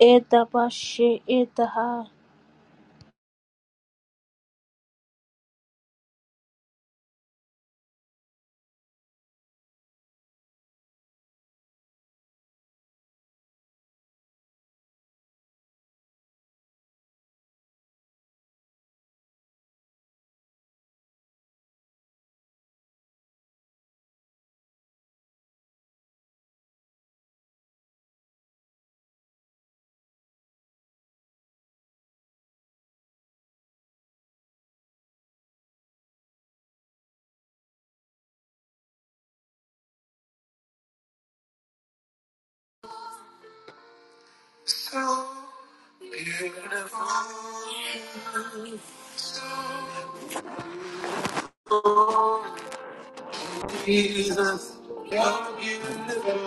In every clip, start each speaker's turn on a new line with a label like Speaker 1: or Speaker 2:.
Speaker 1: Edabashi edaha
Speaker 2: So Beautiful Jesus, you're beautiful.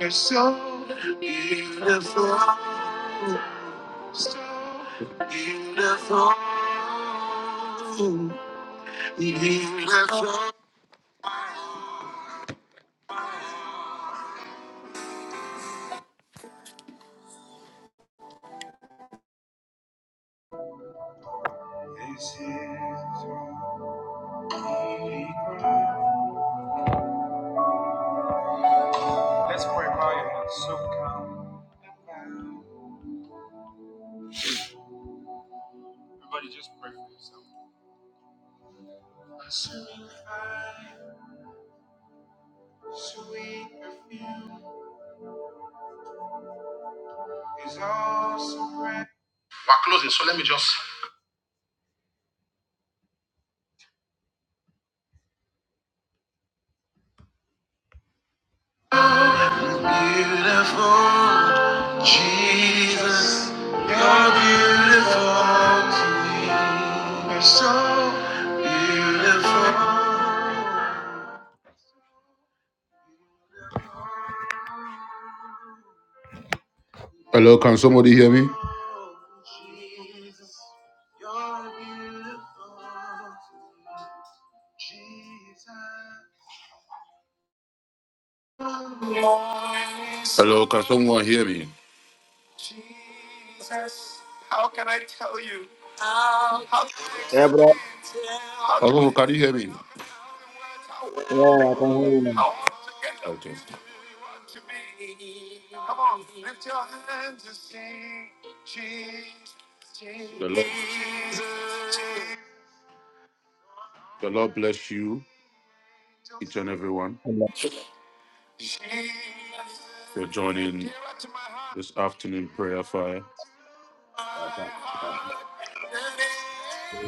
Speaker 2: You're so beautiful, so beautiful, beautiful. Let's pray, Maya, and so come. Everybody, just pray for yourself. Sweet perfume, sweet perfume. He's awesome. Closing, so let me just. Beautiful Jesus, you're beautiful to me. You're so beautiful. Hello, can somebody hear me? Jesus, you're beautiful. to me. Jesus. Hello, can someone hear me? Jesus, how can I tell you? How can I
Speaker 3: Yeah, bro.
Speaker 2: explain? How can Hello, can you hear me? how
Speaker 3: Yeah, I can hear you now.
Speaker 2: how Okay. to be? Come on, lift your hands and sing. Jesus, The Lord, the Lord bless you, each and everyone,
Speaker 3: Hello.
Speaker 2: for joining this afternoon prayer fire.
Speaker 3: Bada, bada,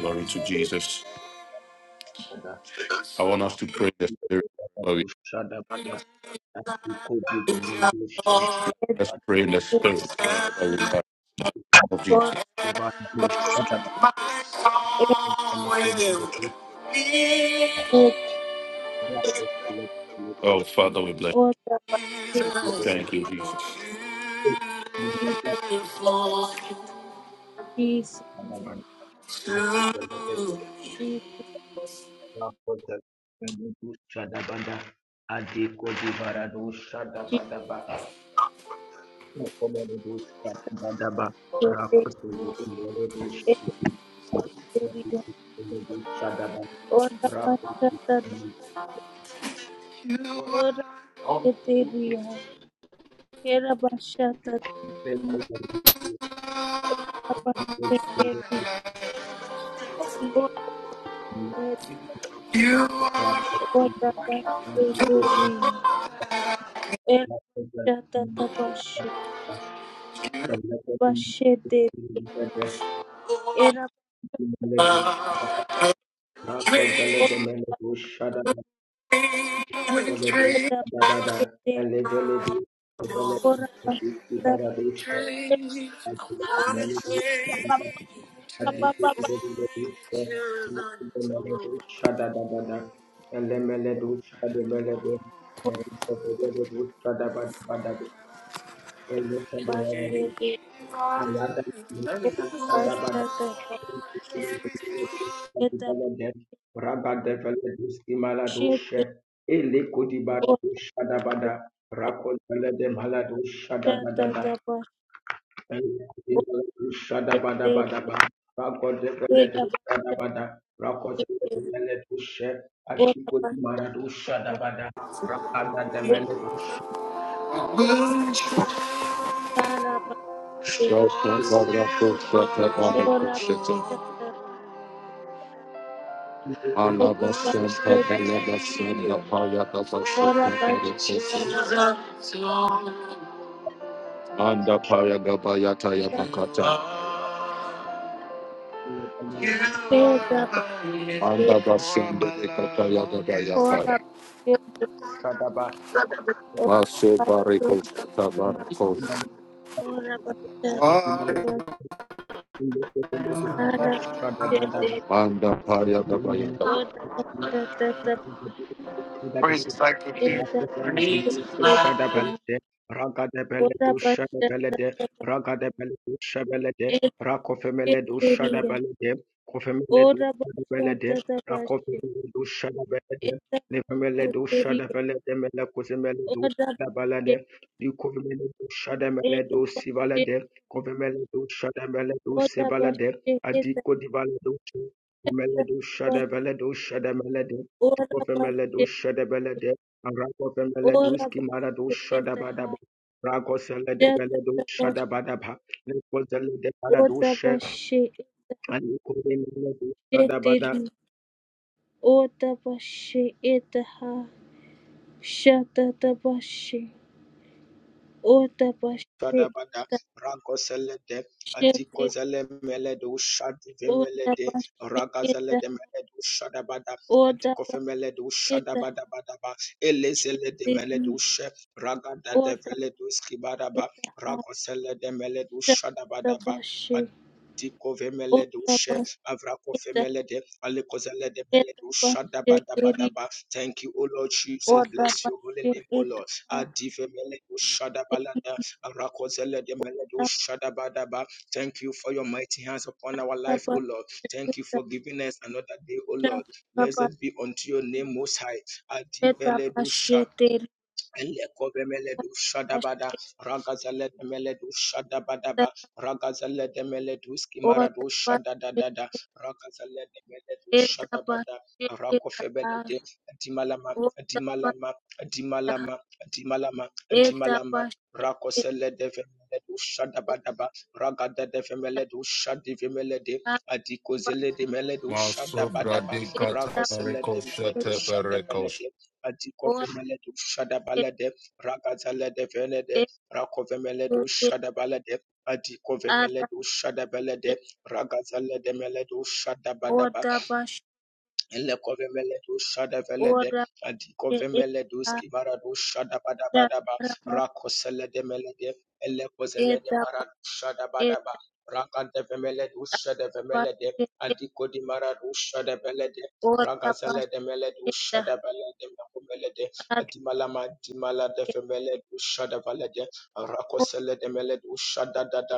Speaker 2: Glory to Jesus.
Speaker 3: bada,
Speaker 2: I want us
Speaker 3: bra-
Speaker 2: to pray in the spirit.
Speaker 3: bada,
Speaker 2: where we
Speaker 3: bu- shada, bada, bu- ko- bu- bu-
Speaker 2: are.
Speaker 3: bu- shada,
Speaker 2: Let's
Speaker 3: bada,
Speaker 2: pray in the spirit. where we are. In the name Of
Speaker 1: or
Speaker 2: Jesus.
Speaker 3: bu- bu- shada, bada, bu- bu- bu- bu- bra- bu- bu-
Speaker 1: ed
Speaker 3: bu-
Speaker 2: Oh, Father, we bless
Speaker 1: or
Speaker 2: you.
Speaker 1: dabashi
Speaker 2: Thank you,
Speaker 3: bu-
Speaker 2: Jesus.
Speaker 3: bu- bu- bu-
Speaker 1: Jesus Jesus
Speaker 3: Shada bada, adi kodi barado shada
Speaker 1: Jesus
Speaker 3: bada ba Rakozele
Speaker 1: edaria or bashata or edaria era bashata edabashi edaria or ed
Speaker 2: You are
Speaker 1: or basheteria era shata tabashi bashete era or
Speaker 2: with
Speaker 1: edabashi or
Speaker 2: Train,
Speaker 1: bashata
Speaker 2: I wanna train,
Speaker 3: Shada Rakol
Speaker 2: train
Speaker 1: Ora
Speaker 2: to the tomb.
Speaker 3: Belede Malado Shada Dada
Speaker 2: Anda paya gabaya taya bakata.
Speaker 3: Shadabada,
Speaker 2: Anda basende ekataya gabaya paya. Maso bariko kata bariko. Anda paya gabaya.
Speaker 1: Ora pashatata eda pashatetiya.
Speaker 3: Shadabelede,
Speaker 1: Ora
Speaker 3: Ragadabeledu
Speaker 1: pashatata
Speaker 3: Shadabelede, Ragadabeledu Shabelede,
Speaker 1: eda
Speaker 3: Rakofemeledu
Speaker 1: pashatetiya.
Speaker 3: Shadabelede, Kofemeledu
Speaker 1: Ora
Speaker 3: Shadabelede,
Speaker 1: pashatata pashe
Speaker 3: Rakofemeledu Shadabelede,
Speaker 1: eda
Speaker 3: Nefemeledu
Speaker 1: pashatetiya.
Speaker 3: Shadabelede, Melekuzemeledu
Speaker 1: Ora
Speaker 3: Shadabalade,
Speaker 1: pashe
Speaker 3: Dukofemeledu
Speaker 1: eda
Speaker 3: Shadameledu Sivalade,
Speaker 1: pashetetiya.
Speaker 3: Kofemeledu Shadameledu
Speaker 1: Ora
Speaker 3: Sivalade,
Speaker 1: pashe eda
Speaker 3: Adiko Divaledu, Komeledu
Speaker 1: pashatata
Speaker 3: Shadabeledu Shadamelede,
Speaker 1: Ora
Speaker 3: Kofemeledu
Speaker 1: pashetetiya.
Speaker 3: Shadabelede,
Speaker 1: Ora
Speaker 3: Rakoveleduski Maradu
Speaker 1: pashe eda
Speaker 3: Shadabadaba. Rakosele de Veledu
Speaker 1: pashatata pashe.
Speaker 3: Shadabadaba. Nikozele de
Speaker 1: Ora
Speaker 3: Paradushe and Ukurimeledu Shadabada.
Speaker 1: eda Otapashi itaha shatapashi. Otapashi
Speaker 3: Shadabada,
Speaker 1: itaha
Speaker 3: Rankoselede,
Speaker 1: shetiri.
Speaker 3: Adikozele Meledu, Shadivimelede,
Speaker 1: Otapashi
Speaker 3: Ragazele de
Speaker 1: itaha.
Speaker 3: Meledu, Shadabada,
Speaker 1: Otapashi
Speaker 3: Adikofemeledu,
Speaker 1: itaha
Speaker 3: Shadabadabadaba, Elezele de
Speaker 1: shetiri.
Speaker 3: Meledu, She, Ragada de
Speaker 1: Otapashi
Speaker 3: Veledu, Skibadaba,
Speaker 1: itaha
Speaker 3: Rakosele de Meledu,
Speaker 1: Shata
Speaker 3: Shadabadaba,
Speaker 1: Tabashi o
Speaker 3: Adikovemeledu, She,
Speaker 1: Otapashi itaha
Speaker 3: Avrakofemelede, Alikozele de Meledu,
Speaker 1: etapashi tiri.
Speaker 3: Shadabadabadaba. Thank you, O Lord
Speaker 1: O
Speaker 3: Jesus. Bless your holy
Speaker 1: Otapashi
Speaker 3: name, O Lord.
Speaker 1: itaha
Speaker 3: Adivemeledu,
Speaker 1: titapashi
Speaker 3: Shadabalada, Rakozele de Meledo Shadabadaba. Thank you for your mighty hands upon our life, O Lord. Thank you
Speaker 1: itaha
Speaker 3: for giving us another day, O Lord. Blessed
Speaker 1: shatatapashi
Speaker 3: be unto your name, Most High. Adivele do Shadabadaba.
Speaker 1: etapashi
Speaker 3: Elekove meledu
Speaker 1: Order,
Speaker 3: shadabada. Ragazele de meledu shadabadaba. Ragazele de meledu skimaradu shadadadada. Ragazele de meledu shadabada. Rakofebelete. Adimalama. dimalama, dimalama, dimalama, dimalama, Rakosele de meledu shadabadaba. Ragada de Vemeledu shadi shadivimelede. Adikozele de meledu
Speaker 2: Maso
Speaker 3: shadabadaba.
Speaker 2: bradikata
Speaker 3: Rakosele
Speaker 2: bariko
Speaker 3: de meledu
Speaker 2: shete bariko
Speaker 3: shadabelete. Atikofemeledu Shadabalade, Rakatalade Velede, Rakovemeledu Shadabalade, Atikofemeledu Shadabalade, Rakatalade Meledu Shadabadaba. Elekovemeledu shadavelede, adikovemeledu skivaradu shadabadabadaba, rakoseledemeledu, elekozelede maradu shadabadaba, rakadevemeledu shadavemelede, adikodimaradu shadavelede, ragazeledemeledu shadavelede, makomelede, adimalama dimaladefemeledu shadavelede, rakoseledemeledu shadadada,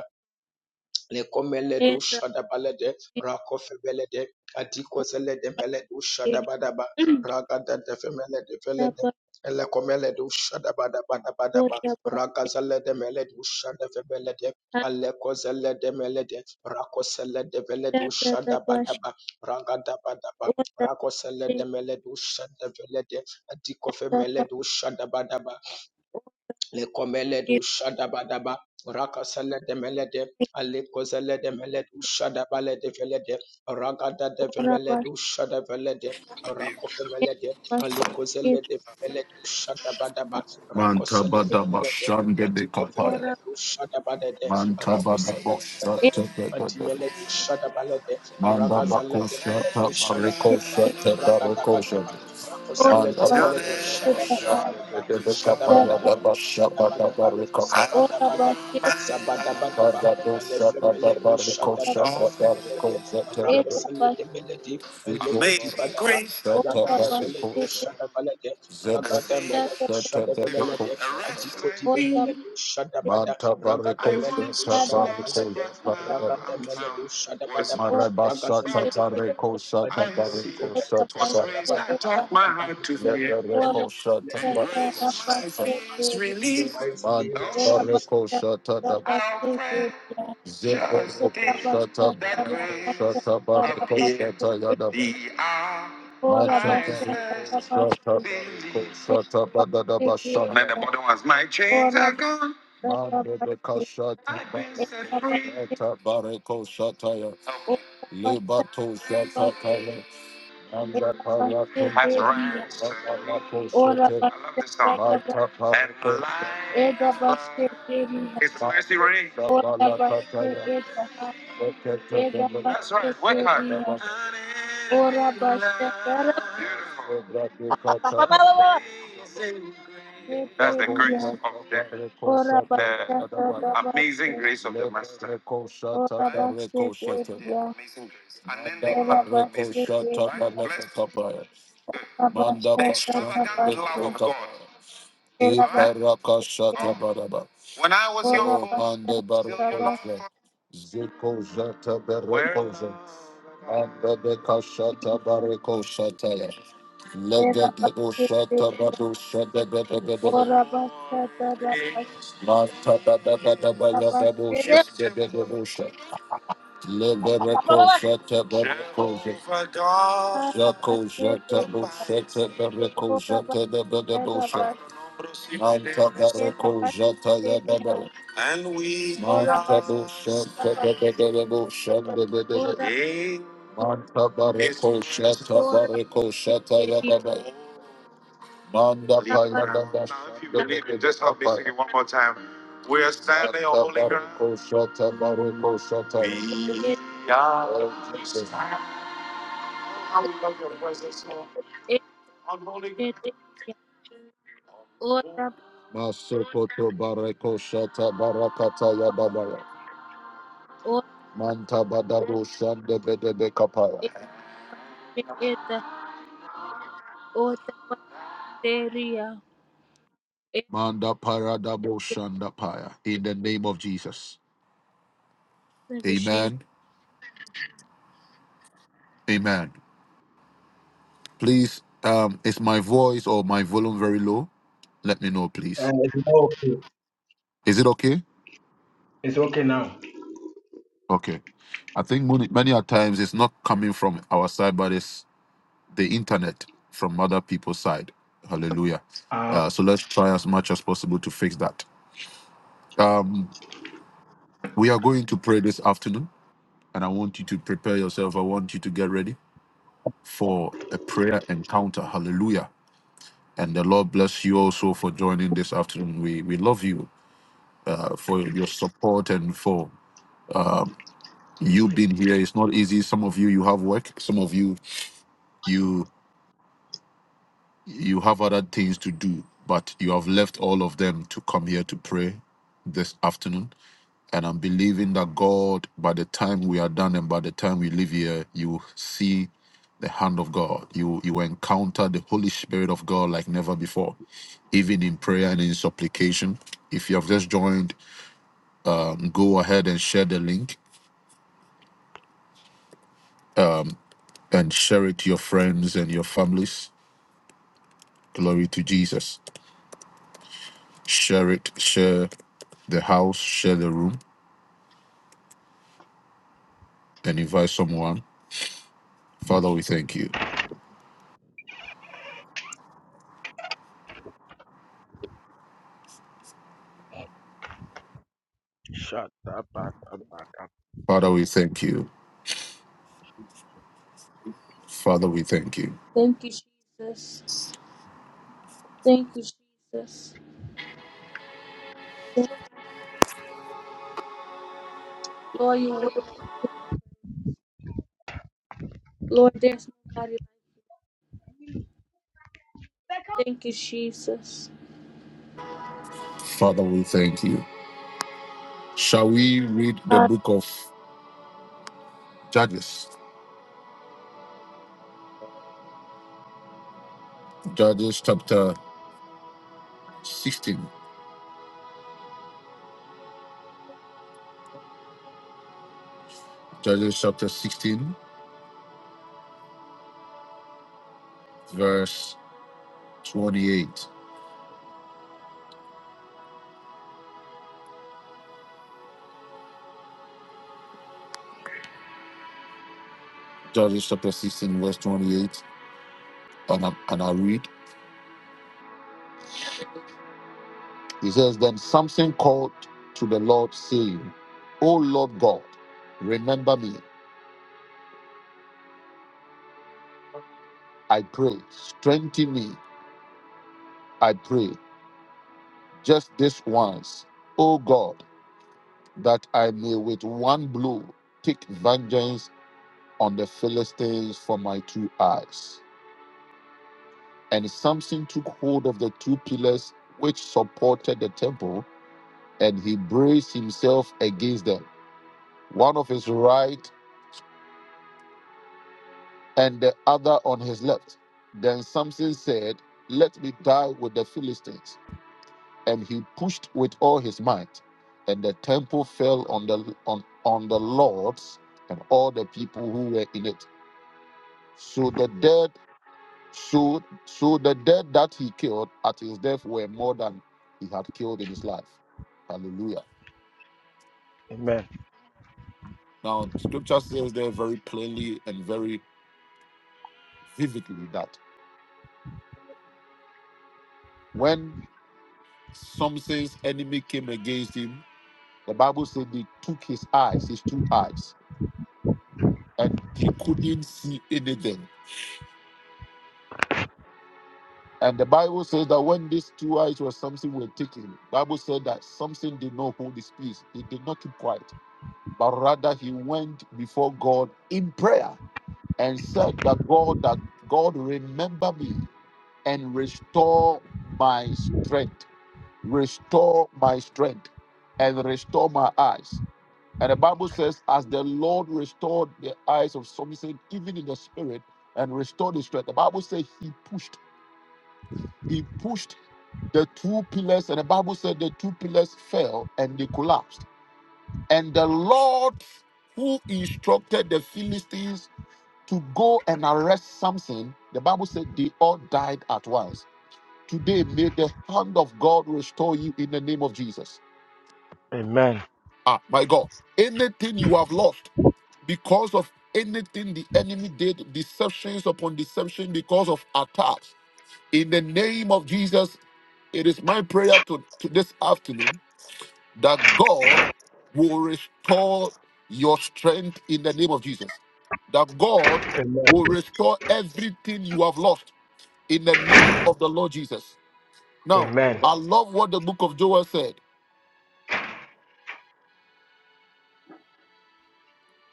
Speaker 3: Lekomeledu Shadabalede, Rakofebelede, Atiko Selede Meledu Shadabadaba, Ragada de femele de felede ele komele do shada badaba badaba ragazale de mele do shada febele de ale kozele de mele mele
Speaker 1: Ora
Speaker 3: shada badaba ragada badaba rakosele de mele do shada Femelede Velede, Elekomeledu Shadabadabadabadaba, Ragazalede Meledu Shadafebelede, Alekozelede Melede, Rakoselede Veledu Shadabadaba, Ragadabadaba, Rakoselede Meledu Shadavelede, Atiko Femeledu le komele du shadabadaba rakasele de melede ale kozele de melede du shadabale de velede ragada de vemele du shadavelede rakofemele de ale kozele de vemele du shadabadaba
Speaker 2: Manta
Speaker 3: rakosele de
Speaker 2: bada
Speaker 3: melede
Speaker 2: bashan gebe
Speaker 3: adiko
Speaker 2: kapaya.
Speaker 3: vemele du shadabadede
Speaker 2: Manta bada
Speaker 3: rakosele de
Speaker 2: bosha
Speaker 3: melede
Speaker 2: tebe bebe.
Speaker 3: adimele du shadabalede
Speaker 2: Manda
Speaker 3: ragazele
Speaker 2: bako
Speaker 3: de mele
Speaker 2: shata
Speaker 3: du
Speaker 2: bareko
Speaker 3: shadabadaba
Speaker 2: shata bareko
Speaker 3: ragadabadaba
Speaker 2: shata.
Speaker 3: rakosele
Speaker 2: Manda
Speaker 3: de mele du
Speaker 2: bada bashan
Speaker 3: shadabadabadaba
Speaker 2: gebe kapaya
Speaker 3: shadabadaba
Speaker 2: da basha bada
Speaker 3: Shadabadaba,
Speaker 2: bareko.
Speaker 3: Sabadabadaba, Zabadabadaba, Alefemeledo, Shadadako Femelede, Rako Selede Melede, Elekodi
Speaker 2: Amazing
Speaker 3: Badaba,
Speaker 2: grace.
Speaker 3: Ayada de Veledo, Shadavalede,
Speaker 2: Zebra
Speaker 3: Raga de Meledo, Shadavelede, Adikodi Vemeledo, Shadabada,
Speaker 2: Manta I
Speaker 3: Raga
Speaker 2: bariko
Speaker 3: de
Speaker 2: once
Speaker 3: Meledo,
Speaker 2: shata was lost,
Speaker 3: Shadavalede,
Speaker 2: bariko but now shata
Speaker 3: Raga de
Speaker 2: I'm
Speaker 3: Meledo,
Speaker 2: found. Was
Speaker 3: Shadabadaba, Raga
Speaker 2: Marabasa burnt,
Speaker 3: Selede Melede,
Speaker 2: tatareko shata I
Speaker 3: Adikodi
Speaker 2: bareko see. shata
Speaker 3: Vemeledo,
Speaker 2: Twas grace bareko that
Speaker 3: Shadabadaba,
Speaker 2: taught my
Speaker 3: Raga
Speaker 2: heart
Speaker 3: de
Speaker 2: to
Speaker 3: Meledo,
Speaker 2: fear, Lebereko shata and
Speaker 3: Elekoselede
Speaker 2: bareko grace my
Speaker 3: Meledo,
Speaker 2: shata fears
Speaker 3: in the
Speaker 2: relief.
Speaker 3: mighty name
Speaker 2: Manta
Speaker 3: of
Speaker 2: No,
Speaker 3: Jesus.
Speaker 2: bareko shata daba I'll pray Zeko just
Speaker 1: Ora
Speaker 2: Zebereko in shata that bareko grace shata bareko appeared. shata yadaba The hour Manta I bareko
Speaker 1: basha,
Speaker 2: first shata bareko believed. shata badadaba And then shanda the bottom was my chains
Speaker 1: ora
Speaker 2: are gone. Mandebeka shata. I've been set free. Eta bareko shataya. Help me. Lebato shataya. Manda parato. Has ranks. Parato shete. I love this song. Mata parato. And like a flood.
Speaker 1: basha,
Speaker 2: It's mercy rain. balakataya. That's right. Work hard. Beautiful. That's the grace
Speaker 1: Ora
Speaker 2: of the,
Speaker 1: bashata
Speaker 2: the amazing
Speaker 1: dabate,
Speaker 2: grace of the Master. Right? What's
Speaker 1: ora
Speaker 2: the amazing grace?
Speaker 1: bashete ria,
Speaker 2: Unending
Speaker 1: era
Speaker 2: love. Amazing grace. Right?
Speaker 1: bashete ria,
Speaker 2: Blessed. Good.
Speaker 1: ora
Speaker 2: Manda The
Speaker 1: bashata
Speaker 2: extravagant love of
Speaker 1: dabate,
Speaker 2: God.
Speaker 1: era bashete ria,
Speaker 2: Iparakasatabadaba. When I was young,
Speaker 1: ora
Speaker 2: Oh, Mande
Speaker 1: bashata dabashika,
Speaker 2: Barakosa. Ziko Zata where Barakosa. love Ande Bekashata Barakosataya.
Speaker 1: era
Speaker 2: Legado
Speaker 1: bashete,
Speaker 2: Shata Badu Shata Bedebedebe. for
Speaker 1: ora bashata
Speaker 2: thee
Speaker 1: dabashata
Speaker 2: Manta
Speaker 1: bashete, ora
Speaker 2: Badabadabaya Babu is
Speaker 1: bashete ria, ora
Speaker 2: Shata temple. Bedebusha.
Speaker 1: bashata
Speaker 2: Lebereko
Speaker 1: dabashete
Speaker 2: Shata Bereko Zako
Speaker 1: bashete
Speaker 2: Shata
Speaker 1: ria,
Speaker 2: Bosheta Bereko Shata de Bedebosha. Manta Bereko Shata Yababa. And we
Speaker 1: ora
Speaker 2: Manta Bosheta
Speaker 1: bashata
Speaker 2: de Bedebosha de
Speaker 1: ora
Speaker 2: Bedebe. Manta Bereko Shata
Speaker 1: ora
Speaker 2: Bereko Shata
Speaker 1: bashete ria.
Speaker 2: Yababa. Manda payada Now, if you
Speaker 1: Te
Speaker 2: believe dada it, just help me sing it one more time. We are standing on Santa holy ground. Barako Shata
Speaker 1: ote
Speaker 2: Barako Shata.
Speaker 1: eta
Speaker 2: We are Oh Jesus. standing. How we love your presence, Lord.
Speaker 1: eta
Speaker 2: On holy ground.
Speaker 1: eta basheteria. Ota basheteria
Speaker 2: Masokoto Barako Shata
Speaker 1: tata
Speaker 2: Barakata
Speaker 1: bashe.
Speaker 2: Yababaya.
Speaker 1: Ota
Speaker 2: Manta Badabo
Speaker 1: basheteria
Speaker 2: Shanda Bedebe Kapaya.
Speaker 1: eta bashe eta. Ota basheteria eta
Speaker 2: Manda Paradabo
Speaker 1: basheteria.
Speaker 2: Shanda Paya. In the name of Jesus.
Speaker 1: Thank you, Jesus.
Speaker 2: Amen. Amen. Please, um, is my voice or my volume very low? Let me know, please.
Speaker 3: And it's okay.
Speaker 2: Is it okay?
Speaker 3: It's okay now.
Speaker 2: Okay. I think many, many a times it's not coming from our side, but it's the internet from other people's side. Hallelujah.
Speaker 3: Uh,
Speaker 2: Uh, so let's try as much as possible to fix that. Um, we are going to pray this afternoon, and I want you to prepare yourself. I want you to get ready for a prayer encounter. Hallelujah. And the Lord bless you also for joining this afternoon. We we love you. uh, for your support and for uh, you being here. It's not easy. Some of you you have work. Some of you you you have other things to do, but you have left all of them to come here to pray this afternoon. And I'm believing that God, by the time we are done and by the time we leave here, you will see the hand of God. You you will encounter the Holy Spirit of God like never before, even in prayer and in supplication. If you have just joined, um, go ahead and share the link and share it to your friends and your families. Glory to Jesus. Share it, share the house, share the room, and invite someone. Father, we thank you.
Speaker 3: Back.
Speaker 2: Father, we thank you. Father, we thank you.
Speaker 1: Thank you, Jesus. Thank you, Jesus. Lord, you work. Lord, there's nobody like you. Thank you, Jesus.
Speaker 2: Father, we thank you. Shall we read the
Speaker 1: Amen.
Speaker 2: book of Judges? Judges chapter 16. Judges chapter 16, verse 28. Judges chapter 16, verse 28. And I, and I read. He says, Then Samson called to the Lord, saying, O Lord God, remember me, I pray. Strengthen me, I pray. Just this once, O God, that I may with one blow take vengeance on the Philistines for my two eyes. And Samson took hold of the two pillars which supported the temple, and he braced himself against them, one of his right and the other on his left. Then Samson said, Let me die with the Philistines. And he pushed with all his might, and the temple fell on the on, on the Lord's and all the people who were in it. So the dead, so so the dead that he killed at his death were more than he had killed in his life. Hallelujah.
Speaker 3: Amen.
Speaker 2: Now scripture says there very plainly and very vividly that when Samson's enemy came against him, The Bible said they took his eyes, his two eyes, and he couldn't see anything. And the Bible says that when these two eyes were something were taken, Bible said that something did not hold his peace. He did not keep quiet, but rather he went before God in prayer and said that God, that God remember me and restore my strength, restore my strength, and restore my eyes. And the Bible says, as the Lord restored the eyes of some, he said, even in the spirit, and restored his strength. The Bible says he pushed, he pushed the two pillars, and the Bible said the two pillars fell and they collapsed. And the Lord who instructed the Philistines to go and arrest Samson, the Bible said they all died at once. Today, may the hand of God restore you in the name of Jesus.
Speaker 3: Amen.
Speaker 2: Ah, my God. Anything you have lost because of anything the enemy did, deceptions upon deception, because of attacks. In the name of Jesus, it is my prayer to, to this afternoon that God will restore your strength in the name of Jesus. That God
Speaker 3: amen.
Speaker 2: will restore everything you have lost in the name of the Lord Jesus. Now,
Speaker 3: Amen.
Speaker 2: I love what the book of Joel said.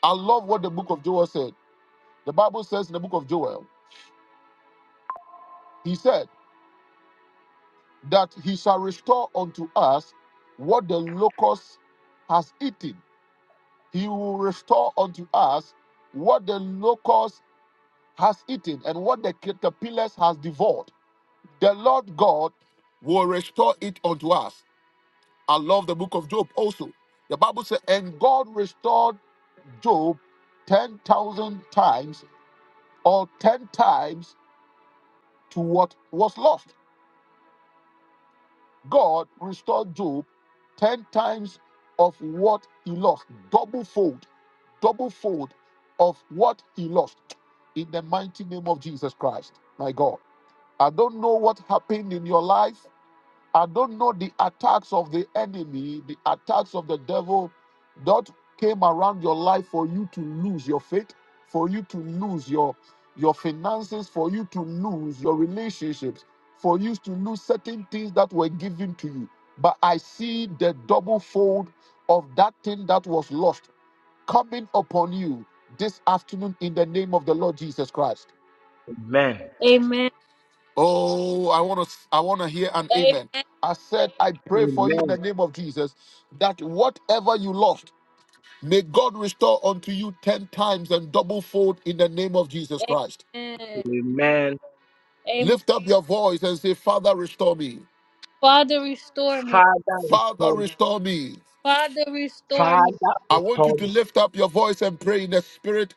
Speaker 2: I love what the book of Joel said. The Bible says in the book of Joel, he said. that he shall restore unto us what the locust has eaten. He will restore unto us what the locust has eaten and what the caterpillars has devoured. The Lord God will restore it unto us. I love the book of Job also. The Bible says, and God restored Job 10,000 times or 10 times to what was lost. God restored Job 10 times of what he lost, double fold, double fold of what he lost in the mighty name of Jesus Christ, my God. I don't know what happened in your life. I don't know the attacks of the enemy, the attacks of the devil that came around your life for you to lose your faith, for you to lose your your finances, for you to lose your relationships, for you to lose certain things that were given to you. But I see the double fold of that thing that was lost coming upon you this afternoon in the name of the Lord Jesus Christ.
Speaker 3: Amen.
Speaker 2: Oh, I want to I want to hear an amen.
Speaker 1: Amen.
Speaker 2: I said I pray for you in
Speaker 3: Amen.
Speaker 2: the name of Jesus that whatever you lost, may God restore unto you 10 times and double fold in the name of Jesus Christ.
Speaker 1: Amen.
Speaker 3: Amen.
Speaker 1: Amen.
Speaker 2: Lift up your voice and say, "Father, restore me.
Speaker 1: Father, restore me.
Speaker 3: Father,
Speaker 2: Father,
Speaker 3: restore me.
Speaker 2: restore me."
Speaker 1: Father, restore me.
Speaker 3: Father,
Speaker 2: I want you
Speaker 3: restore
Speaker 2: to
Speaker 3: me.
Speaker 2: lift up your voice and pray in the spirit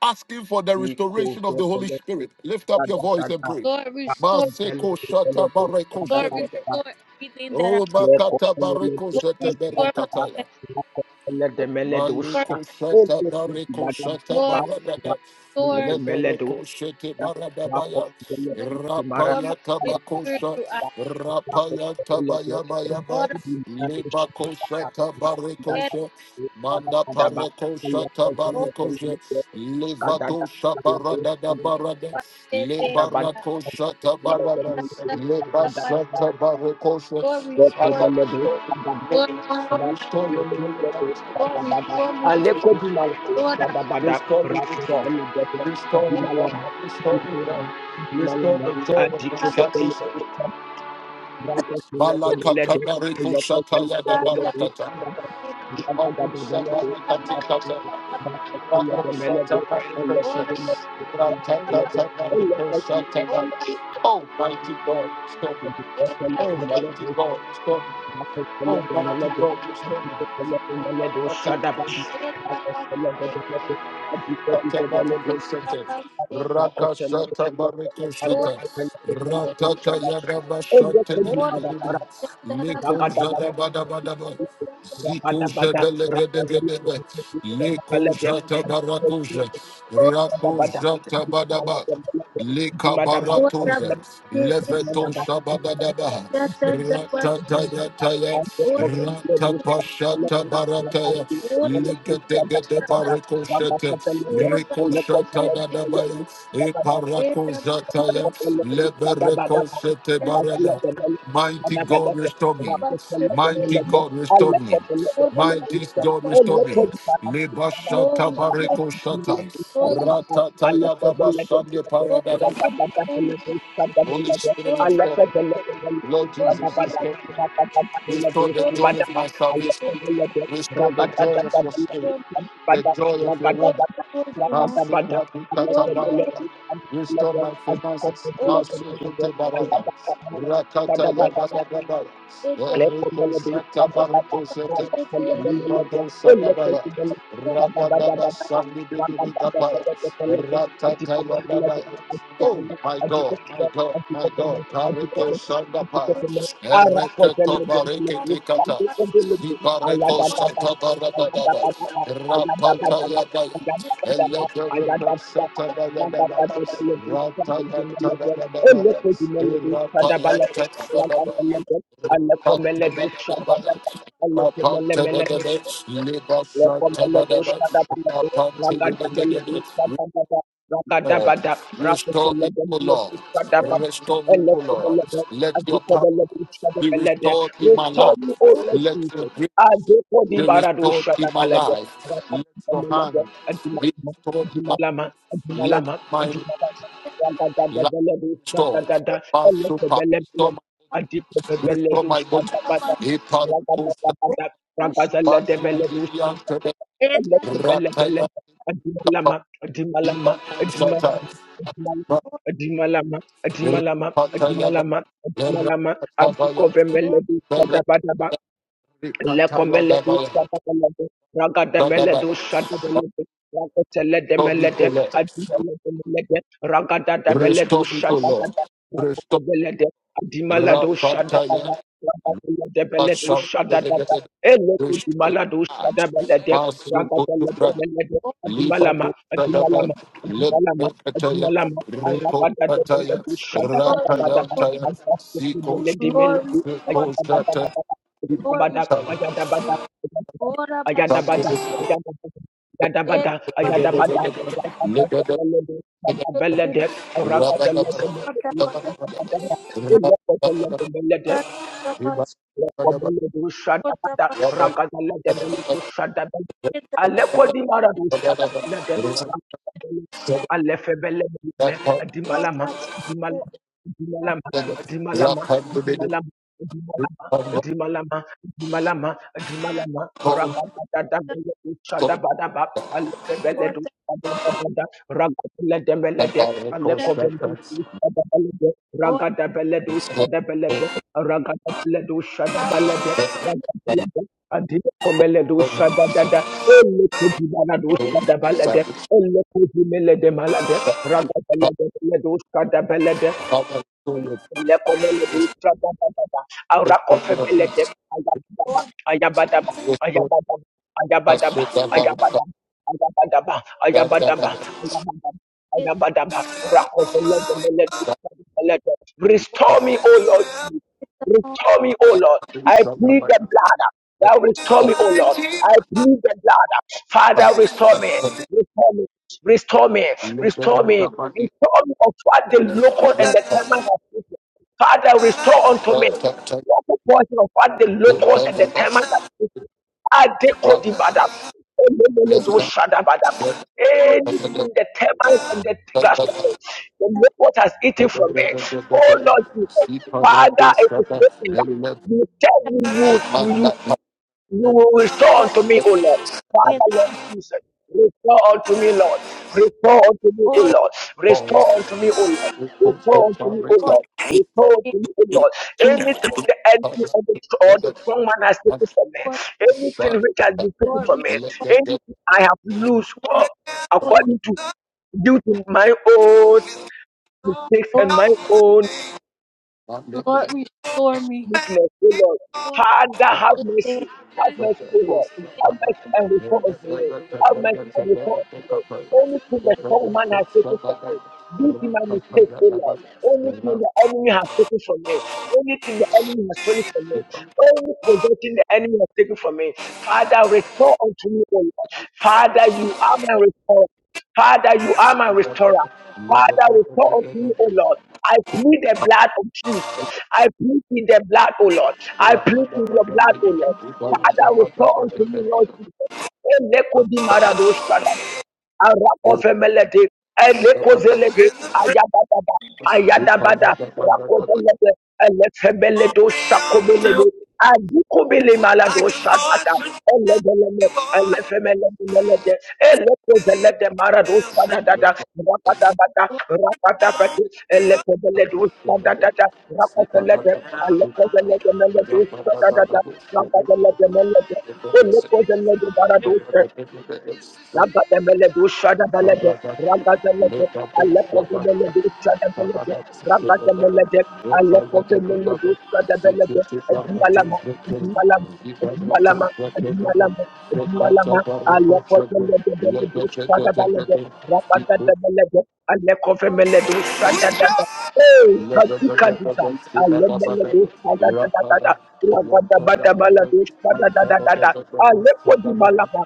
Speaker 2: asking for the
Speaker 3: Equal
Speaker 2: restoration of the Holy
Speaker 3: government.
Speaker 2: Spirit. Lift
Speaker 3: Da,
Speaker 2: up your
Speaker 3: da, da,
Speaker 2: voice and
Speaker 3: da.
Speaker 2: pray.
Speaker 1: Lord,
Speaker 3: Da,
Speaker 1: restore.
Speaker 3: consele,
Speaker 2: Maseko
Speaker 3: consele,
Speaker 2: shata
Speaker 3: da,
Speaker 2: bareko
Speaker 3: da,
Speaker 1: Lord,
Speaker 3: da,
Speaker 2: shedebe.
Speaker 3: da.
Speaker 1: restore everything that I.
Speaker 2: Roma
Speaker 3: Le,
Speaker 2: kata
Speaker 3: consele, le,
Speaker 2: bareko
Speaker 3: do,
Speaker 1: Lord,
Speaker 3: sha,
Speaker 2: shete
Speaker 3: da,
Speaker 1: restore
Speaker 3: da,
Speaker 1: my.
Speaker 3: da.
Speaker 2: berekataya.
Speaker 1: faith.
Speaker 3: Da, consele, de, mele, do, sha.
Speaker 2: Maliko
Speaker 3: Oh,
Speaker 2: shata
Speaker 3: oh, oh, da,
Speaker 2: bariko
Speaker 3: da, da,
Speaker 2: shata
Speaker 3: da.
Speaker 1: Lord,
Speaker 3: Da,
Speaker 2: barada.
Speaker 3: consele, de,
Speaker 1: Lord, restore. Lord,
Speaker 3: mele, do,
Speaker 2: Lebereko shete
Speaker 3: Thank
Speaker 2: barada baya.
Speaker 1: restore
Speaker 2: Rapaya
Speaker 1: my victory.
Speaker 2: tabakosha.
Speaker 1: I
Speaker 2: Rapaya tabaya baya ba.
Speaker 1: Lord,
Speaker 2: Lebako shata
Speaker 1: I
Speaker 2: bariko
Speaker 1: ask,
Speaker 2: sha. Manda pareko shata
Speaker 1: Lord,
Speaker 2: bariko sha. Levado shabarada da barada.
Speaker 1: I ask I ask
Speaker 2: Lebarako shata barada.
Speaker 1: I ask that I- ask.
Speaker 2: Lebasata bariko sha.
Speaker 1: Lord, restore.
Speaker 2: Father,
Speaker 3: you.
Speaker 1: Lord, restore.
Speaker 2: restore me. Restore me.
Speaker 1: Lord, restore me.
Speaker 3: Aleko di malako
Speaker 1: Lord, I
Speaker 3: sada bada
Speaker 2: Restore me,
Speaker 3: rato
Speaker 2: God. Restore
Speaker 1: ask,
Speaker 2: me, God. Restore me, God. Restore the joy of
Speaker 1: Lord, I
Speaker 2: my
Speaker 1: ask that
Speaker 2: salvation. Malakata bariko shata
Speaker 1: I
Speaker 2: yada
Speaker 1: ask I
Speaker 2: barakata. Ipaku shata
Speaker 1: ask that I-
Speaker 2: makati
Speaker 1: ask.
Speaker 2: kata. Ipaku shata bariko
Speaker 1: Lord, I
Speaker 2: shata.
Speaker 1: ask that
Speaker 2: Ratata bariko shata ba.
Speaker 1: I ask
Speaker 2: Oh, mighty God, restore me.
Speaker 1: I ask
Speaker 2: Oh,
Speaker 1: that
Speaker 2: mighty God, restore me. Oh, mighty
Speaker 1: I- ask.
Speaker 2: God, restore me. Rakashata Bariko Shata Rataka Yagaba Shante Didi, Niko Jada Bada Bada Bada Ziko Jedelegedegadebe, Leko Jata Barakoja, Rako Jata Badaba, Leka Baratoja, Leveton Shabadadabaha,
Speaker 3: Shada Thank
Speaker 2: Ratatayataya, Ratapashata Barataya, Legedegede Rekoshakadadabaya,
Speaker 3: you.
Speaker 2: Eparakozataya, Leberekosetebarada. Mighty God, restore me. Mighty God, restore me. Mighty God, restore me. Lebashata bareko shata. Ratata yababa sande paradada. Holy Spirit, restore me. Lord Jesus, restore me. Restore the joy of my salvation. Restore the joy of your spirit. The joy of your word. Masika Dikata Barada.
Speaker 3: Ragada let
Speaker 2: Restore
Speaker 3: us
Speaker 2: my
Speaker 3: have
Speaker 2: finances.
Speaker 3: corporate let
Speaker 1: Ota
Speaker 3: us have that.
Speaker 2: Masukete
Speaker 1: et
Speaker 2: Barada.
Speaker 3: I
Speaker 2: Rakata
Speaker 3: got that.
Speaker 2: Yabada Babaya.
Speaker 1: eta
Speaker 2: Eriko Santa
Speaker 1: eta
Speaker 2: Bariko Sete.
Speaker 1: pashete
Speaker 2: Libado
Speaker 1: ora
Speaker 2: Sadabaya.
Speaker 1: pashata
Speaker 2: Rakadaba Sandi Bibi
Speaker 1: eta
Speaker 2: Ratata Yababaya. Oh
Speaker 1: chata
Speaker 2: my God, my God, my God. Bariko Sandapaya. Ereketo Barikiti Kata. Ibareko Santa Barada Rapata Yabaya. Lord, restore me,
Speaker 3: Ayada Alekomele dusha da da da. Alekomele mele Return, O Lord Jesus.
Speaker 2: O Lord.
Speaker 1: ora
Speaker 2: Restore me, O Lord. Let your power be restored in my life. Let your
Speaker 3: I
Speaker 2: grace
Speaker 3: go for the
Speaker 2: be
Speaker 3: Baradu
Speaker 2: restored in my
Speaker 3: Shadabalade.
Speaker 2: life. Let your hand be restored in my
Speaker 3: Adimalama,
Speaker 2: life. Let
Speaker 3: Adimalama,
Speaker 2: my
Speaker 3: Adimalama.
Speaker 2: life
Speaker 3: Ragadabeledu
Speaker 2: be restored.
Speaker 3: Shadadada.
Speaker 2: Basupa,
Speaker 3: Elokebelebele.
Speaker 2: restore my, restore
Speaker 3: Adikebebeledu
Speaker 2: my body.
Speaker 1: ora
Speaker 3: Shadabada.
Speaker 1: pash
Speaker 2: Iparakusa,
Speaker 1: ora
Speaker 3: Ragadabada.
Speaker 1: pash
Speaker 3: Ragazalebeledu
Speaker 2: Bandidiante,
Speaker 1: eta
Speaker 3: bele bele
Speaker 2: Rataya, Kapa,
Speaker 3: adimalama adimalama adimalama adimalama
Speaker 2: Ibakusata,
Speaker 3: adimalama
Speaker 2: Rapataya,
Speaker 3: adimalama
Speaker 2: Rapataya,
Speaker 3: adimalama adimalama
Speaker 2: Rapataya,
Speaker 3: adukove
Speaker 1: et
Speaker 3: melodi
Speaker 2: Rikataya,
Speaker 3: Lekomeledu
Speaker 2: Dabaya,
Speaker 3: shadabelede, ragadameledu
Speaker 2: Dabaya.
Speaker 3: shadabelede,
Speaker 2: Restore me, O
Speaker 3: rakateledemeledu
Speaker 2: Lord.
Speaker 3: adimeledemeledu, ragadadameledu
Speaker 2: Restore me, O Lord.
Speaker 3: shadabada,
Speaker 2: Restore
Speaker 3: rakatelede, adimaladu shadabada,
Speaker 2: Rapataya,
Speaker 3: rakateledemeledu shadadada,
Speaker 2: Rapashantelebe,
Speaker 3: elekudimaladu
Speaker 2: Dushtumach,
Speaker 3: shadabelede,
Speaker 2: Masukutubra,
Speaker 3: ragadameledu,
Speaker 1: ora
Speaker 3: adimalama,
Speaker 2: Libadusadaba,
Speaker 3: adimalama, adimalama,
Speaker 2: Lebrekataya,
Speaker 3: adimalama,
Speaker 2: Rekotaya,
Speaker 3: arakadadameledu
Speaker 1: glory
Speaker 3: shadabadabadaba,
Speaker 2: Ratayantaya,
Speaker 1: Lord,
Speaker 2: Zikosha,
Speaker 1: glory
Speaker 3: adakufimeledemelede,
Speaker 1: Lord,
Speaker 2: Zikoshata,
Speaker 3: ayakadadabadaba,
Speaker 1: glory
Speaker 3: Badam, Ayada
Speaker 1: ora
Speaker 3: Ayadabada, ayadabada,
Speaker 1: pashete
Speaker 3: ayadabada, ayadabada,
Speaker 1: eta pashete
Speaker 2: Lebeda, Rabadaba,
Speaker 3: ayadabada,
Speaker 1: eri
Speaker 3: ayadabada,
Speaker 2: Rabadaba,
Speaker 1: ota
Speaker 2: Rabadaba,
Speaker 1: pashete
Speaker 3: ayadabada, ayadabada, ayadabada, ayadabada,
Speaker 1: chata
Speaker 2: Rabadaba,
Speaker 1: pash
Speaker 2: Rabadaba,
Speaker 3: Kobele du
Speaker 1: ota
Speaker 3: shadabada,
Speaker 1: pashete
Speaker 3: ragadala debele du shadabada.
Speaker 1: eta
Speaker 3: Aleko di mara du
Speaker 2: Rabadaba,
Speaker 3: shadabada de, ragadala. Alefebele me,
Speaker 2: Rabadaba,
Speaker 3: dimalama,
Speaker 1: ota
Speaker 3: dimalama,
Speaker 1: pashete
Speaker 3: dimalama,
Speaker 2: Thank
Speaker 3: dimalama, dimalama. Dimalama,
Speaker 1: ota
Speaker 3: Dimalama, Dimalama, Dimalama, Rabadada, Shadabadaba, Alefebele du
Speaker 1: ota
Speaker 3: Shadabada, Ragadele debele de,
Speaker 1: chata
Speaker 3: Aleko
Speaker 1: ota
Speaker 3: vele du Shadabele de, Ragadabeledu shadabalede, ragadabelede, adikomelede shadadada, elekedibanalu shadabalede, elekezimelede malade, ragadabeledu shadabelede, elekomeledu shadadadada, arakofebelede,
Speaker 1: ota
Speaker 3: ayabadaba, ayabadaba, ayabadaba, ayabadaba, ayabadaba, ayabadaba, ayabadaba, ayabadaba,
Speaker 1: ota
Speaker 3: ayabadaba, rakofelede, melede, shadabalede. Restore me, O Lord.
Speaker 1: with the Lord,
Speaker 3: Restore me, O Lord. I plead the blood. Thou restore me, O Lord. I plead the blood. Father, restore me. Restore me. Restore me. Restore me. Restore me of what the local and the terminal have taken. Father, restore unto me. What the portion of what the locusts and the termites are eating? Are they coding badam.
Speaker 1: Lord,
Speaker 3: Anything the termites and the
Speaker 2: you.
Speaker 3: grasshoppers, the
Speaker 1: help
Speaker 3: locusts has eaten
Speaker 2: Thank
Speaker 3: from there.
Speaker 2: you.
Speaker 3: Oh Lord Jesus, Father, it is written that you tell me you,
Speaker 1: us,
Speaker 3: you you will restore
Speaker 1: Lord,
Speaker 3: unto me, O Lord.
Speaker 1: with
Speaker 3: Father, Lord Jesus, restore unto me, Lord. Restore unto me, O
Speaker 1: Lord,
Speaker 3: Lord. Restore unto me, O Lord. Restore unto me, O Lord.
Speaker 1: Lord,
Speaker 3: Restore
Speaker 1: with
Speaker 3: unto me, O Lord. Anything the enemy or the, or the strong man has taken from me,
Speaker 1: Lord,
Speaker 3: anything which has been taken
Speaker 1: Lord,
Speaker 3: from me,
Speaker 1: restore,
Speaker 3: anything I have lost uh,
Speaker 1: Lord,
Speaker 3: according to due to my own mistakes and
Speaker 1: Lord,
Speaker 3: my own
Speaker 1: Lord, restore me.
Speaker 3: meekness, O Lord.
Speaker 1: Lord,
Speaker 3: Father, have
Speaker 1: with the-
Speaker 3: mercy. Have mercy, O Lord.
Speaker 1: with
Speaker 3: Have mercy and restore unto me. Have mercy and restore unto me. Anything the strong man has taken from me, this is my mistake, O Lord. Anything the enemy has taken from me, anything the enemy has stolen from me, any possession the enemy has taken from me, Father, restore unto me, O Lord. Father, you are my restorer. Father, you are my restorer. Father, restore unto me, O Lord. I plead the blood of Jesus. I plead with the blood, O Lord. I plead with your blood, O Lord. Father, restore unto me, Lord Jesus.
Speaker 2: Thank you.
Speaker 3: Arakofelete, Elekozelete, Ayadabada, Ayadabada, Rakozelete, Elefebeledo, Shakobelebe, Adikobele Malado, Shadada, Elegeleme, Elefemelebelete, Elekozelete, Marado, Shadadada, Rapatabata, Rapatapati, Elekobeledo, Shadadada, Rakozelete, Elekozelete, Meledo, Shadadada, Rakozelete, Meledo, Elekozelete, Barados, Rabadamelede, Ragadelede, Alekovelede, Shadavelede, Ragademelede, Alekovelede, Shadavelede, Edimalama, Edimalama, Edimalama, Edimalama, Edimalama, Alekovelede, Velede, Shadavelede, Rabadamelede,
Speaker 1: Lord,
Speaker 3: Alekovelede, Shadadada. Hey, Kadikadika, Alemelede, Shadadadada, Rabadabadabalede, Shadadadada, Alekodimalama,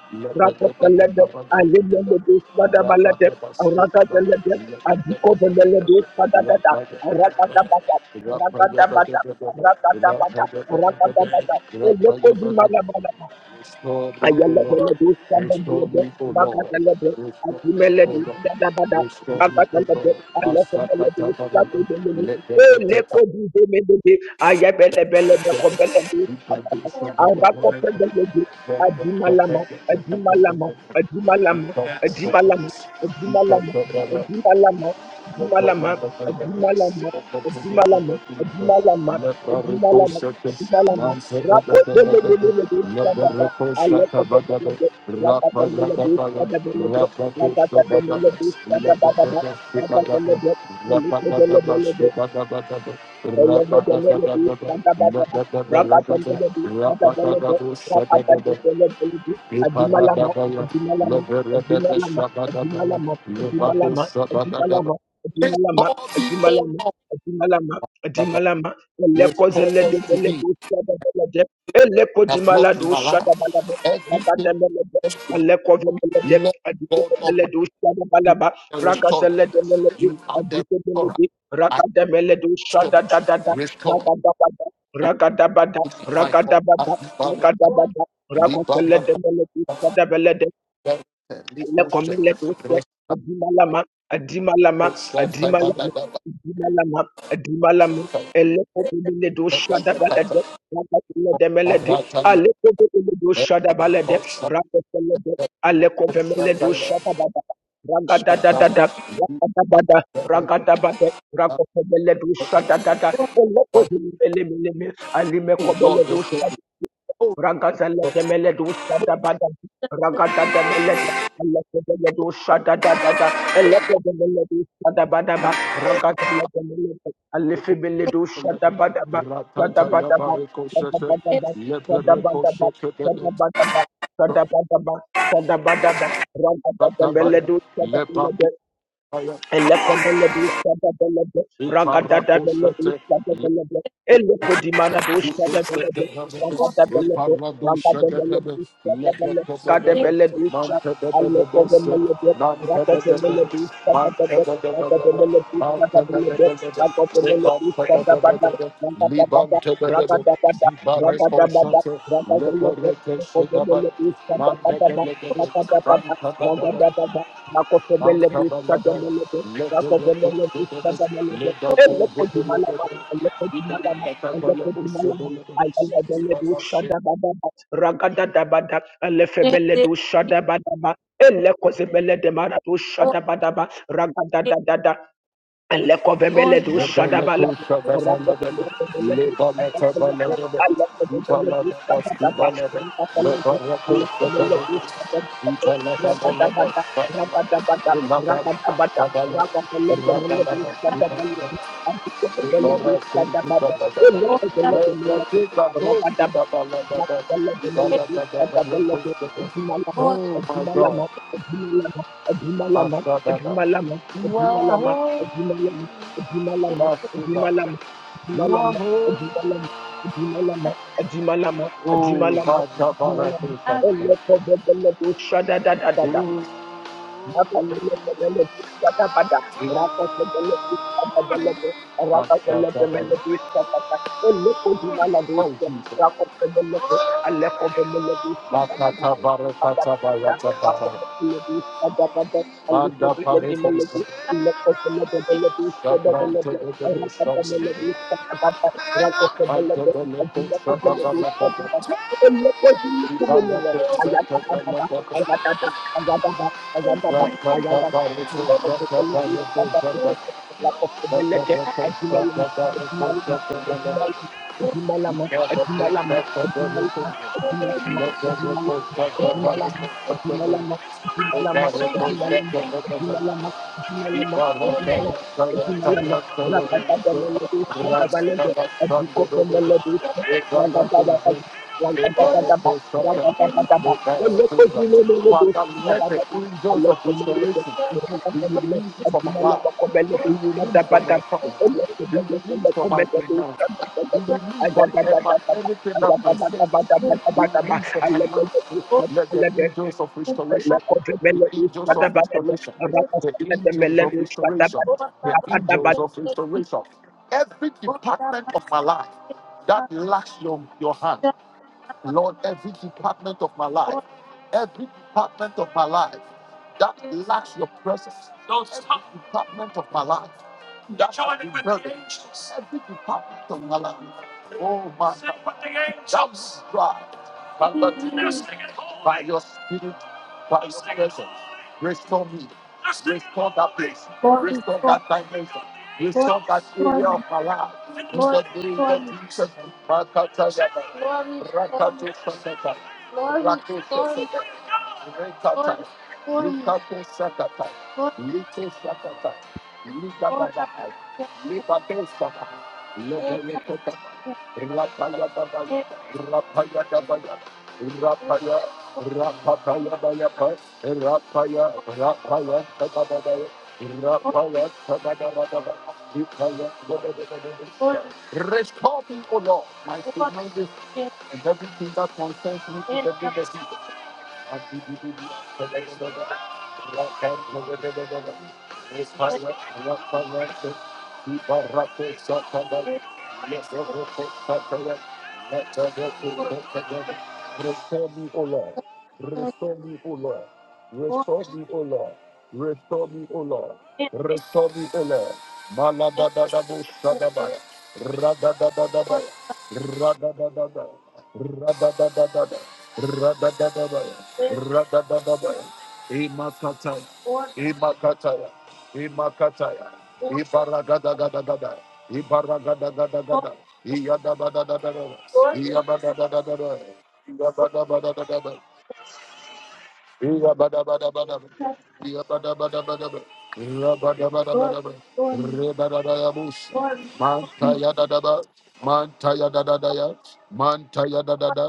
Speaker 3: Alelelebe, Sadabalete, Arakazelebe, Adikovelelebe, Sadadada, Arakadabata, Arakadabata, Arakadabata, Arakadabata, Eloko Dimalabala,
Speaker 2: Restore me, O Lord.
Speaker 1: Lord,
Speaker 3: Ayelebelebe,
Speaker 2: Restore
Speaker 3: shabelebelebe,
Speaker 2: me, O Lord.
Speaker 3: rakatalebe,
Speaker 2: Restore me, O
Speaker 3: atumelebe,
Speaker 2: Lord.
Speaker 3: shadabada,
Speaker 2: Restore me, O
Speaker 3: rakatalebe,
Speaker 2: Lord.
Speaker 3: alefebelebe,
Speaker 2: Masakata baraba.
Speaker 3: shabelebelebe,
Speaker 2: Let the rata
Speaker 3: elekoduzemebebe, ayebelebelebe,
Speaker 2: kasebe.
Speaker 3: kobelebe, shababa,
Speaker 1: Lord, Lord,
Speaker 2: Ipadusha baraba.
Speaker 3: arakofebelebe,
Speaker 2: Ipadusha
Speaker 3: adimalama, adimalama,
Speaker 2: baraba.
Speaker 3: adimalama, adimalama, adimalama,
Speaker 2: Ipadusha baraba.
Speaker 3: adimalama,
Speaker 2: Rabba
Speaker 3: adimalama, adimalama, adimalama, adimalama, adimalama, adimalama, rakotelebelebe, Thank you.
Speaker 2: Restore me, O Lord. Restore unto me. I've lost in my life. Everything lost in my
Speaker 1: Lord,
Speaker 2: life. Lord God Almighty, you are the restorer. You are the
Speaker 3: Raga
Speaker 2: restorer. I
Speaker 3: Rakadameledu
Speaker 2: restore.
Speaker 3: shadadadada,
Speaker 2: Restore.
Speaker 3: rakadabada, rakadabada,
Speaker 2: Restore my God.
Speaker 3: rakadabada,
Speaker 2: Liberate.
Speaker 1: Lord, Lord, Lord, Lord, Lord, Lord, Lord, Lord, Lord, Lord, Lord, Lord, Lord,
Speaker 3: rakadabada,
Speaker 2: Liberate.
Speaker 3: rakoseledemeledi,
Speaker 2: Liberate. Nikoshe.
Speaker 3: lekomeletosia adimalama adimalama
Speaker 2: Restore.
Speaker 3: adimalama
Speaker 2: Taibadadaba.
Speaker 3: adimalama adimalama
Speaker 2: Taibadadaba.
Speaker 3: elekomeletoshadabalede rakateledemelede
Speaker 2: Barataya.
Speaker 3: alekomeletoshadabalede
Speaker 2: Barataya.
Speaker 3: rakofelede
Speaker 2: Barataya.
Speaker 3: alekovemeledoshadabada ragadadadada rakadabada ragadabade rakofemeledoshadadada
Speaker 2: Barataya.
Speaker 3: elekozimelelemeleme
Speaker 2: Oh Lord, they say, oh,
Speaker 3: Rakazala temele du shada bada. Rakata temele temele du shada da da da Eleke temele du shada bada ba Rakazala temele
Speaker 2: they
Speaker 3: alifi
Speaker 2: call
Speaker 3: bele du
Speaker 2: the
Speaker 3: shada
Speaker 2: letter.
Speaker 3: bada ba. Shada
Speaker 2: Ratata
Speaker 3: bada ba
Speaker 2: yabareko
Speaker 3: Shada
Speaker 2: shete,
Speaker 3: bada ba. Shada
Speaker 2: lebereko
Speaker 3: bada ba
Speaker 2: shete bele,
Speaker 3: Shada bada ba. Shada bada ba Shada bada ba.
Speaker 2: ratabaya,
Speaker 3: Ragada
Speaker 2: lebakubaya,
Speaker 3: Elekomelebishadabelebe,
Speaker 2: iparako shete,
Speaker 3: ragadadabelebishadabelebe, elekodimanadoshabelebe, ragadabelebe, ragadabelebishadabelebe, ragadabelebisha, alekobemelebe, rakotemelebishadabelebe, rakotemelebishadabelebe, rakotemelebishadabada, ragadabada, ragadabada, ragadabada, ragadabelebe, rakotemelebishadabadaba, ragadabada,
Speaker 2: Libam Antabalada,
Speaker 3: ragadabada,
Speaker 2: let the report
Speaker 3: Ragada
Speaker 2: of the labor to Antabalabaya, Leberekosebeles, Lebakosebeles, Ibarakatabalabosebele, Ibarashe-
Speaker 3: da da da Lekovemele do Shadabala.
Speaker 2: Lebelekosababalabe, Lebalekabalabe, Ibalabasubalabe, Lebarakosebele, Ibalabalabe, Ibalabasabalabe, Ibalabasubalabe, Oh
Speaker 3: Rakadabada,
Speaker 2: my God, Asadada. You are holy, Asada. You are holy. Oh, my
Speaker 3: Shada da da da da Thank
Speaker 2: God, Oh, Jesus. Makata barakata barakata. Banda pare poisa. Sabrante de de de sabrante. Ante de le te sababalababa. Ibana te sekabalababa.
Speaker 3: you. Ragada
Speaker 2: Rakakabarito sekabarito sekabarito. Rakakabarito sekabarito sekabarito. Ibarito sekabarito. Let the record set the record set the record. Let the record set the record. Father, let the angels of restoration be released from our life. Be released from my trouble. Be released from my finance. Be released from ever- everything that concerns. Be released from my
Speaker 1: Lord, Lord, Lord,
Speaker 2: mouth.
Speaker 1: Lord,
Speaker 2: Let the angels of
Speaker 1: Lord,
Speaker 2: restoration, the
Speaker 1: Glory, stormy,
Speaker 2: angels of restoration, the angels of restoration, the angels of restoration. Every department of my life that lacks your, your hand, Lord, every department of my life, every department of my life that lacks your presence, Don't every stop. department of my life that's how you know the every department of my life. Oh my God, Jesus Christ, by what you by your spirit, by your presence, restore me, restore that place, restore that dimension, restore that area of my life. In
Speaker 1: glory,
Speaker 2: the name of
Speaker 1: stormy,
Speaker 2: Jesus, Rakata Yaba,
Speaker 1: glory, stormy,
Speaker 2: Rakata Sakata,
Speaker 1: glory,
Speaker 2: Rakata
Speaker 1: stormy,
Speaker 2: Sakata,
Speaker 1: glory,
Speaker 2: Rakata,
Speaker 1: stormy,
Speaker 2: Lukato Sakata, Lito Sakata. Likababa, Likabesaba, Lobayekota, Rapayababa, Rapayababa, Rapaya, Rapapayabayapa, Rapaya, Baba, Rapaya, Tabadabaya, Rapaya, Tabadabadaba, Likaya, Tabadabadabadabada. Restore me, O Lord, my finances and everything that concerns me to the legacy. Thank you. Restore me, O Lord. Restore me, O Lord. Restore me, O Lord. Restore me, O Lord. Restore me, O Lord. Malada da da Maladadadabu sadabaya. Radadadadabaya. Radadadadabaya. Radadadadabaya. Radadadadabaya. Radadadadabaya. Imakataya. Imakataya. Imakataya. Ibarada da. da da da da. Ibaragada gada gada. Iyada bada da da da.
Speaker 1: glory, glory,
Speaker 2: Iyabada da da da da. Iyabada bada da da da. Iyabada bada bada, da. Iyabada bada bada da. Iyabada bada bada, Ibaragadagadagada. Iyadabadadadada. Iyabadadadadada. Iyabadabadadadada. Iyabadabadabadaba. Iyabadabadabadaba. Iyabadabadabadaba. Rebadadayabusa. Mantayadadaba. Mantayadadadaya. Mantayadadada.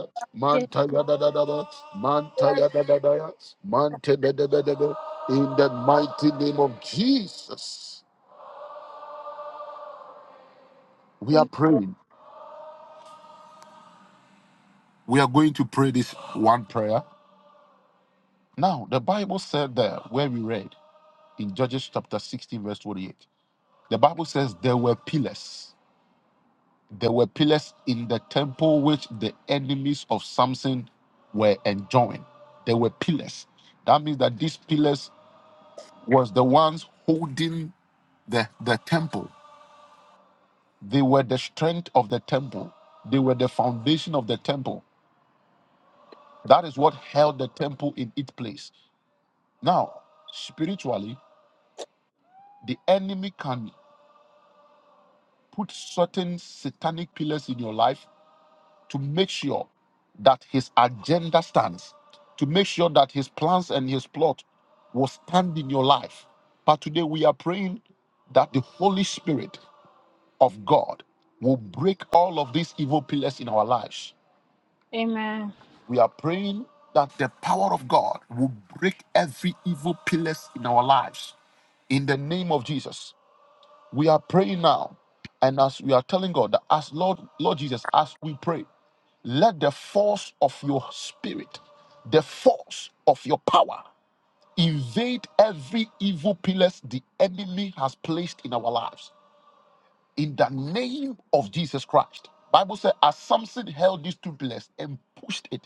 Speaker 1: yes,
Speaker 2: Mantayadadadaba. Mantayadadadaya. Mantadadadadada. In the mighty name of Jesus, we are praying. We are going to pray this one prayer Now, the Bible said that where we read in Judges chapter 16, verse 28, the Bible says there were pillars. There were pillars in the temple which the enemies of Samson were enjoying. There were pillars. That means that these pillars was the ones holding the, the temple. They were the strength of the temple. They were the foundation of the temple. That is what held the temple in its place. Now, spiritually, the enemy can put certain satanic pillars in your life to make sure that his agenda stands, to make sure that his plans and his plot will stand in your life. But today we are praying that the Holy Spirit of God will break all of these evil pillars in our lives.
Speaker 1: Amen.
Speaker 2: We are praying that the power of God will break every evil pillars in our lives in the name of Jesus. We are praying now, and as we are telling God that as Lord, Lord Jesus, as we pray, let the force of your spirit, the force of your power, invade every evil pillars the enemy has placed in our lives in the name of Jesus Christ. Bible says, as Samson held these two pillars and pushed it,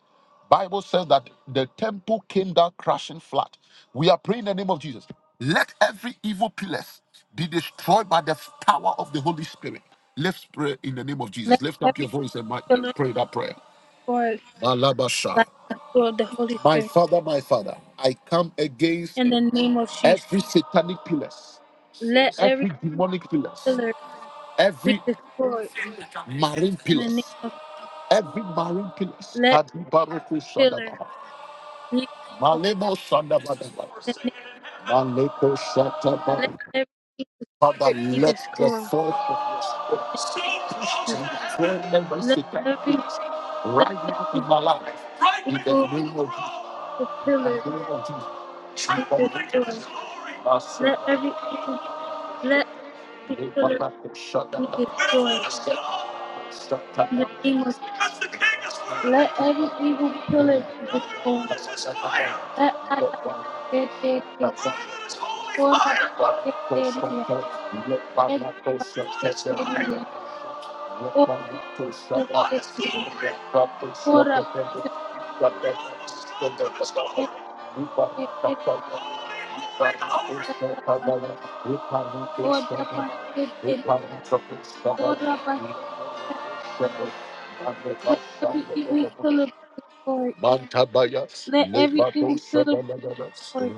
Speaker 2: Bible says that the temple came down crashing flat. We are praying in the name of Jesus. Let every evil pillars be destroyed by the power of the Holy Spirit. Let's pray in the name of
Speaker 1: Let
Speaker 2: Jesus. Lift up your
Speaker 1: every
Speaker 2: voice and might
Speaker 1: look
Speaker 2: pray that prayer.
Speaker 1: forward
Speaker 2: Malabasha.
Speaker 1: like of the Holy
Speaker 2: My
Speaker 1: Spirit
Speaker 2: father, my father, I come against
Speaker 1: in the name of Jesus.
Speaker 2: every satanic pillars,
Speaker 1: Let every
Speaker 2: every demonic pillars,
Speaker 1: pillar be
Speaker 2: every
Speaker 1: destroyed
Speaker 2: marine
Speaker 1: in the
Speaker 2: pillars.
Speaker 1: name of
Speaker 2: Every barren place,
Speaker 1: let
Speaker 2: Kadibaruku
Speaker 1: pillar
Speaker 2: Sadaba,
Speaker 1: be destroyed
Speaker 2: Malemo Sadabadaba,
Speaker 1: in the
Speaker 2: Malo
Speaker 1: name let
Speaker 2: Sadaba.
Speaker 1: every evil
Speaker 2: Father,
Speaker 1: spirit be
Speaker 2: let the
Speaker 1: destroyed.
Speaker 2: force and employment
Speaker 1: Let every let
Speaker 2: with
Speaker 1: every
Speaker 2: my life in the
Speaker 1: evil
Speaker 2: name of
Speaker 1: pillar
Speaker 2: Jesus. In
Speaker 1: be
Speaker 2: the name of
Speaker 1: destroyed.
Speaker 2: Jesus.
Speaker 1: Let every evil let every pillar
Speaker 2: Baraku
Speaker 1: be
Speaker 2: Sadaba.
Speaker 1: destroyed. In the
Speaker 2: Sadaba.
Speaker 1: name of
Speaker 2: Because the King is
Speaker 1: let
Speaker 2: worthy.
Speaker 1: every evil pillar be
Speaker 2: No
Speaker 1: destroyed.
Speaker 2: one is his
Speaker 1: Let
Speaker 2: fire. Holy
Speaker 1: Adabaketeria, Korabaketeria, Edabaketeria, Odabaketeria, Korabaketeria, Odabaketeria, Korabaketeria. Let every evil
Speaker 2: fire.
Speaker 1: pillar be destroyed.
Speaker 2: Mantabaya,
Speaker 1: Let every evil
Speaker 2: Lepato
Speaker 1: pillar be
Speaker 2: Shadalagada,
Speaker 1: destroyed.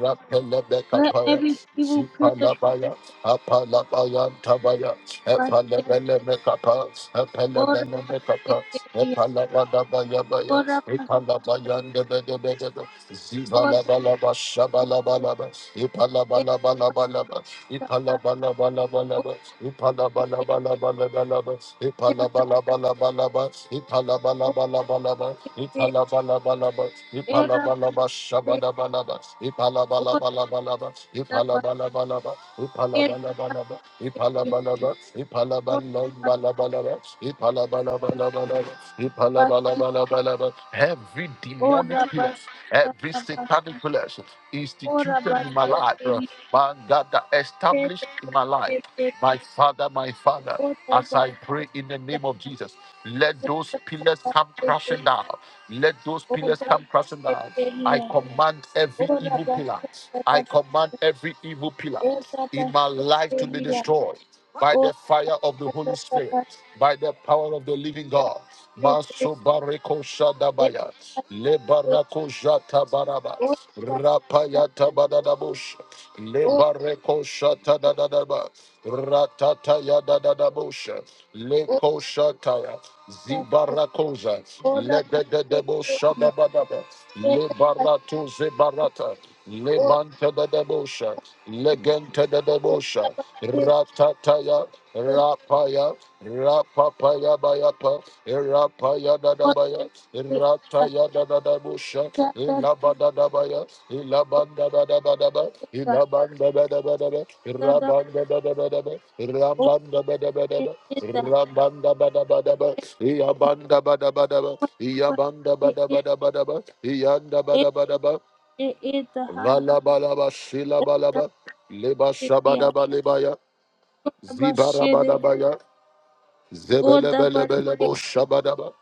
Speaker 1: Let
Speaker 2: Rapelebekapaya,
Speaker 1: every evil pillar
Speaker 2: Zipalabaya, Apalabaya, Tabaya,
Speaker 1: be destroyed.
Speaker 2: Epalebelebekapa,
Speaker 1: Ora
Speaker 2: Epalebelebekapa,
Speaker 1: Basheteria,
Speaker 2: Epalabadabaya, Baya,
Speaker 1: Ora Baketeria.
Speaker 2: Epalabaya,
Speaker 1: Ora
Speaker 2: Zivalabalaba, shabalabalaba, ipalabalabalabalaba, ipalabalabalabalaba, ipalabalabalabalaba, ipalabalabalabalaba, ipalabalabalabalaba, ipalabalabalaba, ipalabalaba, shabalabalaba, ipalabalabalabalaba, ipalabalabalaba, ipalabalabalabalaba, ipalabalaba, ipalabalabalabalaba, ipalabalabalabalaba, Every demonic pillar, every satanic pillar instituted in my life, uh, man, that, that established in my life, my father, my father. As I pray in the name of Jesus, let those pillars come crashing down. Let those pillars come crashing down. I command every evil pillar. I command every evil pillar in my life to be destroyed by the fire of the Holy Spirit, by the power of the living
Speaker 1: Thank
Speaker 2: God.
Speaker 1: you, thank you.
Speaker 2: Masubareko Shadabaya, Lebarako Jatabaraba,
Speaker 1: Yes,
Speaker 2: Rapayata Badadabush, Lebareko Shatadadadaba, Ratataya Dadadabush, Leko Shataya, Zibarakoza, Legedebo Shadabadaba. Le barato ze barata. Le manta da da bosha. Le genta da da bosha. Ratataya. Rapaya. Rapapaya bayapa. Rapaya da da baya. Rataya da da da bosha. Ilabada da baya. Ilabanda da da ba da ba. Ilabanda da da ba da ba. Rabanda da da ba da ba. Rambanda ba da ba da ba. Rabanda ba da ba da ba. Iabanda ba da ba da ba. Iyabanda bada bada bada ba. Iyanda bada bada ba. Vala bala ba sila bala ba. Leba shabada ba lebaya. Zibara bada baya. Zebelebelebelebo shabadaba.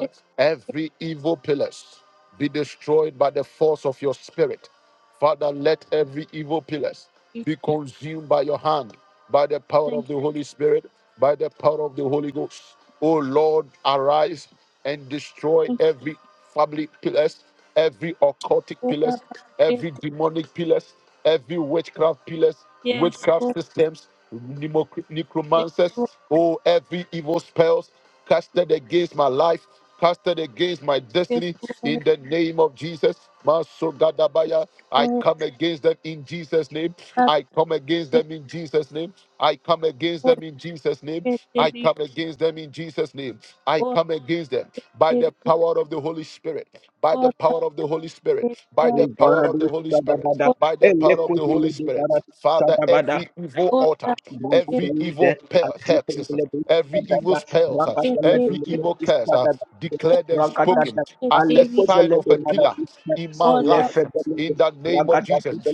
Speaker 1: yes,
Speaker 2: Every evil pillars be destroyed by the force of your spirit. Father, let every evil pillars be consumed by your hand, by the power of the Holy Spirit, by the power of the Holy Ghost. O Lord, arise and destroy every family pillars, every occultic pillars, every demonic pillars, every witchcraft pillars, witchcraft systems, Nemoc- necromancers, oh, every evil spells casted against my life, casted against my
Speaker 1: yes,
Speaker 2: destiny,
Speaker 1: yes.
Speaker 2: in the name of Jesus. Masogadabaya, I
Speaker 1: or
Speaker 2: come against them in Jesus' name. I come against them in Jesus' name. I come against them in Jesus' name. I come against them in Jesus' name. I come against them by the power of the Holy Spirit. By the power of the Holy Spirit. By the power of the
Speaker 3: Ibaradu
Speaker 2: Holy Spirit.
Speaker 3: Sadabada,
Speaker 2: By the power of the
Speaker 3: Elekotu
Speaker 2: Holy Spirit.
Speaker 3: Medibara
Speaker 2: Father,
Speaker 3: Sadabada,
Speaker 2: every evil altar every evil
Speaker 3: Ramadele,
Speaker 2: person,
Speaker 3: Adjutamele,
Speaker 2: every
Speaker 3: Adada,
Speaker 2: success,
Speaker 3: Rabatele,
Speaker 2: I
Speaker 3: Adada,
Speaker 2: declare
Speaker 3: Ragadada,
Speaker 2: as
Speaker 3: Alekosele, Maradista, Lefebele,
Speaker 2: in
Speaker 3: Ragadada,
Speaker 2: the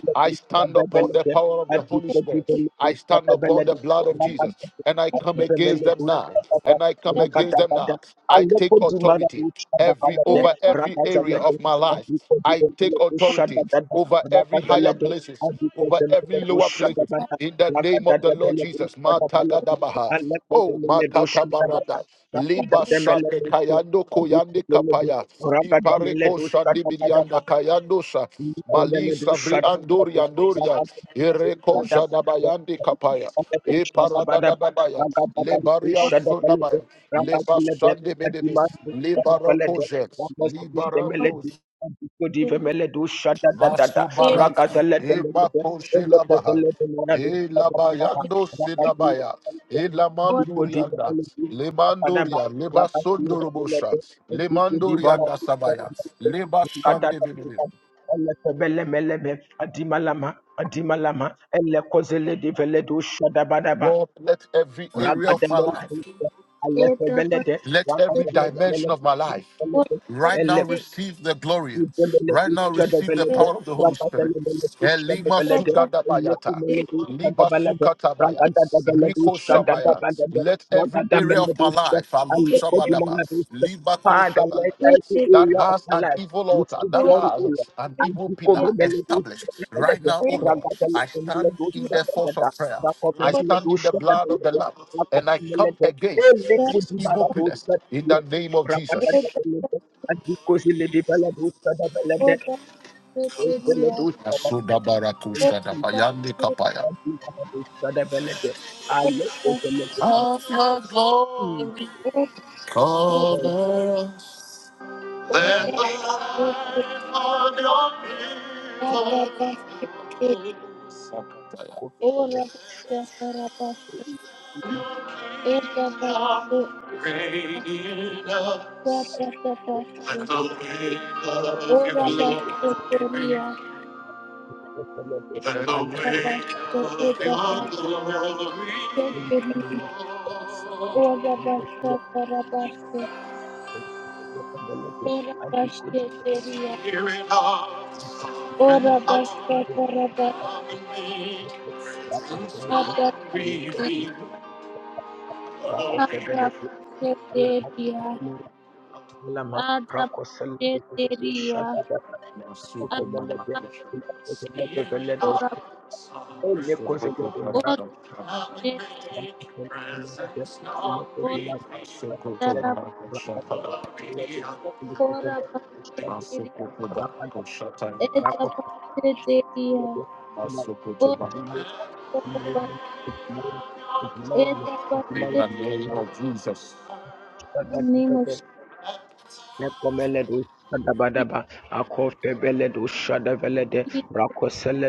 Speaker 3: Adabele, Adjutamele, Adabele,
Speaker 2: blood of Jesus.
Speaker 3: Ragadada,
Speaker 2: and
Speaker 3: Adjutamele,
Speaker 2: I
Speaker 3: Adada,
Speaker 2: against
Speaker 3: Ragadada,
Speaker 2: I take
Speaker 3: Aleko di
Speaker 2: authority
Speaker 3: Maradista,
Speaker 2: every
Speaker 3: Adabele,
Speaker 2: over every area
Speaker 3: Ragadale,
Speaker 2: of my life. I take
Speaker 3: Adjutamele,
Speaker 2: authority
Speaker 3: Shadadada,
Speaker 2: over every higher
Speaker 3: Ragadale,
Speaker 2: places, over every
Speaker 3: Adjutamele,
Speaker 2: lower places.
Speaker 3: Shadadada,
Speaker 2: In the name of the Lord Jesus. Matakadabaha. Oh, Makatabarada. Liba Shande Kayando Koyande Kapaya. Ipareko Shandi
Speaker 3: Ragadamele
Speaker 2: Bidianda Kayandosha. Mali Savri Andoria Andoria. Ireko Jadabayande Kapaya. E parada da da baya, le baria soda baya, le basande bedebe, le barokoje, le barandos, maso balak, e bakoje la baha, e la bayando se la baya, e la mandurianda, le manduria, le basondorobosha, le mandurianda sabaya, le basande bedebe.
Speaker 3: Shada Elefelebelebelebe, Adimalama, Adimalama, Elekozele de Veledo Shadabadaba,
Speaker 2: Lord, let every area of my
Speaker 3: Rabadelebe,
Speaker 2: life,
Speaker 3: Alefebelede,
Speaker 2: every dimension of my life,
Speaker 3: Ramazelebelebe, Father, let every
Speaker 2: see the
Speaker 3: area
Speaker 2: power of the Holy Spirit. Masugadabaya, Libasukaya, Rikoya. Let every area of my life Shabadaba, that
Speaker 3: of
Speaker 2: has
Speaker 3: my
Speaker 2: an
Speaker 3: life
Speaker 2: evil,
Speaker 3: receive glory, O Lord.
Speaker 2: an
Speaker 3: And
Speaker 2: evil
Speaker 3: you cover
Speaker 2: pillar
Speaker 3: me, Lord,
Speaker 2: established right now, O Lord. I stand in the force of prayer.
Speaker 1: you.
Speaker 2: I stand in the blood of the Lamb, and I come against
Speaker 3: Every
Speaker 1: da
Speaker 3: good,
Speaker 2: these evil pillars in the
Speaker 3: you
Speaker 2: name of
Speaker 1: O
Speaker 2: Jesus.
Speaker 3: are and Because in the development of the
Speaker 1: da da O
Speaker 3: development,
Speaker 1: da
Speaker 3: in the
Speaker 1: bebeği
Speaker 3: development
Speaker 1: O da
Speaker 2: Masudabarakushadabayande
Speaker 1: bebeği
Speaker 2: kapaya.
Speaker 3: of
Speaker 1: O
Speaker 3: I
Speaker 1: da
Speaker 3: let the
Speaker 1: bebeği
Speaker 3: development
Speaker 2: Of your
Speaker 3: in
Speaker 2: glory,
Speaker 3: the
Speaker 2: cover
Speaker 1: O
Speaker 3: chief
Speaker 1: da bebeği da da bebeği
Speaker 3: the
Speaker 1: O da
Speaker 3: development.
Speaker 1: da da başlı e da başlı da da da başlı O
Speaker 3: I
Speaker 1: da
Speaker 3: let
Speaker 1: başlı teriya
Speaker 3: the development. I let
Speaker 1: da başlı e da ha
Speaker 2: us.
Speaker 3: the
Speaker 1: teriyi
Speaker 3: development.
Speaker 1: O
Speaker 3: I
Speaker 1: da başlı
Speaker 3: let
Speaker 1: da başlı
Speaker 3: the
Speaker 1: O
Speaker 3: development. I do good
Speaker 2: Spirit of the sovereign
Speaker 3: in
Speaker 1: Ora
Speaker 3: the
Speaker 2: Lord,
Speaker 1: basta, ora basta,
Speaker 2: come and make your presence
Speaker 1: ora
Speaker 3: development.
Speaker 2: known,
Speaker 1: basta,
Speaker 3: I let
Speaker 2: reveal, oh,
Speaker 3: of the
Speaker 2: reveal.
Speaker 3: development. I
Speaker 1: Adabasheteria,
Speaker 3: the development.
Speaker 1: Adabasheteria,
Speaker 2: Spirit of
Speaker 1: Adabashetoraba,
Speaker 2: the sovereign Lord, come and
Speaker 1: Odabashet,
Speaker 2: make
Speaker 3: Rakosele
Speaker 2: your presence known, reveal, oh, reveal.
Speaker 1: Edabasheteria, Odaba,
Speaker 2: In
Speaker 1: in
Speaker 2: the name of Jesus.
Speaker 1: name of Jesus,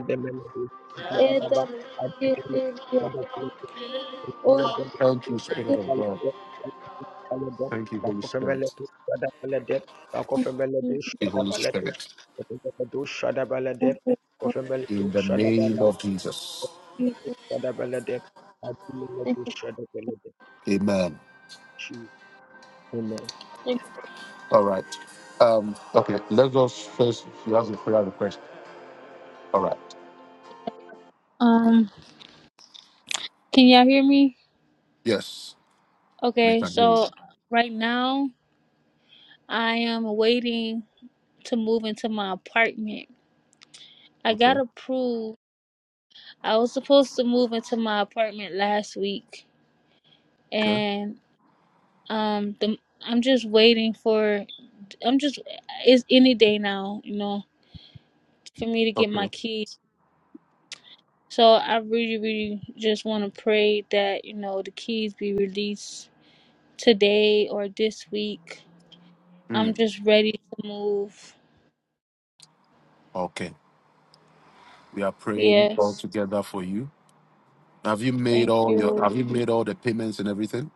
Speaker 3: de Melody, Badaba,
Speaker 1: Edabasheteria, Oda,
Speaker 2: Thank you, Spirit of God. Thank you, Holy Spirit. Thank
Speaker 1: Edabasheteria,
Speaker 2: you, Holy Spirit.
Speaker 1: Thank you,
Speaker 2: In the name of Jesus.
Speaker 1: Thank you,
Speaker 2: Amen.
Speaker 3: Amen.
Speaker 2: All right. Um, okay, let us first if you have a prayer request. All right.
Speaker 1: Um, can y'all hear me?
Speaker 2: Yes, we
Speaker 1: Okay,
Speaker 2: can hear you.
Speaker 1: so right now I am waiting to move into my apartment. I
Speaker 2: Okay.
Speaker 1: got approved. I was supposed to move into my apartment last week,
Speaker 2: Okay.
Speaker 1: and um, the, I'm just waiting for. I'm just it's any day now, you know, for me to get my keys. So I really, really just want to pray that you know the keys be released today or this week. I'm just ready to move. Yes,
Speaker 2: You
Speaker 1: thank you.
Speaker 2: think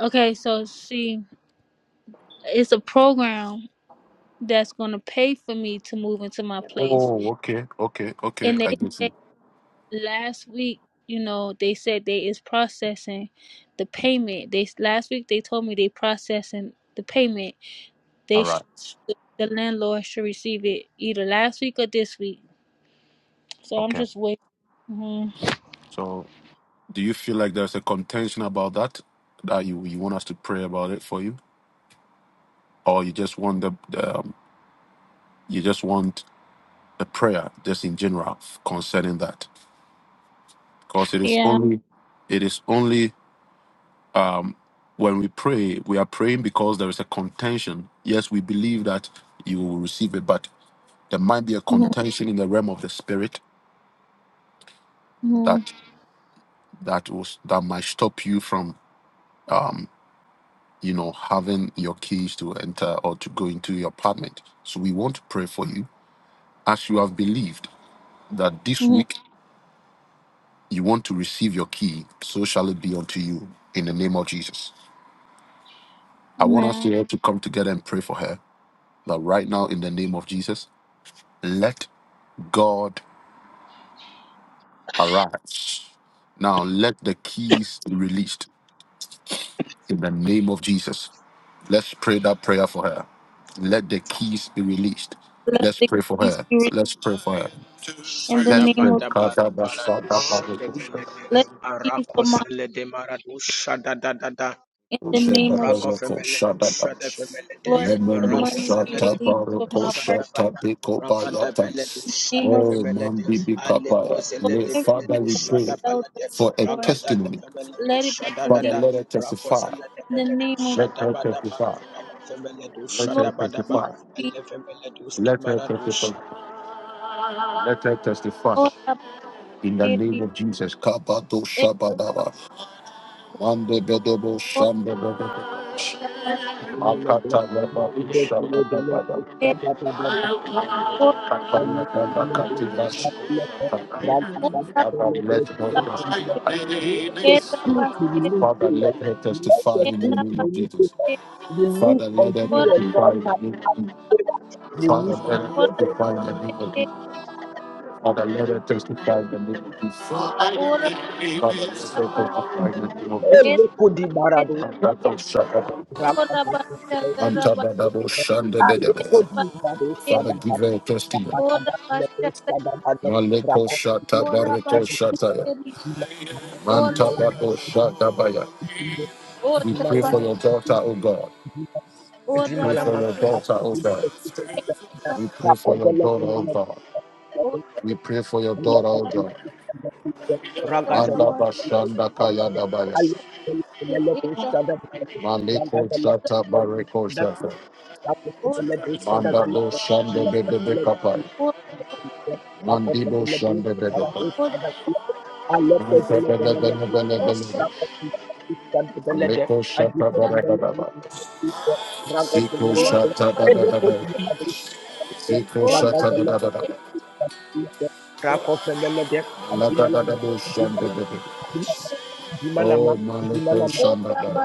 Speaker 1: Okay, so see, it's a program that's gonna pay for me to move into my place, and they said last week, you know, they said they is processing the payment. They last week they told me they processing the payment. They sh- the landlord should receive it either last week or this week. So I'm just waiting. hmm
Speaker 2: pray about it for you. Or you just want the, the um, you just want a prayer just in general concerning that. Because it is
Speaker 1: Yeah.
Speaker 2: only it is only um, when we pray, we are praying because there is a contention. Yes, we believe that you will receive it, but there might be a
Speaker 1: Mm-hmm.
Speaker 2: contention in the realm of the spirit
Speaker 1: hmm
Speaker 2: that that was that might stop you from um, you know having your keys to enter or to go into your apartment. So we want to pray for you as you have believed that this
Speaker 1: hmm
Speaker 2: week you want to receive your key. So shall it be unto you in the name of Jesus. I want us
Speaker 1: Amen.
Speaker 2: here to come together and pray for her that right now in the name of Jesus. Let God arise. Now let the keys be released in the name of Jesus. Let's pray that prayer for her. Let the keys be released.
Speaker 1: Let
Speaker 2: Let's
Speaker 1: the
Speaker 2: pray for
Speaker 1: keys
Speaker 2: her.
Speaker 1: be released
Speaker 2: Let's pray for her.
Speaker 1: in the
Speaker 2: Let's
Speaker 1: name
Speaker 2: pray.
Speaker 1: of
Speaker 3: Shadabadabarikaradu shadabelede,
Speaker 1: let the keys come out
Speaker 3: arakosele demaradu shadadadada.
Speaker 1: in the name of
Speaker 3: Rako femele tu shada femele de
Speaker 1: Lord, let the
Speaker 3: rako
Speaker 1: money
Speaker 3: sele
Speaker 1: be
Speaker 3: de
Speaker 1: released from my purse.
Speaker 3: shada bada raka da bele
Speaker 1: In the name
Speaker 3: shada
Speaker 1: of
Speaker 2: Oh,
Speaker 1: Jesus,
Speaker 3: femele
Speaker 2: man,
Speaker 3: de
Speaker 2: baby,
Speaker 3: ale ko
Speaker 2: kapaya.
Speaker 1: Lord,
Speaker 3: sele
Speaker 2: Let-
Speaker 3: de
Speaker 1: every
Speaker 3: femele
Speaker 2: Father,
Speaker 3: de
Speaker 2: we
Speaker 3: shada
Speaker 2: pray
Speaker 1: dollar,
Speaker 3: bala de
Speaker 2: for a
Speaker 3: raka
Speaker 1: Lord,
Speaker 3: da da
Speaker 2: testimony.
Speaker 3: femele de
Speaker 1: let it be
Speaker 3: shada da
Speaker 2: Father,
Speaker 1: released.
Speaker 2: let her
Speaker 3: rako
Speaker 2: testify.
Speaker 3: sele de
Speaker 1: In the
Speaker 3: femele de
Speaker 1: name of
Speaker 2: Let
Speaker 3: shada
Speaker 2: her
Speaker 3: bada ba
Speaker 2: testify.
Speaker 3: rako femele de
Speaker 2: Let
Speaker 1: Lord,
Speaker 3: shada
Speaker 2: her
Speaker 3: bada ba
Speaker 1: let me
Speaker 2: testify.
Speaker 1: be
Speaker 3: ale femele de
Speaker 2: Let her
Speaker 3: skimara de
Speaker 2: testify.
Speaker 3: shada
Speaker 2: Let her testify.
Speaker 1: all about
Speaker 2: In the
Speaker 1: it.
Speaker 2: name
Speaker 1: Be
Speaker 2: of Jesus. Kabato
Speaker 1: it
Speaker 2: Shabadaba. Mande Bedobo
Speaker 1: all
Speaker 2: Shambadaba.
Speaker 1: about it.
Speaker 2: Akata Laba
Speaker 3: femele
Speaker 2: Shabadaba.
Speaker 1: It
Speaker 3: de
Speaker 1: all about
Speaker 3: Release
Speaker 2: Kapala
Speaker 3: unto
Speaker 2: Laba
Speaker 3: your daughter
Speaker 2: Katilash. Father,
Speaker 1: all about
Speaker 2: let her testify.
Speaker 1: it. It about it.
Speaker 2: Father, let her testify
Speaker 1: It
Speaker 2: in the name
Speaker 1: about
Speaker 2: of Jesus.
Speaker 1: it.
Speaker 2: Father, let her
Speaker 1: All about
Speaker 2: testify in the name of Jesus.
Speaker 3: favor.
Speaker 2: Father,
Speaker 3: Release
Speaker 2: let
Speaker 3: unto
Speaker 1: all about
Speaker 3: your
Speaker 2: her
Speaker 3: daughter.
Speaker 2: testify in the name of
Speaker 1: it.
Speaker 2: Jesus. Father, let her testify in the name of Jesus. Father, let
Speaker 1: All about
Speaker 2: her
Speaker 1: about
Speaker 2: testify in the name of
Speaker 3: Oh,
Speaker 2: Jesus.
Speaker 1: it.
Speaker 3: look who the barado. Ah,
Speaker 1: All about it. All about
Speaker 2: Antabadabo
Speaker 1: it.
Speaker 2: Shanda
Speaker 3: look who
Speaker 2: Bedebe.
Speaker 1: All
Speaker 3: the
Speaker 1: about it.
Speaker 2: Father, give her a testimony.
Speaker 1: Ora bashete,
Speaker 3: barado.
Speaker 2: Maleko Shata
Speaker 1: ora
Speaker 2: Bareko Shataya.
Speaker 1: bashete, ora
Speaker 2: Mantabado Shatabaya.
Speaker 1: ora
Speaker 2: We pray
Speaker 3: Ragazella,
Speaker 1: bash,
Speaker 2: for your daughter, O God.
Speaker 1: ora
Speaker 2: Pray for your
Speaker 1: bashe,
Speaker 2: daughter, O God.
Speaker 1: ora bashe,
Speaker 2: We pray for your daughter, O God.
Speaker 1: ora
Speaker 2: We pray for your daughter, O God.
Speaker 1: ora bashete, ora bashe, ora
Speaker 2: Manda
Speaker 1: bashete,
Speaker 2: Bashanda Kayadabaya. Maleko Shata Bareko Shata.
Speaker 1: ora ora bashete, ora bashe, ora bashe,
Speaker 3: Rakofenele de,
Speaker 2: Manda Bo
Speaker 1: ora
Speaker 2: Shanda Bedebe Kapai.
Speaker 1: bashete, ora bashete, ora bashe, ora bashete, ora bashe, ora
Speaker 2: Mandibo Shanda Bedebe.
Speaker 1: bashete,
Speaker 2: Mantabele Bele Bele Bele. Aleko shata da da da da da. Siko shata da da da da. Siko shata da da da da da. La da
Speaker 3: Adinala,
Speaker 2: da da
Speaker 3: de,
Speaker 2: bo
Speaker 3: Adinala
Speaker 2: shanda da da.
Speaker 3: de, Jimalama,
Speaker 2: Oh, Maleko
Speaker 3: Jimalama,
Speaker 2: shanda da da.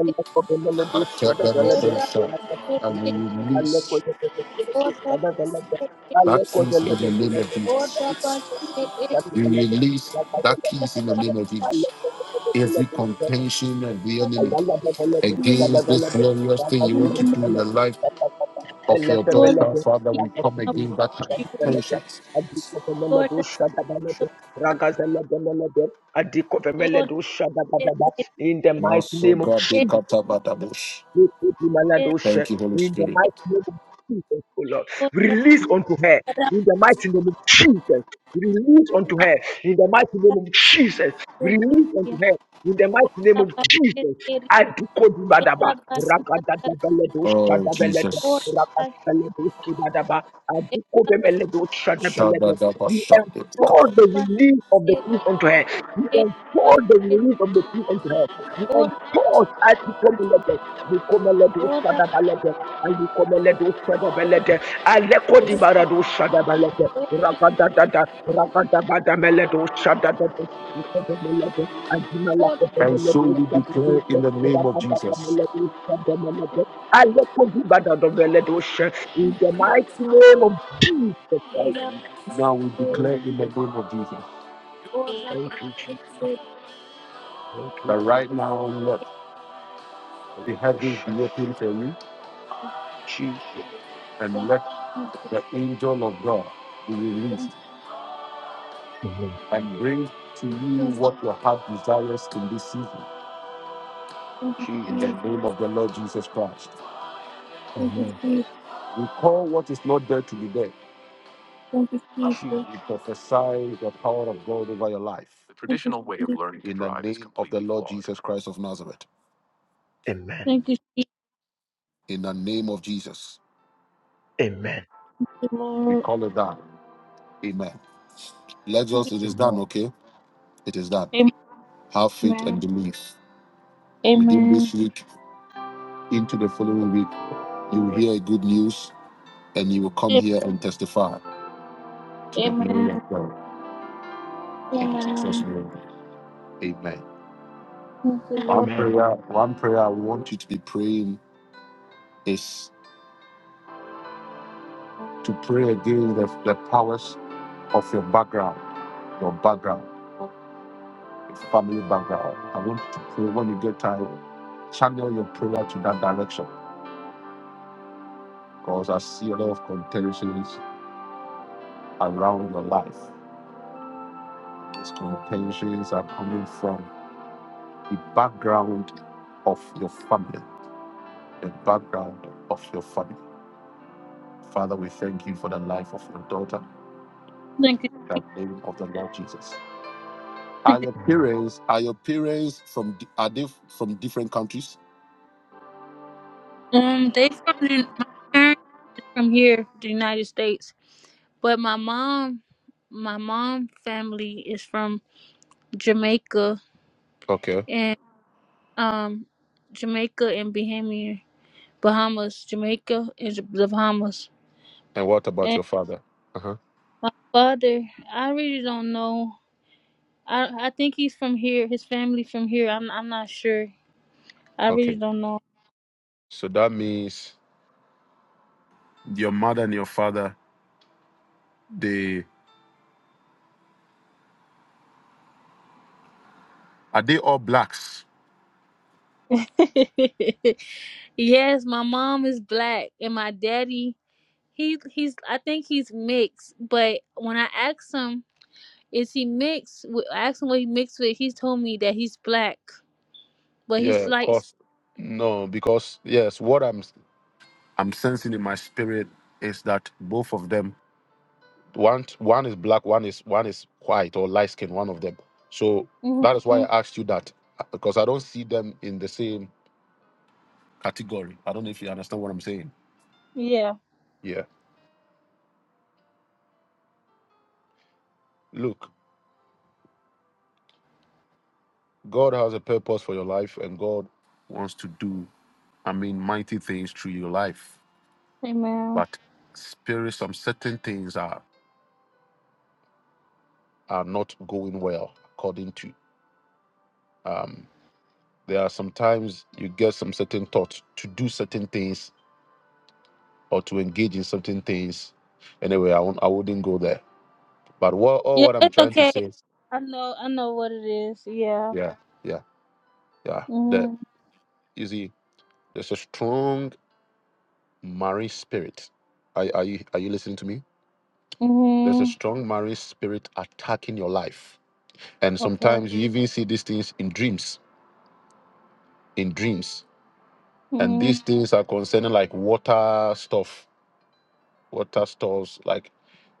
Speaker 3: Elekomelodi,
Speaker 2: Ate da da
Speaker 3: Shadavalada,
Speaker 2: da shanda. And we release
Speaker 3: Alekoyelede, Shadavalada,
Speaker 2: that peace in
Speaker 3: Alekoyelede,
Speaker 2: the name of
Speaker 3: Melede,
Speaker 1: ora
Speaker 2: Jesus. We
Speaker 3: Shadavalada,
Speaker 2: release that
Speaker 3: Shadavalada,
Speaker 2: peace in the
Speaker 1: bashe,
Speaker 3: Shadavalada,
Speaker 2: name of
Speaker 1: ora
Speaker 2: Jesus. Every
Speaker 3: Alekoyelede,
Speaker 2: contention of the
Speaker 1: Lord,
Speaker 3: in
Speaker 1: let
Speaker 2: enemy
Speaker 3: the
Speaker 1: it be released
Speaker 2: against this glorious thing you
Speaker 1: in
Speaker 2: want
Speaker 1: the
Speaker 2: to
Speaker 1: name.
Speaker 2: do in the life of your
Speaker 1: Lord, let it
Speaker 2: daughter, Father,
Speaker 1: be
Speaker 2: we
Speaker 1: from
Speaker 2: come
Speaker 1: our
Speaker 2: against that
Speaker 1: presence be released.
Speaker 2: contention.
Speaker 1: Lord, let it be from our presence. Lord, let it
Speaker 3: mighty name of
Speaker 2: Masobra de
Speaker 1: be from our
Speaker 2: Katabadabush.
Speaker 3: in the
Speaker 1: presence.
Speaker 2: Thank you, Holy
Speaker 3: mighty
Speaker 2: Spirit.
Speaker 3: name of Jesus, O Lord,
Speaker 1: Lord, let it be
Speaker 3: release unto her. In the mighty name of Jesus, release unto her. In the mighty name of Jesus, release unto her. In the mighty
Speaker 1: from our presence.
Speaker 3: name
Speaker 1: Ora
Speaker 3: of
Speaker 1: bashe
Speaker 3: Jesus,
Speaker 1: teri,
Speaker 3: I decode
Speaker 1: era
Speaker 3: Badaba.
Speaker 1: bashe teri,
Speaker 3: Ragadabeledo
Speaker 2: Oh,
Speaker 3: Shadabeledo.
Speaker 1: ora
Speaker 2: Jesus.
Speaker 1: bashe,
Speaker 3: Ragadabeledo Kibadaba. I
Speaker 1: era
Speaker 3: decode
Speaker 1: bashe,
Speaker 3: Meledo Shadabeledo. We
Speaker 1: ora
Speaker 3: implore the
Speaker 1: bashe,
Speaker 3: release of the peace unto her. We
Speaker 1: era
Speaker 3: implore the
Speaker 1: bashe,
Speaker 3: release of the peace unto her. We
Speaker 1: ora,
Speaker 3: implore I decode
Speaker 1: ora bashe,
Speaker 3: Likomeledusadabalede,
Speaker 1: era
Speaker 3: alikomeledusadabalede,
Speaker 1: bashe, ora bashe, era bashe,
Speaker 3: alekodibaradushadabalede, ragadadada, ragadabadameledushadadada, likomeledusadabalede, adimalakotebeledusadabalede, rakadakameledusadabalede, alekodibadadobeledush. In the mighty name of Jesus Christ.
Speaker 1: ora bashe, era
Speaker 3: Thank you, Jesus.
Speaker 1: bashe.
Speaker 3: Thank you, Jesus. Beledushada. Jesus.
Speaker 1: Thank you. Jesus. Thank
Speaker 3: Amen.
Speaker 2: And bring
Speaker 1: you,
Speaker 2: tears
Speaker 1: thank
Speaker 2: in the
Speaker 3: Jesus.
Speaker 1: you,
Speaker 2: name of God.
Speaker 1: thank you,
Speaker 3: Amen.
Speaker 1: Jesus.
Speaker 2: We call what is not there to be there.
Speaker 1: Thank you,
Speaker 3: Jesus.
Speaker 1: Jesus.
Speaker 2: We prophesy the power of God over your life.
Speaker 1: Thank you, Jesus.
Speaker 2: In the name of the Lord Jesus Christ of Nazareth.
Speaker 3: Amen.
Speaker 1: Thank you, Jesus. Thank you, Jesus,
Speaker 2: In the name of Jesus.
Speaker 3: Amen.
Speaker 2: We
Speaker 1: Lord.
Speaker 2: call it done. Amen. Let's just, it is
Speaker 3: Amen.
Speaker 2: done, okay? It is done.
Speaker 1: Amen.
Speaker 2: Have faith
Speaker 1: Amen.
Speaker 2: and believe. Within this
Speaker 1: Amen.
Speaker 2: week, into the following week, you will hear good news and you will come here and testify to the glory of
Speaker 1: Amen.
Speaker 2: God. In Jesus'
Speaker 1: Amen.
Speaker 2: name. Amen.
Speaker 1: Thank you, Lord.
Speaker 2: One
Speaker 3: Amen.
Speaker 2: prayer, one prayer I want you to be praying is to pray again the, the powers of your background, your background, family background. I want you to pray when you get time, channel your prayer to that direction. Because I see a lot of contentions around your life. These contentions are coming from the background of your family. The background of your family. Father, we thank you for the life of your daughter,
Speaker 1: Thank you.
Speaker 2: in the name of the Lord Jesus.
Speaker 1: Thank
Speaker 2: Are
Speaker 1: you.
Speaker 2: your
Speaker 3: Mm.
Speaker 2: parents are your parents from di- are they from different countries?
Speaker 1: Um, they from the, my parents is from here, the United States, but my mom, my mom family is from Jamaica
Speaker 2: Okay.
Speaker 1: and um, Jamaica and Bahamian Bahamas, Jamaica and the Bahamas.
Speaker 2: And what about your father? Uh-huh.
Speaker 1: My father, I really don't know. I I think he's from here. His family from here. I'm I'm not sure. I really
Speaker 2: Okay.
Speaker 1: don't know.
Speaker 2: So that means your mother and your father, they are they all blacks?
Speaker 1: yes, my mom is black and my daddy he he's I think he's mixed. But when I asked him, is he mixed? with- I asked him what he mixed with. He told me that he's black, but
Speaker 2: Yeah,
Speaker 1: he's
Speaker 2: of
Speaker 1: like,
Speaker 2: course. No, because yes, what I'm I'm sensing in my spirit is that both of them one one is black, one is one is white or light skinned, one of them. So
Speaker 1: hmm
Speaker 2: that is why I asked you that. uh, Because I don't see them in the same category. I don't know if you understand what I'm saying.
Speaker 1: yeah,
Speaker 2: Look, God has a purpose for your life, and God wants to do, I mean, mighty things through your life.
Speaker 1: amen.
Speaker 2: But spirit, some certain things are are not going well according to. Um, there are sometimes you get some certain thoughts to do certain things or to engage in certain things. Anyway, I won't, I wouldn't go there. But what all
Speaker 1: Yeah,
Speaker 2: what I'm
Speaker 1: it's
Speaker 2: trying to
Speaker 1: okay.
Speaker 2: say, is-
Speaker 1: I know I know what it is. Yeah.
Speaker 2: yeah, yeah, yeah. That
Speaker 1: Mhm.
Speaker 2: you see, there's a strong marriage spirit. Are, are you are you listening to me? There's a
Speaker 1: Mhm.
Speaker 2: strong marine spirit attacking your life. And
Speaker 1: Okay.
Speaker 2: sometimes you even see these things in dreams, in dreams. And
Speaker 1: hmm
Speaker 2: these things are concerning like water stuff, water stores, like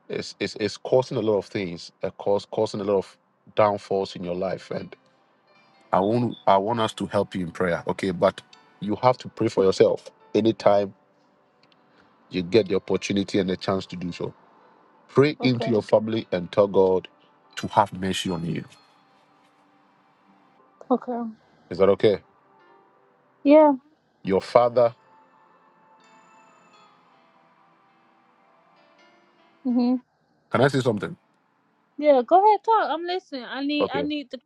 Speaker 2: it's, it's, it's causing a lot of things, uh, cause, causing a lot of downfalls in your life. And I want, I want us to help you in prayer, okay? But you have to pray for yourself anytime you get the opportunity and the chance to do so. Pray into
Speaker 1: Okay.
Speaker 2: your family and tell God to have mercy on you.
Speaker 1: Okay.
Speaker 2: Is that okay?
Speaker 1: Yeah.
Speaker 2: Your father
Speaker 1: hmm
Speaker 2: Can I say something?
Speaker 1: Yeah. Go ahead. Talk. I'm listening. I need. I
Speaker 2: Okay.
Speaker 1: need the.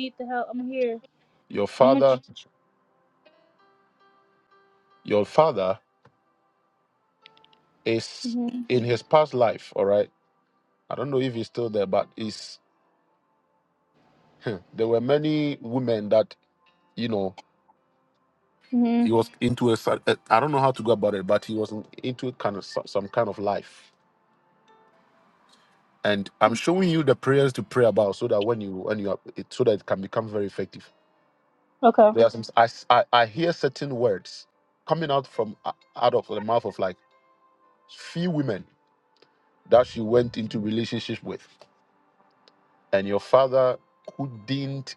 Speaker 1: need the help. I'm here.
Speaker 2: Your
Speaker 1: I'm a. Tr-
Speaker 2: father, your father is
Speaker 1: hmm
Speaker 2: in his past life, all right? I don't know if he's still there, but is there were many women that, you know,
Speaker 1: hmm
Speaker 2: he was into a cer- uh, I don't know how to go about it, but he was in- into kind of so- some kind of life. And I'm showing you the prayers to pray about so that when you when you are, it, so that it can become very effective.
Speaker 1: Okay.
Speaker 2: There are some I, s- I I hear certain words coming out from uh, out of the mouth of like few women that she went into relationships with and your father couldn't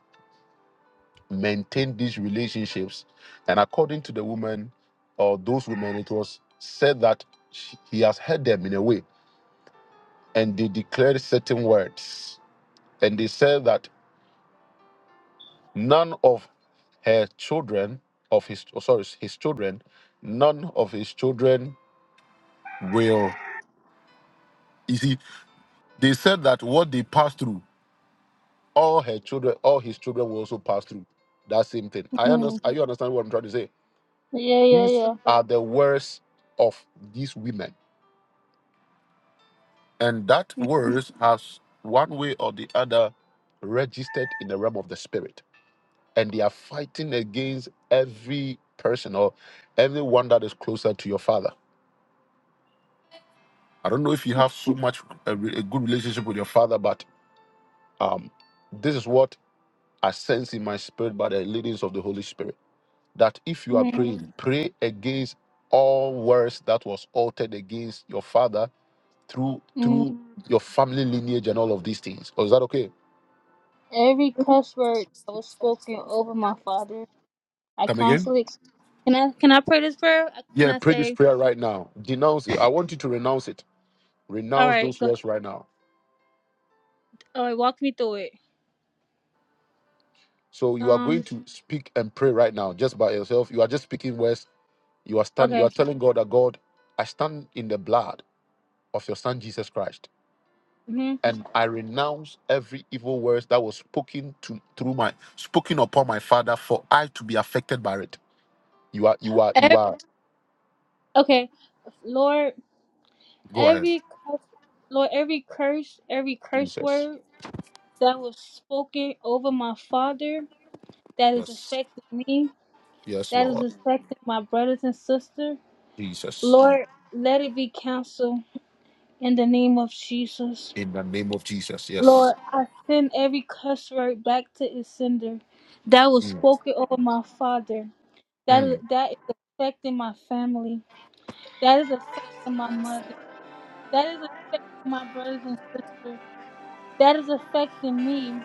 Speaker 2: maintain these relationships. And according to the woman or those women, it was said that she- he has heard them in a way, and they declared certain words. And they said that none of her children, of his oh, sorry, his children, none of his children will. You see, they said that what they passed through, all her children, all his children will also pass through that same thing. I
Speaker 1: hmm
Speaker 2: understand. Are you understand what I'm trying to say?
Speaker 1: Yeah. Yeah.
Speaker 2: These
Speaker 1: Yeah.
Speaker 2: are the words of these women. And that words has one way or the other registered in the realm of the spirit. And they are fighting against every person or everyone that is closer to your father. I don't know if you have so much a, re- a good relationship with your father, but um, this is what I sense in my spirit by the leadings of the Holy Spirit. That if you are
Speaker 1: Mm-hmm.
Speaker 2: praying, pray against all words that was altered against your father through
Speaker 1: Mm-hmm.
Speaker 2: through your family lineage and all of these things. Oh, is that okay?
Speaker 1: Every cuss word that was spoken over my father, I
Speaker 2: Come again?
Speaker 1: constantly. Can I? Can I pray this prayer? Uh, Can
Speaker 2: Yeah,
Speaker 1: I
Speaker 2: pray this
Speaker 1: say?
Speaker 2: prayer right now. Denounce it. I want you to renounce it.
Speaker 1: All
Speaker 2: Renounce
Speaker 1: right.
Speaker 2: those
Speaker 1: Go.
Speaker 2: words right now.
Speaker 1: All right. Walk me through it.
Speaker 2: So you are going
Speaker 1: Um.
Speaker 2: to speak and pray right now, just by yourself. You are just speaking words. You are standing. You are
Speaker 1: Okay.
Speaker 2: telling God that God, I stand in the blood of your Son Jesus Christ,
Speaker 1: hmm
Speaker 2: and I renounce every evil words that was spoken to through my spoken upon my father for I to be affected by it. You are. You are. You
Speaker 1: Every,
Speaker 2: are.
Speaker 1: okay. Lord.
Speaker 2: Go ahead.
Speaker 1: Every cus- Lord, every curse, every curse
Speaker 2: Jesus.
Speaker 1: word that was spoken over my father, that is
Speaker 2: Yes.
Speaker 1: affecting me,
Speaker 2: Yes,
Speaker 1: that is
Speaker 2: Lord.
Speaker 1: affecting my brothers and sisters, Lord, let it be canceled in the name of Jesus. Lord, I send every curse word back to its sender that was
Speaker 2: Mm,
Speaker 1: spoken over my father, that is,
Speaker 2: mm,
Speaker 1: that is affecting my family, that is affecting my mother, that is affecting my brothers and sisters. that is affecting me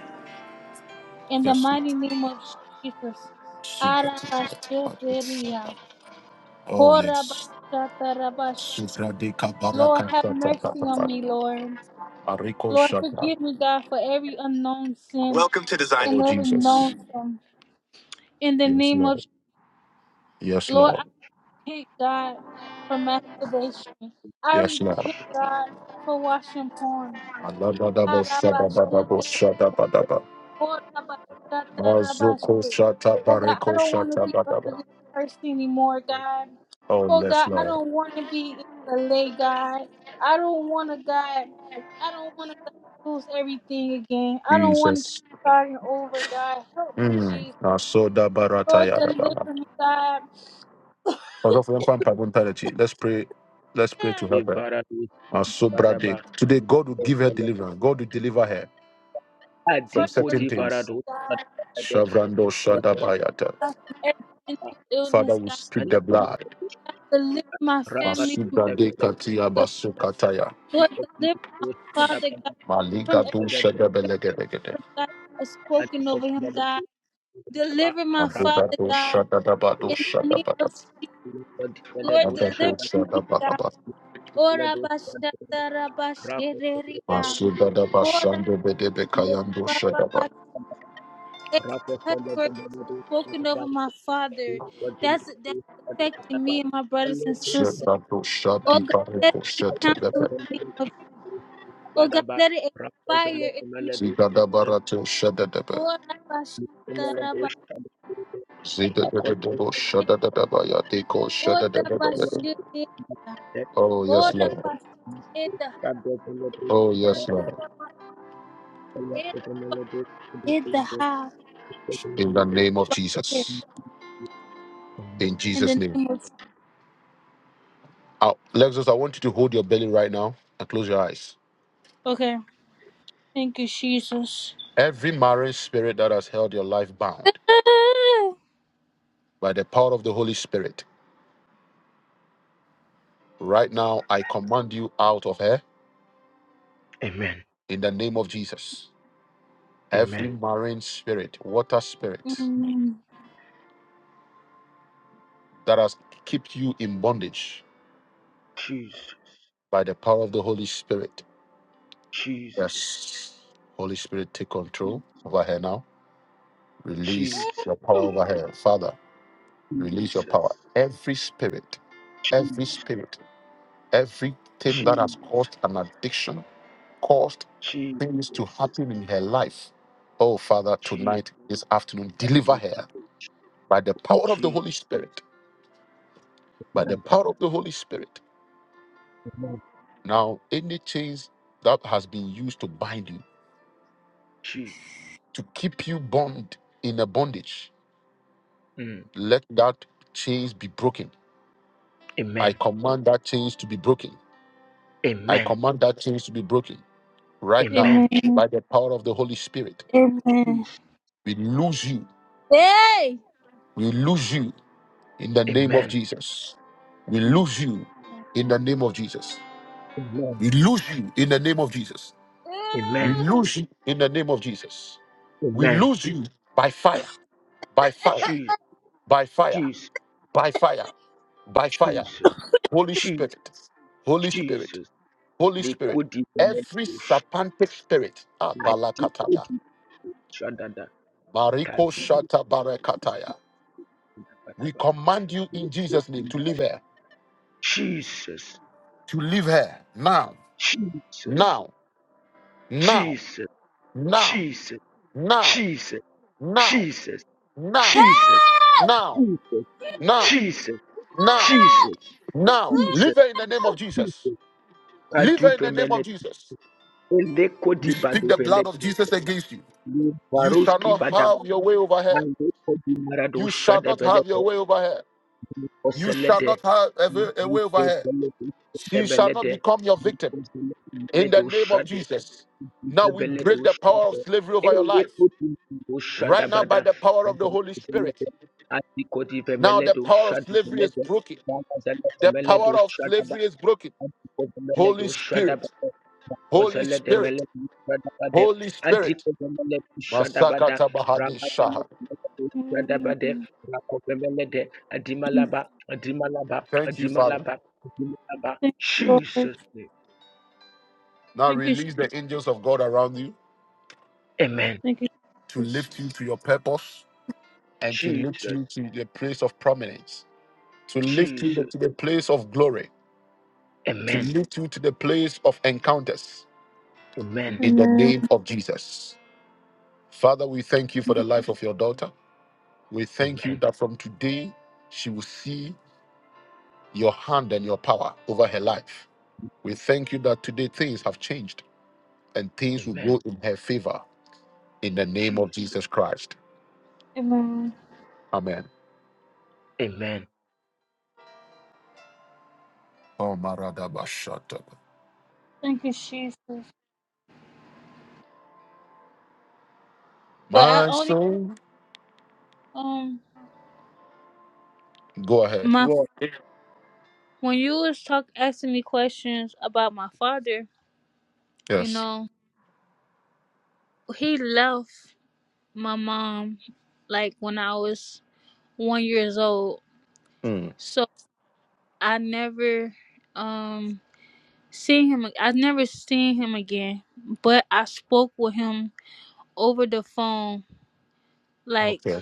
Speaker 1: in the
Speaker 2: yes, Lord.
Speaker 1: mighty name of Jesus.
Speaker 2: Super.
Speaker 1: Arabasheteria.
Speaker 2: Oh, yes.
Speaker 1: Horabashatarabas-
Speaker 2: Supra de
Speaker 1: Lord,
Speaker 2: kabaraka
Speaker 1: have
Speaker 2: ta ta ta
Speaker 1: mercy
Speaker 2: ta
Speaker 1: on
Speaker 2: ta.
Speaker 1: me, Lord.
Speaker 2: Ariko
Speaker 1: Lord,
Speaker 2: shaka.
Speaker 1: forgive me, God, for every unknown sin
Speaker 2: Welcome to design.
Speaker 1: and
Speaker 2: Oh,
Speaker 1: every
Speaker 2: Jesus.
Speaker 1: known sin. In the
Speaker 2: Yes,
Speaker 1: name of
Speaker 2: Lord. Yes,
Speaker 1: Lord,
Speaker 2: Lord.
Speaker 1: I repent, God, for masturbation. I
Speaker 2: Yes, Lord.
Speaker 1: repent, God, for watching porn.
Speaker 2: Alabadabo shadabadabo
Speaker 1: Arabasheteria.
Speaker 2: shadabadaba.
Speaker 1: Oh, Rabashata,
Speaker 2: Mazuko
Speaker 1: Rabashe.
Speaker 2: shata
Speaker 1: Oh, God, I
Speaker 2: bareko
Speaker 1: don't want to
Speaker 2: shata
Speaker 1: be under
Speaker 2: badaba.
Speaker 1: this curse anymore, God.
Speaker 2: Oh,
Speaker 1: Oh,
Speaker 2: yes,
Speaker 1: God, I
Speaker 2: Lord.
Speaker 1: don't want to be in the lay, God. I don't want to, God. I don't want to lose everything again. I
Speaker 2: Mm.
Speaker 1: don't want to keep starting over, God. Help me,
Speaker 2: mm,
Speaker 1: Jesus. Lord,
Speaker 2: asayadaba.
Speaker 1: deliver me, God.
Speaker 2: Pray,
Speaker 1: Hmm.
Speaker 2: pray.
Speaker 3: Ibaradu Badaba
Speaker 2: God will give her deliverance. God will deliver her from
Speaker 1: Lord, deliver
Speaker 2: certain
Speaker 3: Adikodi
Speaker 2: things.
Speaker 3: Baradu
Speaker 1: me, God.
Speaker 3: Badade
Speaker 2: Shavrando
Speaker 1: Deliver me,
Speaker 3: Rikozada
Speaker 2: Shadabayata.
Speaker 1: God, from every mental
Speaker 2: Father,
Speaker 1: illness,
Speaker 2: we
Speaker 1: God.
Speaker 2: speak the
Speaker 3: Alepom
Speaker 2: blood.
Speaker 1: God, deliver my
Speaker 3: Ragat
Speaker 1: family from
Speaker 2: Masuda de
Speaker 3: Develet
Speaker 2: katia
Speaker 1: every
Speaker 2: basukataya.
Speaker 1: illness. Lord, deliver my father,
Speaker 3: Badaba
Speaker 1: God from
Speaker 2: Maliga
Speaker 1: every
Speaker 2: do
Speaker 3: Seled
Speaker 2: shada
Speaker 1: Word,
Speaker 2: belegelegede.
Speaker 1: God, that was spoken
Speaker 3: Adikop
Speaker 1: over him,
Speaker 3: Melaba
Speaker 1: God. Deliver my
Speaker 3: Rapo
Speaker 2: Abeba
Speaker 1: father,
Speaker 2: do
Speaker 1: God,
Speaker 2: shada daba do
Speaker 1: in the
Speaker 2: shada
Speaker 1: name of
Speaker 2: bada.
Speaker 1: Jesus. Lord,
Speaker 3: Deledo
Speaker 2: Anaga do
Speaker 1: deliver
Speaker 3: Shada
Speaker 1: me,
Speaker 2: shada
Speaker 1: God.
Speaker 2: baba.
Speaker 1: Ora
Speaker 3: Deledo
Speaker 1: bashata
Speaker 3: Rapo
Speaker 1: rabashereria.
Speaker 2: Masuda daba
Speaker 1: Ora
Speaker 2: shando bedebe kayando
Speaker 1: ba- ba-
Speaker 2: shada ba.
Speaker 1: ba-
Speaker 3: Rapo
Speaker 1: Every cuss
Speaker 3: Seled
Speaker 1: word that was
Speaker 3: Melado
Speaker 1: spoken over my father, that's that's affecting
Speaker 3: Badaba
Speaker 1: me and my brothers and
Speaker 3: Alepomi
Speaker 1: sisters.
Speaker 2: Shada do
Speaker 1: Oh
Speaker 2: shadi
Speaker 1: God, let
Speaker 2: bareko
Speaker 1: it be
Speaker 2: shete
Speaker 1: canceled
Speaker 2: debe.
Speaker 1: in the name
Speaker 3: Badaba
Speaker 1: of Oh God,
Speaker 3: Badaba,
Speaker 1: let it
Speaker 3: Rakozele
Speaker 1: expire in the name
Speaker 3: Melody,
Speaker 2: Ziga daba
Speaker 3: the
Speaker 2: rato shada
Speaker 1: of
Speaker 2: debe.
Speaker 1: Ora bashata
Speaker 3: Melody,
Speaker 1: rabashereria.
Speaker 3: Rakozele Melody,
Speaker 2: Zida de de
Speaker 3: Rakozele
Speaker 2: de bo shada da da ba ya de ko shada da
Speaker 1: Ora
Speaker 2: da da da.
Speaker 3: Melody,
Speaker 1: bashete.
Speaker 2: Oh yes
Speaker 1: Ora
Speaker 3: Rakozele
Speaker 2: Lord.
Speaker 1: pas eta
Speaker 2: Oh yes
Speaker 1: yata
Speaker 2: Lord.
Speaker 1: pas eta pas
Speaker 3: Melody,
Speaker 1: eta
Speaker 3: Rakozele
Speaker 1: ha
Speaker 2: In the
Speaker 3: Melody.
Speaker 2: name of
Speaker 1: pas eta.
Speaker 2: Jesus. In
Speaker 1: In
Speaker 2: Jesus
Speaker 1: the
Speaker 2: name.
Speaker 1: name of
Speaker 2: Out. Lexus, I want you to hold your belly right now and close your eyes.
Speaker 1: Okay. Thank you, Jesus.
Speaker 2: Every marriage spirit that has held your life bound by the power of the Holy Spirit, right now I command you out of her
Speaker 3: Amen.
Speaker 2: in the name of Jesus. Every
Speaker 3: Amen.
Speaker 2: marine spirit, water spirit
Speaker 1: Mm.
Speaker 2: that has kept you in bondage
Speaker 3: Jesus,
Speaker 2: by the power of the Holy Spirit.
Speaker 3: Jesus,
Speaker 2: Yes. Holy Spirit, take control over her now. Release
Speaker 3: Jesus,
Speaker 2: your power
Speaker 1: Mm.
Speaker 2: over her. Father, release your power.
Speaker 3: Jesus,
Speaker 2: Every spirit, every
Speaker 3: Jesus,
Speaker 2: spirit Everything that has
Speaker 3: Jesus,
Speaker 2: caused an addiction, caused things to happen in her life. Oh, Father,
Speaker 3: Jesus,
Speaker 2: tonight, this afternoon, deliver her by the power of the
Speaker 3: Jesus,
Speaker 2: Holy Spirit. By the power of the Holy Spirit. Now, any chains that has been used to bind you,
Speaker 3: Jesus.
Speaker 2: to keep you bound in a bondage,
Speaker 3: Amen.
Speaker 2: let that chains be broken. I
Speaker 3: Amen.
Speaker 2: command that chains to be broken. I
Speaker 3: Amen.
Speaker 2: command that chains to be broken right now
Speaker 3: Amen.
Speaker 1: Amen.
Speaker 2: by the power of the Holy Spirit.
Speaker 1: Amen.
Speaker 2: We lose you.
Speaker 1: Hey!
Speaker 2: We lose you in the name of
Speaker 3: Amen.
Speaker 2: Jesus. We
Speaker 3: Jesus.
Speaker 2: lose you in the name of Jesus.
Speaker 3: Amen.
Speaker 2: We lose you in the name of Jesus. We
Speaker 3: Amen.
Speaker 1: Mm.
Speaker 2: lose you in the name of Jesus. We
Speaker 3: Amen.
Speaker 2: lose you by fire, by fire,
Speaker 3: Jesus.
Speaker 2: by fire,
Speaker 3: Jesus.
Speaker 2: by fire, by fire.
Speaker 3: Jesus.
Speaker 2: Holy
Speaker 3: Jesus.
Speaker 2: Spirit, Holy Spirit,
Speaker 3: Jesus.
Speaker 2: Holy
Speaker 3: They
Speaker 2: Spirit.
Speaker 3: could even make
Speaker 2: Every
Speaker 3: Jesus.
Speaker 2: serpentine spirit,
Speaker 3: shout. They could
Speaker 2: Abalakatada,
Speaker 3: even shout that- that.
Speaker 2: Mariko
Speaker 3: Kadu-
Speaker 2: Shata Barakataya. We command you in Jesus' name to leave her,
Speaker 3: Jesus.
Speaker 2: to leave her now,
Speaker 3: Jesus. Jesus.
Speaker 2: now, now,
Speaker 3: Jesus.
Speaker 2: now.
Speaker 3: Jesus.
Speaker 2: now,
Speaker 3: Jesus.
Speaker 2: now,
Speaker 3: Jesus.
Speaker 2: now,
Speaker 3: Jesus.
Speaker 1: Yeah!
Speaker 2: now, now,
Speaker 3: Jesus.
Speaker 2: now,
Speaker 3: Jesus.
Speaker 2: now. Leave
Speaker 3: Jesus.
Speaker 2: her in the name of Jesus. Leave
Speaker 3: Kadu-
Speaker 2: her in the name of
Speaker 3: Pemele.
Speaker 2: Jesus.
Speaker 3: Ele
Speaker 2: We
Speaker 3: kodi
Speaker 2: speak
Speaker 3: badu-
Speaker 2: the
Speaker 3: Pele-
Speaker 2: blood of Jesus against you. You shall
Speaker 3: Baroski
Speaker 2: not
Speaker 3: badaba.
Speaker 2: have your way over her.
Speaker 3: Mandeko di
Speaker 2: You
Speaker 3: maradosha
Speaker 2: shall
Speaker 3: de
Speaker 2: not have
Speaker 3: belede,
Speaker 2: your way over her.
Speaker 3: o
Speaker 2: You shall
Speaker 3: selede,
Speaker 2: not have a way a way over
Speaker 3: Mandeko
Speaker 2: her.
Speaker 3: beledosha de
Speaker 2: She shall not
Speaker 3: belede,
Speaker 2: become your victim
Speaker 3: Mandeko
Speaker 2: in the name of
Speaker 3: de
Speaker 2: Jesus. Now we break the
Speaker 3: beledosha
Speaker 2: power of
Speaker 3: de,
Speaker 2: slavery over your life.
Speaker 3: da
Speaker 2: Right now,
Speaker 3: bada,
Speaker 2: by the power of the Holy
Speaker 3: Mandeko
Speaker 2: Spirit.
Speaker 3: selede, Atiko
Speaker 2: Now the power of slavery is
Speaker 3: belede,
Speaker 2: broken.
Speaker 3: Mandeko selede
Speaker 2: The power of slavery is broken.
Speaker 3: Adikodomele
Speaker 2: Holy
Speaker 3: do
Speaker 2: Spirit,
Speaker 3: shadabada.
Speaker 2: Holy
Speaker 3: Makozele de
Speaker 2: Spirit,
Speaker 3: mele do shadabade.
Speaker 2: Holy Spirit.
Speaker 3: Adikodomele do shadabada.
Speaker 2: Masakata Bahadi
Speaker 3: Ramadele
Speaker 2: Shaha.
Speaker 3: do shadabade.
Speaker 1: Mm.
Speaker 3: Rakovemele de Adimalaba. Adimalaba.
Speaker 2: Thank you, Father.
Speaker 3: Adimalaba. Adimalaba.
Speaker 1: Thank you, Lord.
Speaker 3: Jesus name.
Speaker 2: Now
Speaker 1: Thank you, Jesus.
Speaker 2: release the angels of God around you
Speaker 3: Amen.
Speaker 1: Thank you,
Speaker 2: to
Speaker 1: Jesus.
Speaker 2: lift you to your purpose and to lift
Speaker 3: Jesus.
Speaker 2: you to the place of prominence, to lift you
Speaker 3: Jesus.
Speaker 2: to the place of glory, to
Speaker 3: Amen.
Speaker 2: lift you to the place of encounters
Speaker 3: Amen.
Speaker 2: in the
Speaker 1: Amen.
Speaker 2: name of Jesus. Father, we thank you for the life of your daughter. We thank you
Speaker 3: Amen.
Speaker 2: that from today she will see your hand and your power over her life. We thank you that today things have changed. and things will
Speaker 3: Amen.
Speaker 2: go in her favor in the name of
Speaker 3: Jesus.
Speaker 2: Jesus Christ.
Speaker 1: Amen.
Speaker 2: Amen.
Speaker 3: Amen.
Speaker 2: Oh, Maradaba, shut
Speaker 1: Thank you, Jesus. But I
Speaker 2: My
Speaker 1: only
Speaker 2: soul,
Speaker 1: um
Speaker 2: go ahead.
Speaker 1: my
Speaker 3: God,
Speaker 1: when you was talk asking me questions about my father, you
Speaker 2: Yes.
Speaker 1: know, he left my mom like when I was one years old.
Speaker 2: Mm,
Speaker 1: So I never um seen him I never seen him again. But I spoke with him over the phone like
Speaker 2: yeah.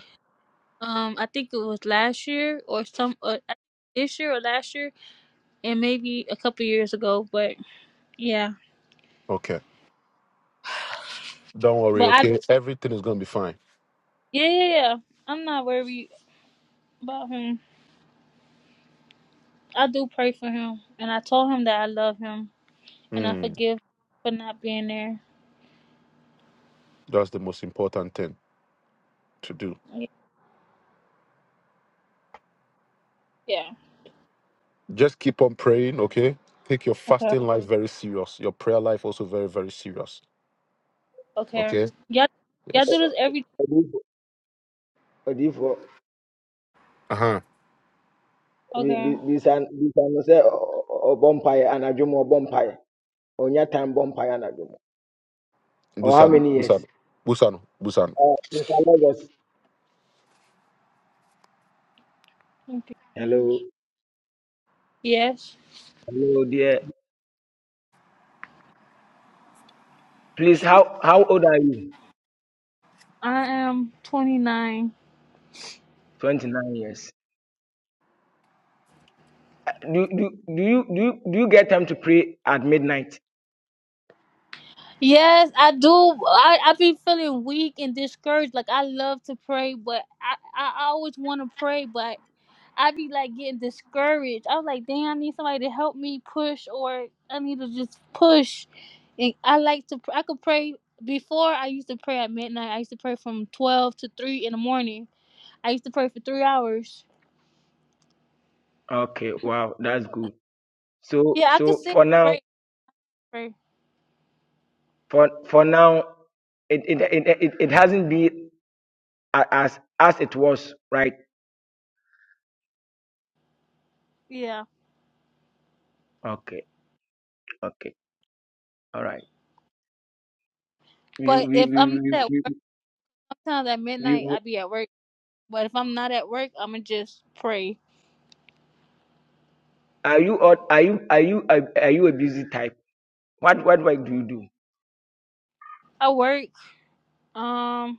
Speaker 1: um I think it was last year or some uh, this year or last year and maybe a couple years ago, but yeah.
Speaker 2: Okay. Don't worry.
Speaker 1: But I
Speaker 2: Okay. Everything is going to be fine.
Speaker 1: yeah, yeah, yeah, I'm not worried about him. I do pray for him, and I told him that I love him, and I
Speaker 2: Mm,
Speaker 1: forgive for not being there.
Speaker 2: that's the most important thing to do.
Speaker 1: Yeah.
Speaker 2: Just keep on praying. Okay. Take your
Speaker 1: Okay.
Speaker 2: fasting life very serious. Your prayer life also very, very serious.
Speaker 1: Okay.
Speaker 2: Okay.
Speaker 1: Y'all, y'all do
Speaker 2: Yes.
Speaker 1: this every.
Speaker 3: ọdịfọ ọdịfọ
Speaker 2: Uh huh.
Speaker 3: bịa
Speaker 1: Okay.
Speaker 3: sị ọbọ mpaghara anadwo m ọbọ Onya time bomb payana dum. Oh, how-
Speaker 2: Busano.
Speaker 1: Thank you,
Speaker 2: Busano. Busano. Busano.
Speaker 3: oh, this was
Speaker 1: thank you,
Speaker 3: hello,
Speaker 1: Jesus. Yes,
Speaker 3: hello, dear. Please, how how old are you?
Speaker 1: I am 29.
Speaker 3: Twenty nine years. Do do do you do you, do you get time to pray at midnight?
Speaker 1: Yes, I do. I I be feeling weak and discouraged. Like I love to pray, but I I always want to pray, but I be like getting discouraged. I was like, damn, I need somebody to help me push, or I need to just push. And I like to. pr- I could pray before. I used to pray at midnight. I used to pray from twelve to three in the morning. I used to pray for three hours.
Speaker 3: Okay, wow, that's good. So
Speaker 1: Yeah, I could
Speaker 3: so
Speaker 1: sit
Speaker 3: for
Speaker 1: and
Speaker 3: now,
Speaker 1: pray. pray.
Speaker 3: for for now, it it it it, it hasn't been a- as as it was, right?
Speaker 1: Yeah,
Speaker 3: Okay, okay, all right. You
Speaker 1: but if I'm not
Speaker 3: you,
Speaker 1: at work, sometimes at
Speaker 3: you
Speaker 1: midnight I be at work. But if I'm not at work, I'ma just pray.
Speaker 3: are you odd- are you are you are, are you a busy type? What
Speaker 1: I work. Um,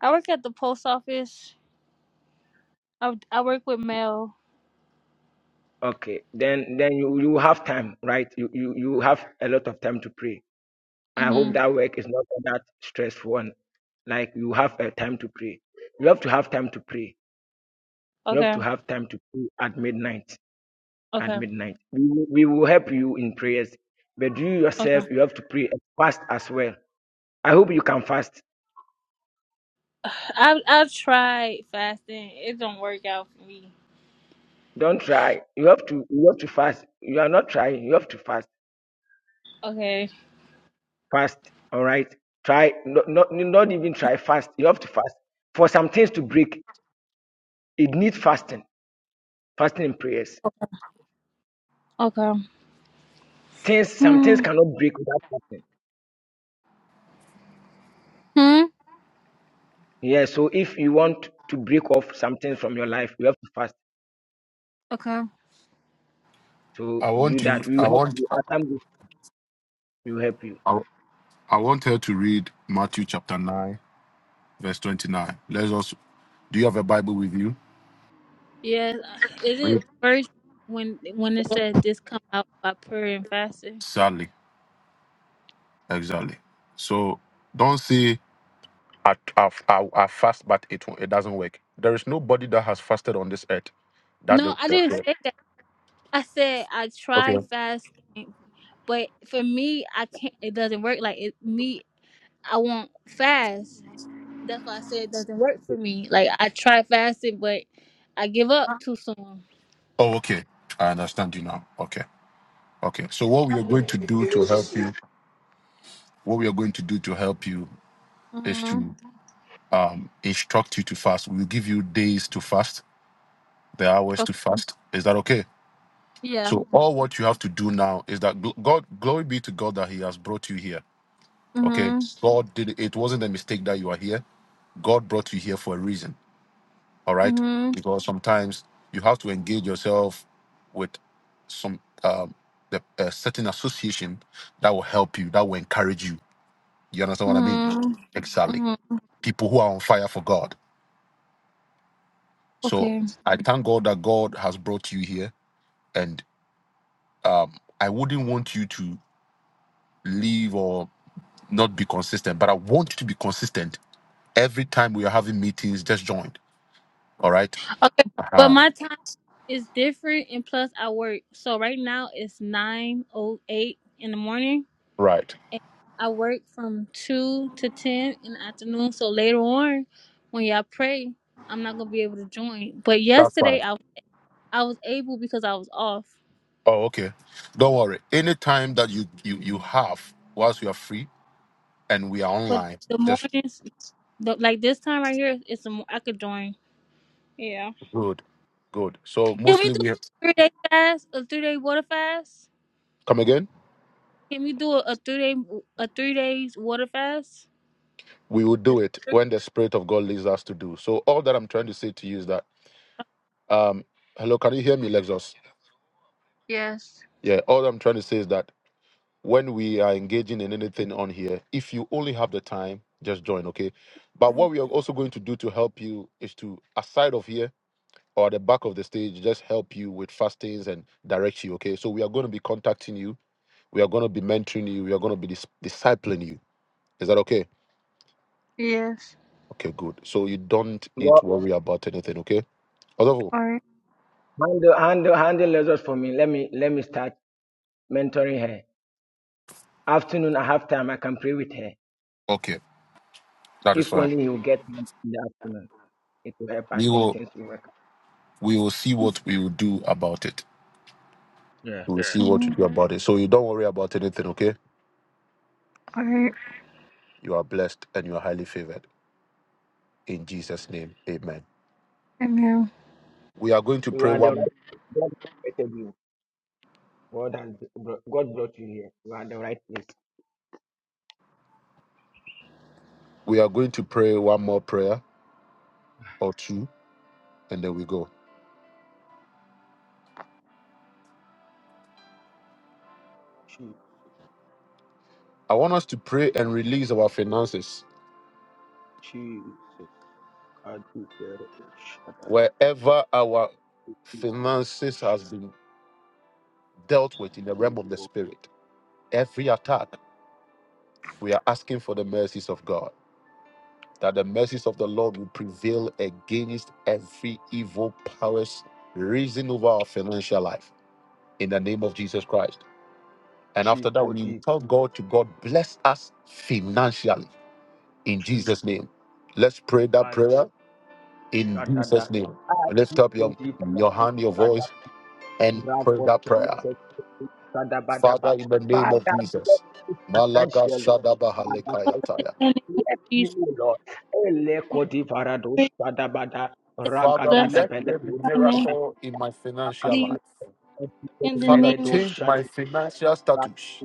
Speaker 1: I work at the post office. I I work with mail.
Speaker 3: Okay, then then you you have time, right? You you you have a lot of time to pray. I hope
Speaker 1: Mhm.
Speaker 3: that work is not that stressful one. Like you have a time to pray. You have to have time to pray. You have
Speaker 1: Okay.
Speaker 3: to have time to pray at midnight. At
Speaker 1: Okay.
Speaker 3: midnight, we will, we will help you in prayers, but you
Speaker 1: Okay.
Speaker 3: yourself you have to pray and fast as well. I hope you can fast.
Speaker 1: I I tried fasting. It don't work out for me.
Speaker 3: Don't try. You have to you have to fast. You are not trying. You have to fast
Speaker 1: Okay.
Speaker 3: fast all right try not, not not even try fast you have to fast for some things to break it needs fasting fasting and prayers
Speaker 1: Okay.
Speaker 3: things some things
Speaker 1: Hmm.
Speaker 3: cannot break without fasting
Speaker 1: Hmm?
Speaker 3: yeah so if you want to break off some things from your life you have to fast
Speaker 1: Okay.
Speaker 3: to
Speaker 2: I
Speaker 3: do
Speaker 2: want you.
Speaker 3: that we
Speaker 2: I
Speaker 3: will help
Speaker 2: want.
Speaker 3: you Atam will help you
Speaker 2: I, I want her to read Matthew chapter nine verse 29. Let's also, do you have a Bible with you?
Speaker 1: Yeah. Is
Speaker 2: Read.
Speaker 1: it first when when it said this come out by prayer and fasting?
Speaker 2: Sadly, exactly. So don't say, I, I, I, I fast, but it, won't- it doesn't work. There is nobody that has fasted on this earth. That they,
Speaker 1: No, I didn't
Speaker 2: okay.
Speaker 1: say that. I said I
Speaker 2: okay.
Speaker 1: tried fasting, but for me, I can't. It doesn't work. Like it, me I won't fast. That's why I said it doesn't work for me. Like I try fasting, but I give up too soon.
Speaker 2: Oh, okay. I understand you now. Okay. Okay. So what we are going to do
Speaker 4: It
Speaker 2: to
Speaker 4: was just
Speaker 2: help you, what we are going to do to help you is
Speaker 1: Mhm.
Speaker 2: to um, instruct you to fast. We'll give you days to fast, the hours to
Speaker 1: Okay.
Speaker 2: fast. Is that okay?
Speaker 1: Yeah.
Speaker 2: So all what you have to do now is that gl- God, glory be to God that He has brought you here. Okay.
Speaker 1: Mhm.
Speaker 2: God did it. It wasn't a mistake that you are here. God brought you here for a reason. All right.
Speaker 1: Mhm.
Speaker 2: Because sometimes you have to engage yourself with some um the a certain association that will help you, that will encourage you. You understand what I mean?
Speaker 1: Mhm.
Speaker 2: Exactly.
Speaker 1: Mhm.
Speaker 2: People who are on fire for God. So
Speaker 1: Okay.
Speaker 2: I thank God that God has brought you here. And um I wouldn't want you to leave or not be consistent, but I want you to be consistent. Every time we are having meetings, just join. All right.
Speaker 1: Okay. But
Speaker 2: Uh-huh.
Speaker 1: my time is different, and plus I work. So right now it's nine oh eight in the morning,
Speaker 2: Right.
Speaker 1: and I work from two to ten in the afternoon. So later on, when y'all pray, I'm not gonna be able to join. But yesterday I I was able because I was off.
Speaker 2: Oh, okay. Don't worry. Any time that you you you have whilst you are free and we are
Speaker 1: But
Speaker 2: online,
Speaker 1: the
Speaker 2: just
Speaker 1: mornings, the, like this time right here, it's the mo- I could join. Yeah.
Speaker 2: good, good. So
Speaker 1: Can we
Speaker 2: mostly
Speaker 1: do
Speaker 2: we
Speaker 1: a three day fast? A three day water fast?
Speaker 2: come again.
Speaker 1: Can we do a, a three day a three days water fast?
Speaker 2: We will do it when the spirit of God leads us to do. So all that I'm trying to say to you is that, um, hello, can you hear me, Lexus?
Speaker 1: Yes.
Speaker 2: Yeah. All I'm trying to say is that when we are engaging in anything on here, if you only have the time, just join, okay? But what we are also going to do to help you is to aside of here or the back of the stage just help you with fastings and direct you. Okay. So we are going to be contacting you. We are going to be mentoring you. We are going to be dis- discipling you. Is that okay?
Speaker 1: Yes.
Speaker 2: Okay, good. So you don't need
Speaker 3: well
Speaker 2: to worry about anything. Okay. Adolfo?
Speaker 1: All right.
Speaker 3: handle handle handle lessons for me let me let me start mentoring her afternoon i have time i can pray with her
Speaker 2: Okay, that is
Speaker 3: if
Speaker 2: fine.
Speaker 3: only you get time in the afternoon it will help i
Speaker 2: We
Speaker 3: think
Speaker 2: will
Speaker 3: things will work out.
Speaker 2: we will see what we will do about it.
Speaker 3: Yeah.
Speaker 2: We will see what we
Speaker 1: Mhm.
Speaker 2: do about it. So you don't worry about anything. Okay.
Speaker 1: All right.
Speaker 2: You are blessed and you are highly favored. In Jesus' name, Amen.
Speaker 1: Amen.
Speaker 2: We are going to
Speaker 3: You
Speaker 2: pray
Speaker 3: are the
Speaker 2: one.
Speaker 3: right God invited you. God has brought, God brought you here. You are the right place.
Speaker 2: We are going to pray one more prayer or two, and then we go.
Speaker 3: Je-
Speaker 2: I want us to pray and release our finances
Speaker 3: Jesus. Kadubere
Speaker 2: wherever our finances has been dealt with in the realm of the
Speaker 3: Diko.
Speaker 2: spirit. Every attack, we are asking for the mercies of God, that the mercies of the Lord will prevail against every evil powers rising over our financial life in the name of Jesus Christ. And after that,
Speaker 3: Chico
Speaker 2: we will
Speaker 3: Dip.
Speaker 2: tell God to God bless us financially in Jesus' name. Let's pray that prayer in
Speaker 3: Kadshadada.
Speaker 2: Jesus' name. Lift up your,
Speaker 3: Kadiko
Speaker 2: your hand, your
Speaker 3: Dip.
Speaker 2: voice. and pray that prayer. Father, in the name of
Speaker 3: Father, bless
Speaker 2: Jesus,
Speaker 3: me
Speaker 2: Malaga
Speaker 3: financially.
Speaker 2: Shadaba
Speaker 3: Father,
Speaker 1: Father,
Speaker 3: bless me.
Speaker 1: in
Speaker 2: Halekayataya.
Speaker 1: the name of
Speaker 3: Bless me,
Speaker 1: Jesus,
Speaker 3: O Lord.
Speaker 1: we pray
Speaker 3: Ele-ko-di-va-ra-do-sa-da-ba-da.
Speaker 1: that you
Speaker 2: Father,
Speaker 1: bless
Speaker 2: let there be
Speaker 1: my name.
Speaker 2: miracle in my financial
Speaker 1: Leave
Speaker 2: life.
Speaker 1: in the
Speaker 2: Father,
Speaker 1: name of
Speaker 2: change my financial status.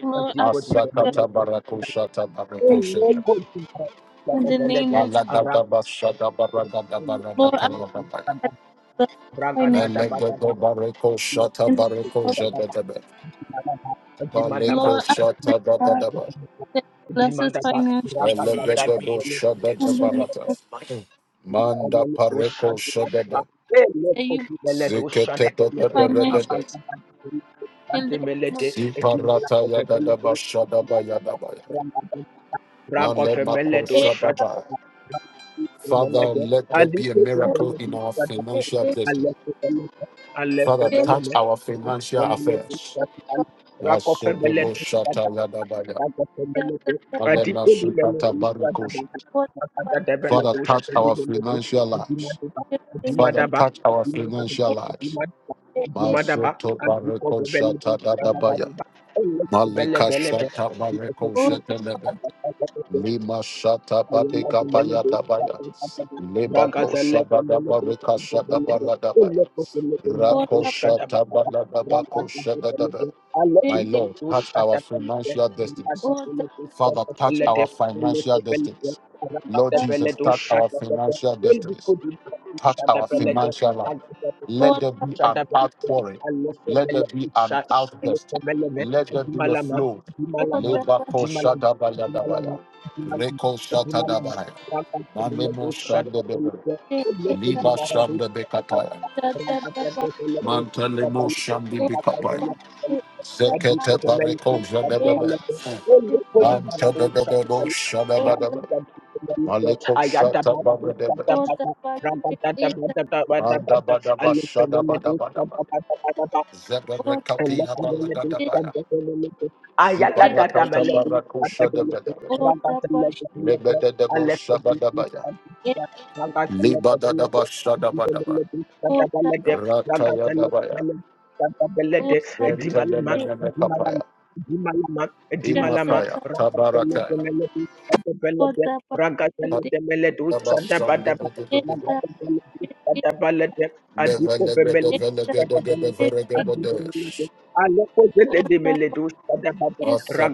Speaker 1: Lord. I pray that
Speaker 2: Masakata barako shata
Speaker 1: you
Speaker 2: barako
Speaker 1: bless me.
Speaker 2: shata.
Speaker 1: in the name of
Speaker 2: Malagada
Speaker 3: Ra-ga-da-da-be-le-do-sa-da-ba-da.
Speaker 2: bashada baragada barada
Speaker 1: Lord. I
Speaker 2: kalababaya.
Speaker 1: pray that you bless
Speaker 2: Melegada barako shata
Speaker 1: my
Speaker 2: barako
Speaker 1: name.
Speaker 2: jadadaba.
Speaker 3: Dimadaba,
Speaker 2: Baleko
Speaker 1: Lord, I pray
Speaker 2: shata
Speaker 1: God
Speaker 2: dadadaba.
Speaker 1: that you bless us
Speaker 3: Dimadaba,
Speaker 1: financially in
Speaker 2: Belegedebo
Speaker 3: Ragadadadadele,
Speaker 2: Shadada
Speaker 1: the name
Speaker 2: Barata.
Speaker 1: of
Speaker 2: Manda
Speaker 3: Dimadele,
Speaker 2: Pareko
Speaker 3: Doshadadaba,
Speaker 2: Shadada.
Speaker 1: that you
Speaker 3: Elekotu, Ele,
Speaker 2: Ziketeto
Speaker 3: Doshadadele,
Speaker 1: financially
Speaker 2: Bebelegede.
Speaker 3: Abandadadele,
Speaker 1: in the name of
Speaker 3: Ademelede, Edimela,
Speaker 2: Siparata Yadadaba
Speaker 3: Ovebelede,
Speaker 2: Shadaba Yadabaya. Male Mako
Speaker 3: Rakofemele do
Speaker 1: it
Speaker 3: shut
Speaker 2: Shadaba. Father, let there be a
Speaker 1: or
Speaker 2: miracle in our
Speaker 1: it
Speaker 2: financial
Speaker 1: it
Speaker 2: destiny. Father,
Speaker 1: it
Speaker 2: touch our financial affairs.
Speaker 1: or the
Speaker 2: Nasubebo Shata Yadabaya.
Speaker 1: just the the- what
Speaker 2: Male Nasukata Barikosha.
Speaker 1: what the what
Speaker 2: Father, touch our financial lives.
Speaker 1: just the
Speaker 2: Father,
Speaker 1: name
Speaker 2: touch our financial
Speaker 1: or
Speaker 2: lives.
Speaker 1: the it is
Speaker 2: Masoto bareko shata dadabaya. Maleka shata
Speaker 3: Thank
Speaker 2: bareko
Speaker 1: or
Speaker 3: you.
Speaker 1: the what
Speaker 2: shetelebe.
Speaker 3: Thank
Speaker 2: Lima shata
Speaker 3: I will not
Speaker 2: babeka
Speaker 3: be
Speaker 1: just
Speaker 2: baya
Speaker 3: melody.
Speaker 2: dabaya. Leba bo
Speaker 3: Ragatelle,
Speaker 2: shaba
Speaker 3: the
Speaker 2: daba
Speaker 3: melody,
Speaker 2: reka
Speaker 3: the
Speaker 1: the
Speaker 3: melody. Ille kokille, the lepo,
Speaker 1: or
Speaker 3: margo,
Speaker 2: Rako
Speaker 1: the
Speaker 3: shadaba,
Speaker 2: shata bala
Speaker 3: ragata, the
Speaker 2: shada daba.
Speaker 3: melody. Alle
Speaker 2: My
Speaker 1: it
Speaker 3: ille,
Speaker 1: it
Speaker 2: Lord,
Speaker 3: do
Speaker 2: touch our
Speaker 3: shadaba, melody.
Speaker 2: financial destinies.
Speaker 3: Ragata,
Speaker 1: or
Speaker 3: the
Speaker 1: the
Speaker 2: Father, touch
Speaker 1: it
Speaker 2: our financial destinies. Lord
Speaker 1: what
Speaker 2: Jesus,
Speaker 3: melody,
Speaker 1: the
Speaker 2: touch our
Speaker 3: shadaba, melody.
Speaker 2: financial
Speaker 3: Ille
Speaker 2: destinies
Speaker 3: kokille, ragata, melody,
Speaker 1: it
Speaker 2: touch
Speaker 3: shadaba,
Speaker 2: our
Speaker 3: melody. Ille kokille, shadaba,
Speaker 1: it
Speaker 3: melody.
Speaker 2: financial life.
Speaker 3: Ragata, the
Speaker 2: Let
Speaker 1: or
Speaker 3: melody,
Speaker 2: there
Speaker 1: the
Speaker 2: be an
Speaker 3: shadaba, melody.
Speaker 2: outpouring.
Speaker 3: Alle
Speaker 2: Let there
Speaker 3: femele,
Speaker 2: be an
Speaker 3: isha,
Speaker 1: it
Speaker 3: alle
Speaker 2: outburst.
Speaker 3: femele, me.
Speaker 2: Let there be a
Speaker 3: Dimalama,
Speaker 2: flow.
Speaker 1: or
Speaker 3: dimalama,
Speaker 1: the
Speaker 2: Labor
Speaker 1: what
Speaker 2: ko shatabayadabaya.
Speaker 3: dimalama, dimalama.
Speaker 2: Reko shata
Speaker 3: Ayada
Speaker 2: Dabaya. Manemo shandebebe.
Speaker 1: the it the the
Speaker 2: Liba shandebekataya.
Speaker 1: just the the what the
Speaker 2: Mantelemo
Speaker 1: it is
Speaker 2: shandibikapaya.
Speaker 1: or the what
Speaker 2: Zekete bareko
Speaker 1: it is
Speaker 2: jadebebe.
Speaker 1: the it
Speaker 2: Mantadadadabo
Speaker 1: it
Speaker 2: shadabadaba. Maleko shatabadebe.
Speaker 1: Oh, thank you, Jesus.
Speaker 2: Mandabadaba shadabadabadaba.
Speaker 1: Thank
Speaker 3: Ragazzi,
Speaker 2: Zebarakatila
Speaker 1: you,
Speaker 2: balagadabaya. Zibarakata
Speaker 1: Jesus.
Speaker 2: barakusha debedebe. Nebededebo shabadabaya. Libadadaba shadabadaba. Ratayadabaya. Zentelemeneme kapaya. Imakaya. Tabarakaya. Tadaba shandebedebedebe. Levelebedevelegedogedeveregedodesh.
Speaker 3: Adimalama,
Speaker 2: manda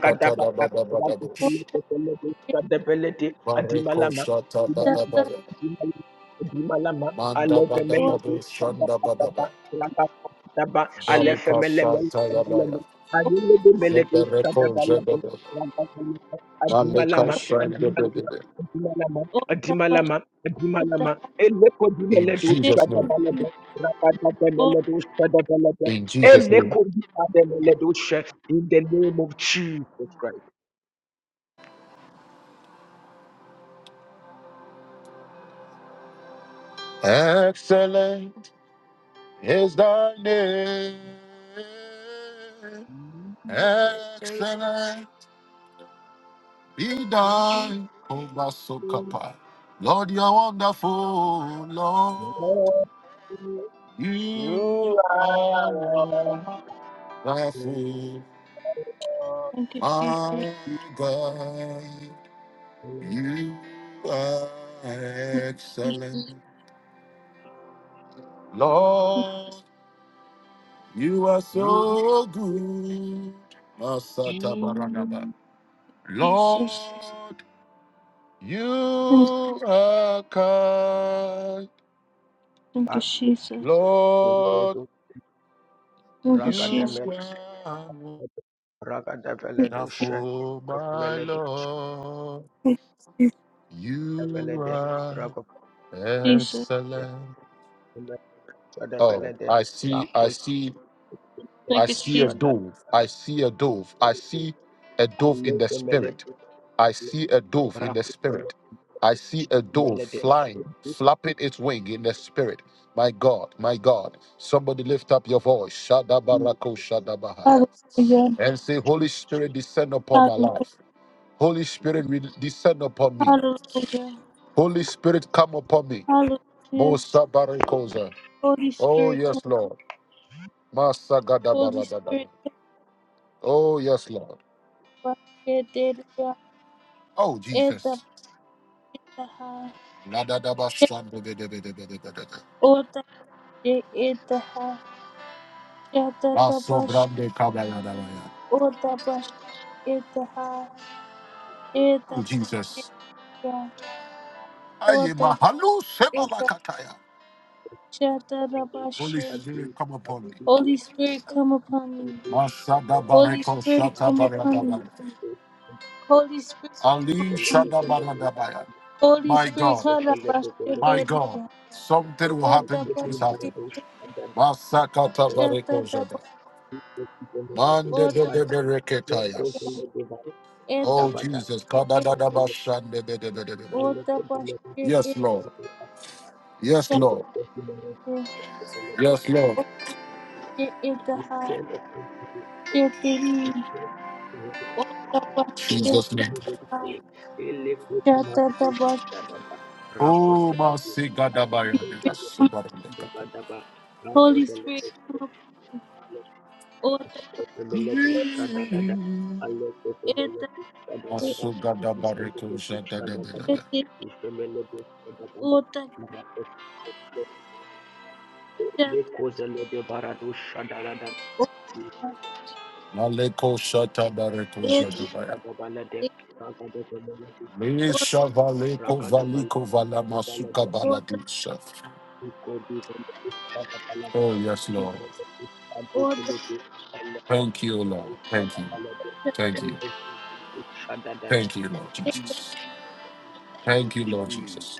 Speaker 2: Barikoshatadabadabaya. Mandabadadabush shandabadaba. Darika Shatayabaya. Zebereko Zebebe. Malika Shandebebe.
Speaker 3: Eleco
Speaker 2: In Jesus' name. In Jesus' name.
Speaker 3: Adeleledusha, In the name of Jesus Christ.
Speaker 2: Excellent. Be thine, O Masokapa. Lord, you are wonderful. Lord,
Speaker 3: Lord,
Speaker 2: you
Speaker 3: You are
Speaker 2: are
Speaker 3: Lord.
Speaker 2: wonderful. My God, you are excellent. Lord. You are
Speaker 3: You
Speaker 2: so good, Masata Baragaba. Lord, I come
Speaker 1: Thank you,
Speaker 3: are
Speaker 1: Jesus.
Speaker 3: Meledu,
Speaker 1: Thank you, Jesus.
Speaker 3: Ragademel,
Speaker 1: Thank
Speaker 3: Ragadeveledu,
Speaker 2: of
Speaker 3: Shek of
Speaker 1: you,
Speaker 2: you.
Speaker 3: Evelede, Ragopede,
Speaker 2: Yes.
Speaker 1: Jesus.
Speaker 2: Oh,
Speaker 3: Shadabelede,
Speaker 2: I see, I see, I
Speaker 1: Thank you,
Speaker 2: see a
Speaker 1: Jesus.
Speaker 3: Rakushadabelede,
Speaker 2: dove. I see a dove. I see a dove in the spirit. I see a dove in the spirit.
Speaker 3: Rakushadabelede,
Speaker 2: I see a dove flying, flapping its wing in the spirit. My God, my God. Somebody lift up your voice. Shadabarako Shadabahaya.
Speaker 1: Hallelujah.
Speaker 2: And say, Holy Spirit, descend upon my
Speaker 1: Hallelujah.
Speaker 2: life. Holy Spirit, re- descend upon me.
Speaker 1: Hallelujah.
Speaker 2: Holy Spirit, come upon me.
Speaker 1: Hallelujah.
Speaker 2: Mosa barikosa.
Speaker 1: Holy
Speaker 2: Oh,
Speaker 1: Spirit, come.
Speaker 2: yes, Lord. Masa
Speaker 1: Holy
Speaker 2: gadabara.
Speaker 1: Spirit, come.
Speaker 2: Oh, yes, Lord.
Speaker 1: Yeah, yeah, yeah.
Speaker 2: Oh,
Speaker 1: Yeah, yeah,
Speaker 2: Jesus.
Speaker 1: yeah.
Speaker 2: Ladadaba
Speaker 1: Yeah,
Speaker 2: shandebedebedebedebede.
Speaker 1: oh, yeah, yeah, yeah, yeah. Yeah, yeah, yeah, yeah. Oh, yeah, yeah, yeah, yeah. Yeah, yeah, yeah, yeah. Oh, yeah, yeah,
Speaker 2: Baso
Speaker 1: yeah.
Speaker 2: brande kabaya dabaya.
Speaker 1: Yeah,
Speaker 2: Oh, Jesus. Aye, mahalu sebalakataya.
Speaker 1: yeah, yeah,
Speaker 2: Holy
Speaker 1: yeah.
Speaker 3: Shadi
Speaker 2: Spirit, come upon me.
Speaker 1: Holy Spirit, come upon me.
Speaker 2: Masada
Speaker 1: Holy
Speaker 2: bareko
Speaker 1: Spirit,
Speaker 2: shata
Speaker 1: come upon me.
Speaker 2: baradabaya.
Speaker 1: Holy Spirit,
Speaker 2: Ali
Speaker 1: come.
Speaker 2: shada
Speaker 3: Celebelebus,
Speaker 2: baradabaya.
Speaker 1: Holy
Speaker 2: My
Speaker 1: Spirit,
Speaker 2: God.
Speaker 3: the
Speaker 1: come upon
Speaker 2: My
Speaker 3: Celebelebus,
Speaker 1: me.
Speaker 2: God,
Speaker 3: the
Speaker 2: something will
Speaker 1: Order
Speaker 2: happen
Speaker 1: upon
Speaker 2: this
Speaker 1: me.
Speaker 2: afternoon.
Speaker 3: Vimaradus, and that
Speaker 2: Masakata
Speaker 1: Order
Speaker 2: bareko
Speaker 1: upon me.
Speaker 2: jada.
Speaker 3: we give the Celebelebus,
Speaker 2: Mande de
Speaker 1: Order
Speaker 3: and
Speaker 2: de
Speaker 3: no
Speaker 2: bereketayas.
Speaker 3: Coselebus, and that we give the
Speaker 2: Oh
Speaker 3: Badak,
Speaker 2: Jesus,
Speaker 1: me.
Speaker 3: the
Speaker 2: kadadadaba
Speaker 3: Celebelebus,
Speaker 2: shande de de de de de de.
Speaker 1: Order upon me. Order upon me.
Speaker 3: the
Speaker 2: Yes, Lord. Yes, Lord. Yes, Lord.
Speaker 3: Cell
Speaker 1: Order
Speaker 3: of
Speaker 1: upon
Speaker 3: the
Speaker 2: Jesus name.
Speaker 3: Celebelebus, Elephant Maradus,
Speaker 1: me.
Speaker 3: the Dada, Rako
Speaker 2: Oh
Speaker 3: Celebus,
Speaker 2: masigadabayade.
Speaker 3: and the
Speaker 2: Asubarelekata.
Speaker 3: Badaba, Rako
Speaker 1: Holy
Speaker 3: celebrate,
Speaker 1: Spirit, come upon me. Order upon
Speaker 3: Rebeleto
Speaker 1: me.
Speaker 3: Shadadada, Aleto
Speaker 1: Order
Speaker 3: Rebeleto Shadadada,
Speaker 2: Masugadabareko
Speaker 3: Ifemeleto
Speaker 2: jada de de de
Speaker 3: Shadadada,
Speaker 2: de.
Speaker 3: Ifemeleto Shadadada, Marakoto Lekozele de Barado Shadadada,
Speaker 2: Maleko shata bareko jadabaya.
Speaker 3: Shadabalade,
Speaker 1: upon
Speaker 3: Ragada Belede,
Speaker 1: me. Order
Speaker 2: Mesha valeko
Speaker 3: Ragada Balade,
Speaker 2: valiko vala masuka
Speaker 3: balade.
Speaker 1: upon me.
Speaker 2: baladusha.
Speaker 3: Iko di Belede Shadabalada,
Speaker 2: Oh yes,
Speaker 3: Tito Shadu
Speaker 1: All that
Speaker 3: Belede, Eleto Shadabalade, Eleto Shadadada,
Speaker 2: Thank you, Lord Jesus. Thank you, Lord Jesus.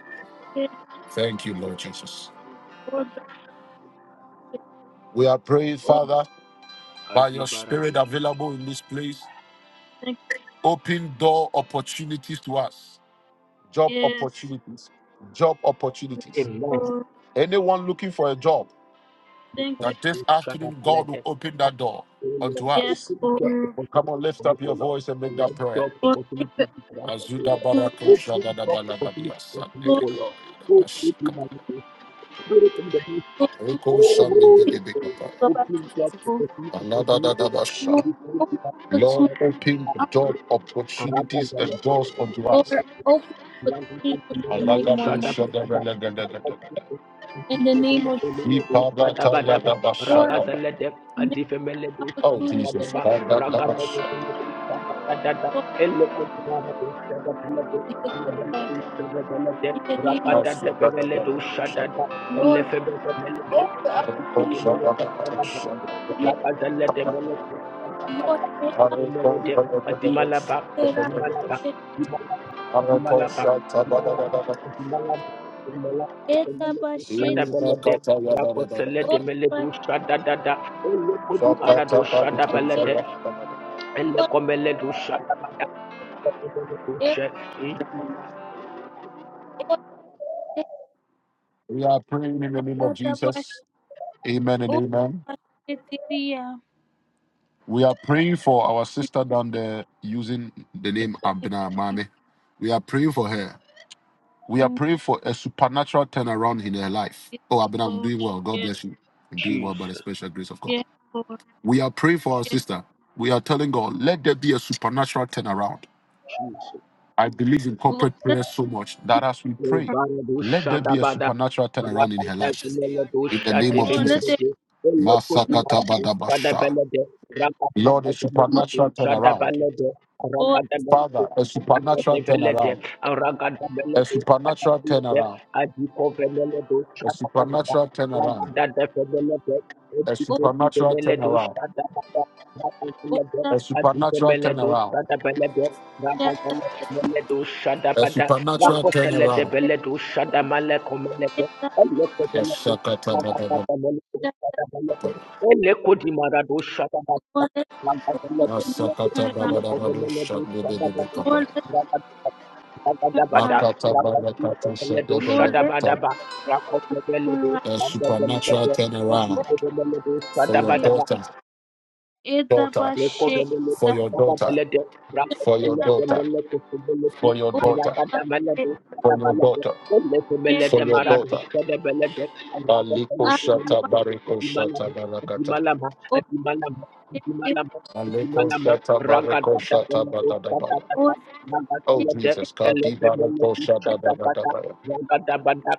Speaker 1: is,
Speaker 2: Thank you, Lord Jesus.
Speaker 1: all the
Speaker 2: We are praying, Father, by your
Speaker 3: Kadi
Speaker 2: spirit
Speaker 3: Barado.
Speaker 2: available in this place, open door opportunities to us, job
Speaker 1: Yes,
Speaker 2: opportunities, job opportunities.
Speaker 3: Amen.
Speaker 1: all thank
Speaker 2: That
Speaker 1: you,
Speaker 3: Shara Palade.
Speaker 2: doors.
Speaker 3: Oh Lord,
Speaker 1: yes,
Speaker 3: open
Speaker 1: Lord. Thank
Speaker 3: job
Speaker 1: you,
Speaker 3: opportunities for me, oh Lord. Let job
Speaker 1: yes, Lord. Lord, thank
Speaker 3: opportunities
Speaker 1: you,
Speaker 3: be
Speaker 2: As
Speaker 3: granted, oh Lord.
Speaker 1: Lord,
Speaker 3: Open job opportunities for me,
Speaker 1: Lord,
Speaker 3: oh Lord. Oh, open my name. Spirit in the midst.
Speaker 1: Lord,
Speaker 3: Oh, Holy Spirit,
Speaker 1: go back
Speaker 3: open
Speaker 1: to
Speaker 3: job
Speaker 1: school.
Speaker 2: Allah,
Speaker 3: opportunities for me, oh Lord.
Speaker 1: Lord,
Speaker 3: This will
Speaker 1: open
Speaker 3: be my first
Speaker 2: Lord,
Speaker 1: opportunity,
Speaker 3: time.
Speaker 2: open door
Speaker 3: Rabba
Speaker 2: opportunities and doors unto
Speaker 1: Lord,
Speaker 3: Zalaba,
Speaker 2: us.
Speaker 1: open
Speaker 3: Rakaza
Speaker 1: opportunity for me to make more
Speaker 2: Alagado
Speaker 1: money.
Speaker 2: shadabalagadagadagada.
Speaker 1: In the name of Jesus, Lord,
Speaker 2: Iparatayadabashadabada.
Speaker 1: make
Speaker 2: Oh,
Speaker 1: opportunity for
Speaker 2: Jesus.
Speaker 1: me, Lord, in the system. In the name of
Speaker 2: Kadadabashadabashadabada.
Speaker 1: Lord, open
Speaker 2: We are
Speaker 1: opportunity
Speaker 2: praying
Speaker 1: to make, Lord, make opportunity.
Speaker 3: Jesus,
Speaker 1: Lord, Lord, yes, yes, Lord, yes, Lord,
Speaker 2: in the
Speaker 1: let
Speaker 2: name of
Speaker 1: the Lord,
Speaker 2: Jesus. Amen and
Speaker 1: Lord,
Speaker 2: amen.
Speaker 1: let the name
Speaker 2: We are praying for our sister down there using the name Abna Mame. We are praying for her. We are praying for a supernatural turnaround in her life. Oh, Abena, I'm
Speaker 1: of
Speaker 2: doing
Speaker 1: Lord,
Speaker 2: well. God
Speaker 1: yes,
Speaker 2: bless you. I'm doing well by the
Speaker 3: Jesus.
Speaker 2: special grace of God.
Speaker 1: yes, Lord, Lord, Lord, the yes, the Lord,
Speaker 2: We are praying for our
Speaker 1: yes, yes, yes, the yes,
Speaker 2: sister. We are telling God, let there be a supernatural turnaround. I believe in corporate prayer so much that as we pray, let there be a
Speaker 3: Lebaradusha-dabada,
Speaker 2: supernatural turnaround in her life. In the name of
Speaker 1: Lord,
Speaker 2: Jesus.
Speaker 3: rakatabeledusha-divimedede,
Speaker 2: Masakata badabasha.
Speaker 3: elekotimaradusha-debelede,
Speaker 2: Lord, a supernatural turnaround.
Speaker 3: rakatabeledusha-dabalede,
Speaker 2: Father, a supernatural
Speaker 3: rakatabeledusha-dabalede,
Speaker 2: turnaround. A supernatural
Speaker 3: rakatabeledusha-dabalede,
Speaker 2: turnaround. A
Speaker 3: adikovemeledusha-dabada,
Speaker 2: supernatural turnaround.
Speaker 3: rakatabeledede,
Speaker 2: A supernatural turnaround
Speaker 3: edikotivemeledusha-dabada, rakatabeledede,
Speaker 2: A supernatural turnaround.
Speaker 3: adikovemeledusha-dabelede,
Speaker 2: A
Speaker 3: rakatabeledusha-dabada,
Speaker 2: supernatural
Speaker 3: Rapotele de
Speaker 2: turnaround.
Speaker 3: bele du shada male komele de. Ele ko bele du
Speaker 2: Masakata
Speaker 3: shada
Speaker 2: bababababa.
Speaker 3: kata mele du shada mele de. Ele ko di mara du shada kata.
Speaker 1: let it
Speaker 3: Rapa bele de bele de.
Speaker 2: Masakata
Speaker 1: turn around,
Speaker 3: Ele ko de
Speaker 2: bababababa.
Speaker 3: bele du shada bele.
Speaker 2: Shandebebebekapa.
Speaker 1: Lord, let it
Speaker 3: Rapa shada
Speaker 1: turn
Speaker 3: da bada.
Speaker 1: around,
Speaker 2: Makata
Speaker 3: Rapa bele de
Speaker 2: barakata
Speaker 3: bele du
Speaker 1: Lord,
Speaker 3: shada
Speaker 1: let it
Speaker 3: bada
Speaker 2: shadebelekata.
Speaker 3: ba. Rapa bele
Speaker 1: turn
Speaker 3: du
Speaker 1: around,
Speaker 2: A
Speaker 3: shada bele
Speaker 2: supernatural
Speaker 3: de. Ele
Speaker 2: turnaround
Speaker 1: oh,
Speaker 3: ko de bele du
Speaker 2: for
Speaker 3: shada
Speaker 2: your
Speaker 3: bada ba.
Speaker 1: baby, yeah,
Speaker 2: daughter,
Speaker 1: it's the
Speaker 2: daughter,
Speaker 1: bus,
Speaker 3: Loko
Speaker 1: shit,
Speaker 3: velele
Speaker 2: for
Speaker 1: the
Speaker 2: your
Speaker 3: baba
Speaker 2: daughter,
Speaker 3: velele
Speaker 1: Hashem,
Speaker 3: braka
Speaker 2: for your
Speaker 3: velele
Speaker 1: the Bashe,
Speaker 2: daughter,
Speaker 3: velele kuku velele
Speaker 2: for your
Speaker 3: aya
Speaker 2: daughter,
Speaker 3: bada
Speaker 1: oh,
Speaker 3: velele
Speaker 2: for
Speaker 3: bada
Speaker 2: your
Speaker 3: velele
Speaker 2: daughter,
Speaker 3: velele
Speaker 2: for
Speaker 1: Oshete
Speaker 3: velele
Speaker 2: your daughter. Baliko shata
Speaker 1: ataba
Speaker 2: bariko shata barakata.
Speaker 3: maradu
Speaker 1: oshete
Speaker 2: Baliko shata bariko
Speaker 3: Ragada
Speaker 2: shata
Speaker 1: otake
Speaker 2: Oh Jesus,
Speaker 1: eta
Speaker 2: God, di baroko shada da da da da ya.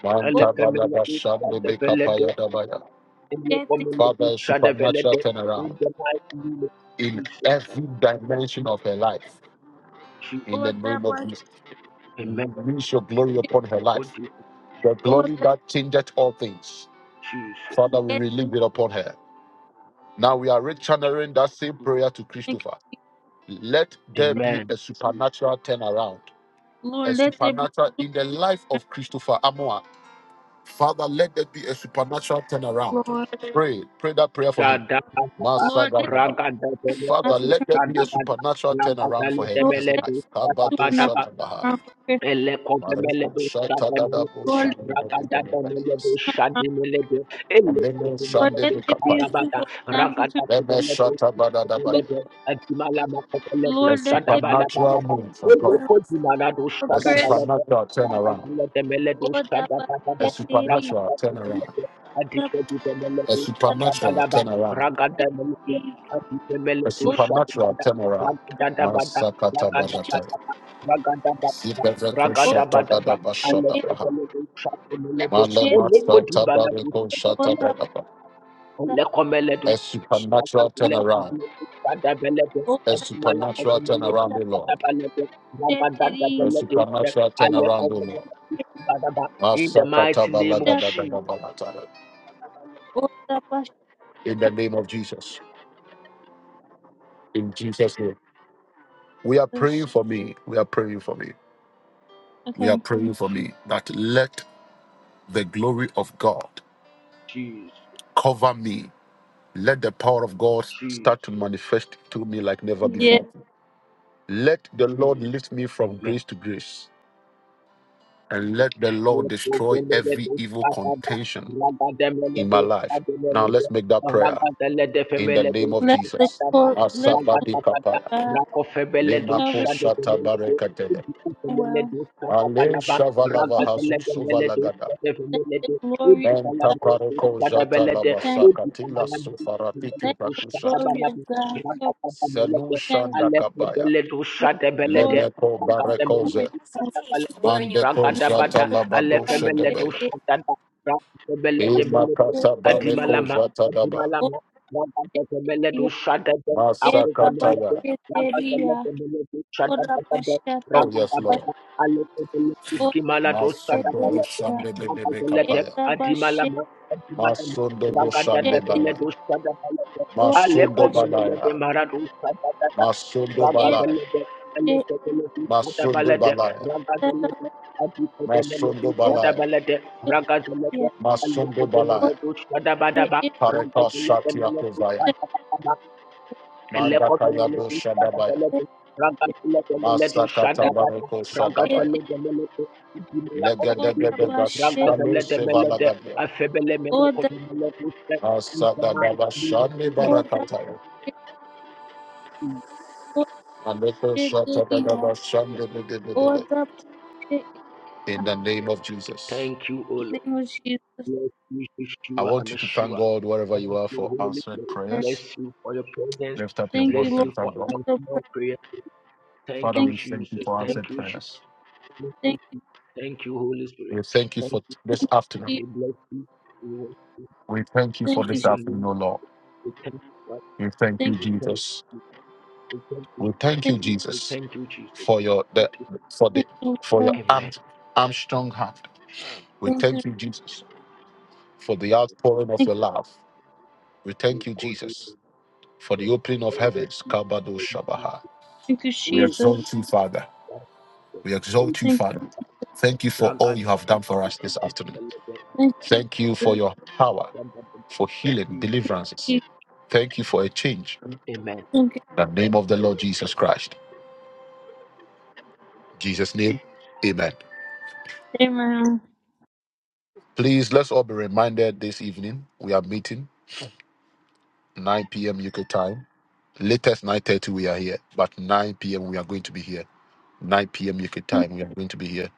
Speaker 2: Manta bala bashando beka paya da ba ya.
Speaker 1: oshete
Speaker 2: Father, a supernatural
Speaker 3: in
Speaker 2: turnaround
Speaker 3: the mighty name of
Speaker 2: in
Speaker 3: Jesus.
Speaker 2: every dimension of her life.
Speaker 3: Jesus.
Speaker 2: In the name
Speaker 1: otaba
Speaker 2: of Jesus,
Speaker 3: Amen.
Speaker 1: she
Speaker 3: God is
Speaker 1: ota
Speaker 3: Jesus.
Speaker 2: Father. Now we are rechanneling that same prayer to
Speaker 1: ethnic
Speaker 2: Christopher. Let there be
Speaker 3: Amen.
Speaker 2: a supernatural turnaround, a
Speaker 1: Lord, let there be
Speaker 2: supernatural in the life
Speaker 1: rest,
Speaker 2: of Christopher Amoa. Father, let there be a supernatural turnaround.
Speaker 1: Lord.
Speaker 2: Pray, pray that prayer for him.
Speaker 3: Shadabadaba,
Speaker 1: Lord, let there be
Speaker 3: ragadabelebe,
Speaker 2: Father,
Speaker 1: natural
Speaker 2: let
Speaker 1: turn.
Speaker 2: there be a
Speaker 3: shadabada,
Speaker 2: supernatural turnaround for him, his
Speaker 3: lambadalebelebe,
Speaker 2: life. Kabato
Speaker 3: shadabadaba.
Speaker 2: Shadabaha.
Speaker 3: Ele komele
Speaker 2: Mariko
Speaker 3: do sademele
Speaker 2: Shatadadabo
Speaker 1: Lord,
Speaker 3: Ragada demele do
Speaker 2: Shandabadabadabadabas.
Speaker 3: shadimele do ele
Speaker 2: Alemo
Speaker 3: komele
Speaker 1: let
Speaker 3: do
Speaker 1: there be
Speaker 2: Shandabikapaya.
Speaker 3: shadabada
Speaker 1: supernatural
Speaker 3: ragada
Speaker 1: turn.
Speaker 2: Leme
Speaker 3: demele do
Speaker 2: Shatabadadabaya.
Speaker 3: ele do adimala makomele do
Speaker 2: A
Speaker 1: Lord, let there be turn. Lord, let there be a supernatural turn. Lord, let there be
Speaker 3: shadabala
Speaker 2: supernatural
Speaker 3: baba ba.
Speaker 2: move from
Speaker 3: Ele
Speaker 2: God.
Speaker 1: turn
Speaker 3: komele do
Speaker 1: for
Speaker 2: A
Speaker 1: Chris.
Speaker 3: shadabala do
Speaker 2: supernatural turnaround.
Speaker 3: ragada demele do
Speaker 1: Otaba
Speaker 3: shadabada
Speaker 2: A
Speaker 3: ba.
Speaker 1: sheteri
Speaker 3: Ragada
Speaker 2: supernatural
Speaker 3: demele
Speaker 2: turnaround.
Speaker 3: do adike
Speaker 1: otaba
Speaker 3: demele
Speaker 2: A
Speaker 3: do
Speaker 2: supernatural
Speaker 3: shadabala ba
Speaker 2: turnaround.
Speaker 3: ragada demele do
Speaker 1: sheteri
Speaker 3: adike
Speaker 2: A
Speaker 3: demele do
Speaker 1: otaba
Speaker 2: supernatural
Speaker 3: shadabada
Speaker 2: turnaround.
Speaker 3: ragada bada
Speaker 2: Masakata
Speaker 3: ragada
Speaker 2: barata,
Speaker 1: sheteri
Speaker 3: bada ragada bada
Speaker 2: Sibereko
Speaker 3: Ragada
Speaker 2: shata dada
Speaker 3: Ragadabadaba,
Speaker 1: otaba
Speaker 2: bashata baha,
Speaker 3: Alekomelebe, Shakomelebe,
Speaker 2: Malema
Speaker 1: sheteri
Speaker 2: shata
Speaker 3: Olokodibalabo, Sadabele,
Speaker 2: bareko
Speaker 3: Olekomeledu,
Speaker 2: A supernatural turnaround.
Speaker 3: Sakazulekidile, Sadabelebe,
Speaker 1: O
Speaker 2: A supernatural
Speaker 3: Edumalakomelebe,
Speaker 2: turnaround, O
Speaker 1: सच्चे
Speaker 2: Lord.
Speaker 3: Sadabalebe,
Speaker 1: तेरी
Speaker 2: A
Speaker 3: Ragadadabelebe,
Speaker 2: supernatural
Speaker 1: O
Speaker 2: turnaround, O Lord.
Speaker 3: Alekomelebe, Badaba. In the mighty name of
Speaker 1: सच्चा
Speaker 3: Jesus,
Speaker 2: Masakatabalagadagadagabalata.
Speaker 1: ओ तपस्या
Speaker 2: In the name of Jesus. In Jesus' name. We are praying for me. We are praying for me. We are
Speaker 1: Okay.
Speaker 2: praying for me that let the glory of God
Speaker 3: Jesus,
Speaker 2: cover me. Let the power of God start to
Speaker 3: Jesus.
Speaker 2: manifest to me like never
Speaker 1: Yeah.
Speaker 2: before. Let the Lord lift me from
Speaker 3: Amen.
Speaker 2: grace to grace. And let the Lord destroy every evil contention in my life. Now let's make that prayer in the name of
Speaker 1: Let the
Speaker 2: Jesus.
Speaker 1: cor- let
Speaker 2: Asabadi kapaya,
Speaker 1: God
Speaker 2: lemako
Speaker 1: cover
Speaker 2: shata barekatele,
Speaker 1: them well.
Speaker 2: ale shavalava hasuso valagada,
Speaker 1: Let the glory of
Speaker 2: menta
Speaker 1: God
Speaker 2: pareko
Speaker 1: cover
Speaker 2: jata
Speaker 1: them.
Speaker 2: labasakatila sufaratiki
Speaker 1: Let the
Speaker 2: bakushata,
Speaker 1: glory of God cover
Speaker 2: senu
Speaker 1: them.
Speaker 2: shanda kabaya,
Speaker 1: Let the glory of
Speaker 2: lemeko
Speaker 1: God cover
Speaker 2: barekoze,
Speaker 1: them.
Speaker 2: mandeko
Speaker 1: Let the
Speaker 3: Ragadabada
Speaker 2: jata
Speaker 1: glory of
Speaker 2: labado
Speaker 1: God
Speaker 3: alefemele
Speaker 1: cover
Speaker 3: do
Speaker 2: shedebeya,
Speaker 1: them.
Speaker 3: shatanda rakemele demele do
Speaker 2: imakata bareko
Speaker 3: adimalama
Speaker 2: jata daba,
Speaker 1: O
Speaker 3: adimalama rakemele do
Speaker 1: Teria,
Speaker 3: shatanda
Speaker 1: Eta
Speaker 3: akemele do
Speaker 2: masakataya.
Speaker 3: rakemele
Speaker 1: Basheteria,
Speaker 3: demele do
Speaker 1: Ora
Speaker 3: shatanda
Speaker 1: Bashata,
Speaker 2: Oh yes, Lord.
Speaker 3: rakemele alefemele
Speaker 1: O
Speaker 3: iskimala do
Speaker 2: Masundo
Speaker 3: shatanda
Speaker 1: Teria,
Speaker 2: Boshande Bebe
Speaker 1: the
Speaker 3: rakemele
Speaker 2: Kapaya.
Speaker 1: name of Jesus.
Speaker 3: adimalama adimalama
Speaker 2: Masundo Boshande
Speaker 3: rakemele do
Speaker 2: Balaya.
Speaker 3: shatanda
Speaker 1: Lord.
Speaker 2: Masundo
Speaker 3: alekemele
Speaker 2: Balaya.
Speaker 3: demara do shatanda
Speaker 2: Masundo Balaya. Masundo Balaya.
Speaker 3: rakemele
Speaker 2: Masundo Balaya. Masundo Balaya. Pareka Shatia Kovaya. Manda Kaya Boshadabaya. Masakata Bareko Shadabaya. Legedegedega Shkalu Sevalagadia. Asagadaba Shande Barakataya. Aleko Shatadaba Shande Bebe. In the name of Jesus.
Speaker 3: Thank you, O Bless you,
Speaker 2: I
Speaker 3: Yeshua
Speaker 2: want you to thank
Speaker 3: Amashua.
Speaker 2: God wherever you
Speaker 3: Thank
Speaker 2: are
Speaker 3: you,
Speaker 2: for
Speaker 3: Holy
Speaker 2: answered
Speaker 3: Spirit.
Speaker 2: prayers.
Speaker 3: Bless you for your presence.
Speaker 2: Lift up your
Speaker 1: Thank you,
Speaker 2: voice
Speaker 3: Bless
Speaker 1: Lord.
Speaker 2: and
Speaker 3: you for
Speaker 2: thank God.
Speaker 1: for answer
Speaker 3: answering our
Speaker 1: prayer.
Speaker 3: prayer. Thank
Speaker 2: Father,
Speaker 3: you,
Speaker 1: Thank
Speaker 2: we thank you
Speaker 3: Jesus.
Speaker 2: for
Speaker 1: you.
Speaker 2: answered
Speaker 3: Thank you,
Speaker 2: prayers.
Speaker 3: Jesus.
Speaker 1: Thank
Speaker 3: Thank you, Holy Spirit.
Speaker 2: We thank you for
Speaker 3: Thank you.
Speaker 2: this
Speaker 1: you.
Speaker 2: afternoon.
Speaker 3: We bless you. We worship you.
Speaker 2: We thank you
Speaker 3: We
Speaker 2: for
Speaker 1: Thank you.
Speaker 2: this
Speaker 3: praise your
Speaker 2: afternoon,
Speaker 3: name.
Speaker 2: O Lord.
Speaker 3: We thank you. Lord.
Speaker 2: We thank you,
Speaker 1: Thank you.
Speaker 3: We thank
Speaker 2: Jesus.
Speaker 3: you. We thank you.
Speaker 2: We thank
Speaker 1: Thank you. Thank
Speaker 2: you,
Speaker 1: you.
Speaker 3: We
Speaker 2: Jesus,
Speaker 3: thank you, Jesus.
Speaker 2: for your the,
Speaker 3: Thank you.
Speaker 2: for the
Speaker 1: Thank you,
Speaker 2: for your
Speaker 1: Lord.
Speaker 2: arm,
Speaker 3: Amen.
Speaker 2: arm strong hand. We
Speaker 1: Thank you.
Speaker 2: thank you, Jesus, for the outpouring of
Speaker 1: Thank
Speaker 2: your
Speaker 1: you.
Speaker 2: love. We
Speaker 3: We
Speaker 2: thank you,
Speaker 3: call you to
Speaker 2: Jesus, for
Speaker 3: prayer.
Speaker 2: the opening of
Speaker 3: Thank you,
Speaker 2: heavens. Kabado
Speaker 3: Jesus.
Speaker 2: Shabaha.
Speaker 1: Thank you,
Speaker 2: We
Speaker 3: Thank
Speaker 1: Jesus.
Speaker 2: exalt you, Father. We
Speaker 3: you,
Speaker 2: exalt you,
Speaker 1: Thank
Speaker 3: Jesus.
Speaker 1: you.
Speaker 2: Father. Thank you for all
Speaker 3: Raga-
Speaker 2: you have done for us this afternoon.
Speaker 1: Thank
Speaker 2: Thank you for
Speaker 1: you.
Speaker 2: your power, for healing, deliverances.
Speaker 1: Jesus.
Speaker 2: Thank you for a change. In
Speaker 3: Amen.
Speaker 1: Thank you.
Speaker 2: the name of the Lord Jesus Christ. In Jesus' name, amen.
Speaker 1: Amen.
Speaker 2: Please, let's all be reminded this evening we are meeting 9 p.m. UK time. Latest 9.30 we are here, but 9 p.m. we are going to be here. 9 p.m. UK time we are going to be here.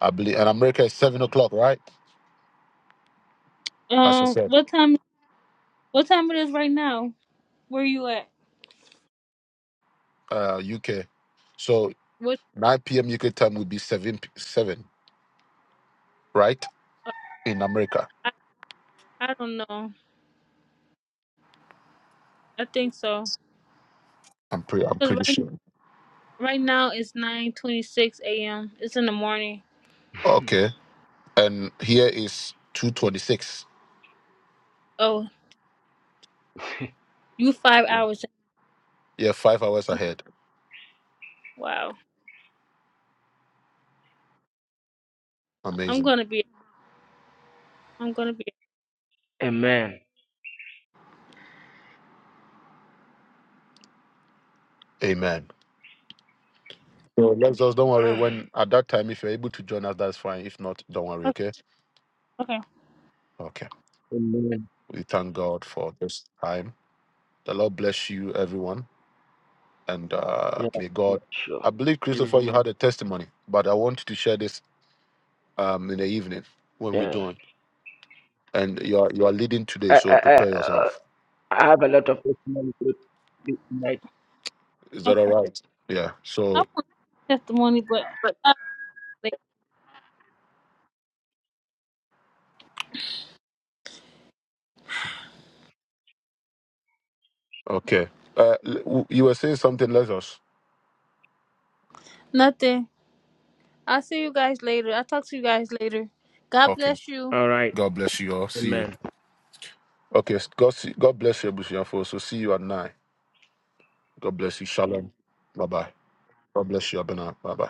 Speaker 2: I believe, and America is 7 o'clock, right? As I
Speaker 1: Um,
Speaker 2: said,
Speaker 1: what time? What time it is right now? Where you at?
Speaker 2: uh, UK. So
Speaker 1: What?
Speaker 2: 9 p.m. UK time would be 7, p- 7. right? In America,
Speaker 1: I, I don't know. I think so.
Speaker 2: I'm, pre- I'm
Speaker 1: Cause
Speaker 2: pretty
Speaker 1: right
Speaker 2: sure.
Speaker 1: right now it's nine twenty six a.m. It's in the morning.
Speaker 2: Okay. And here is 226.
Speaker 1: Oh, you five hours.
Speaker 2: Yeah, five hours
Speaker 1: in.
Speaker 2: ahead.
Speaker 1: Wow. I'm
Speaker 2: Amazing.
Speaker 1: gonna be. I'm gonna be.
Speaker 3: Amen.
Speaker 2: Amen. So let's just don't worry. When at that time, if you're able to join us, that's fine. If not, don't worry.
Speaker 1: Okay.
Speaker 2: Okay.
Speaker 1: Okay.
Speaker 2: Okay.
Speaker 3: Amen.
Speaker 2: We thank God for this time. The Lord bless you, everyone. And uh,
Speaker 3: Yeah,
Speaker 2: may
Speaker 3: yeah,
Speaker 2: God,
Speaker 3: sure.
Speaker 2: I believe, Christopher, you had a testimony, but I want you to share this um, in the evening when we
Speaker 3: Yeah.
Speaker 2: join. And you are, you are leading today,
Speaker 3: I,
Speaker 2: so
Speaker 3: I, I,
Speaker 2: prepare
Speaker 3: uh,
Speaker 2: yourself.
Speaker 3: I have a lot of testimony to this tonight.
Speaker 1: Okay.
Speaker 2: Yeah. So.
Speaker 1: I want testimony, but uh,
Speaker 2: Okay. Uh, l- w- you were saying something. Let us.
Speaker 1: nothing. I'll see you guys later. I'll talk to you guys later. God
Speaker 2: Okay.
Speaker 1: bless you.
Speaker 3: All right.
Speaker 2: God bless you all. See you.
Speaker 3: Amen.
Speaker 2: Okay. s- God, see, God bless you. We shall see you at nine. God bless you. Shalom. Bye bye. God bless you, Abena. Bye bye.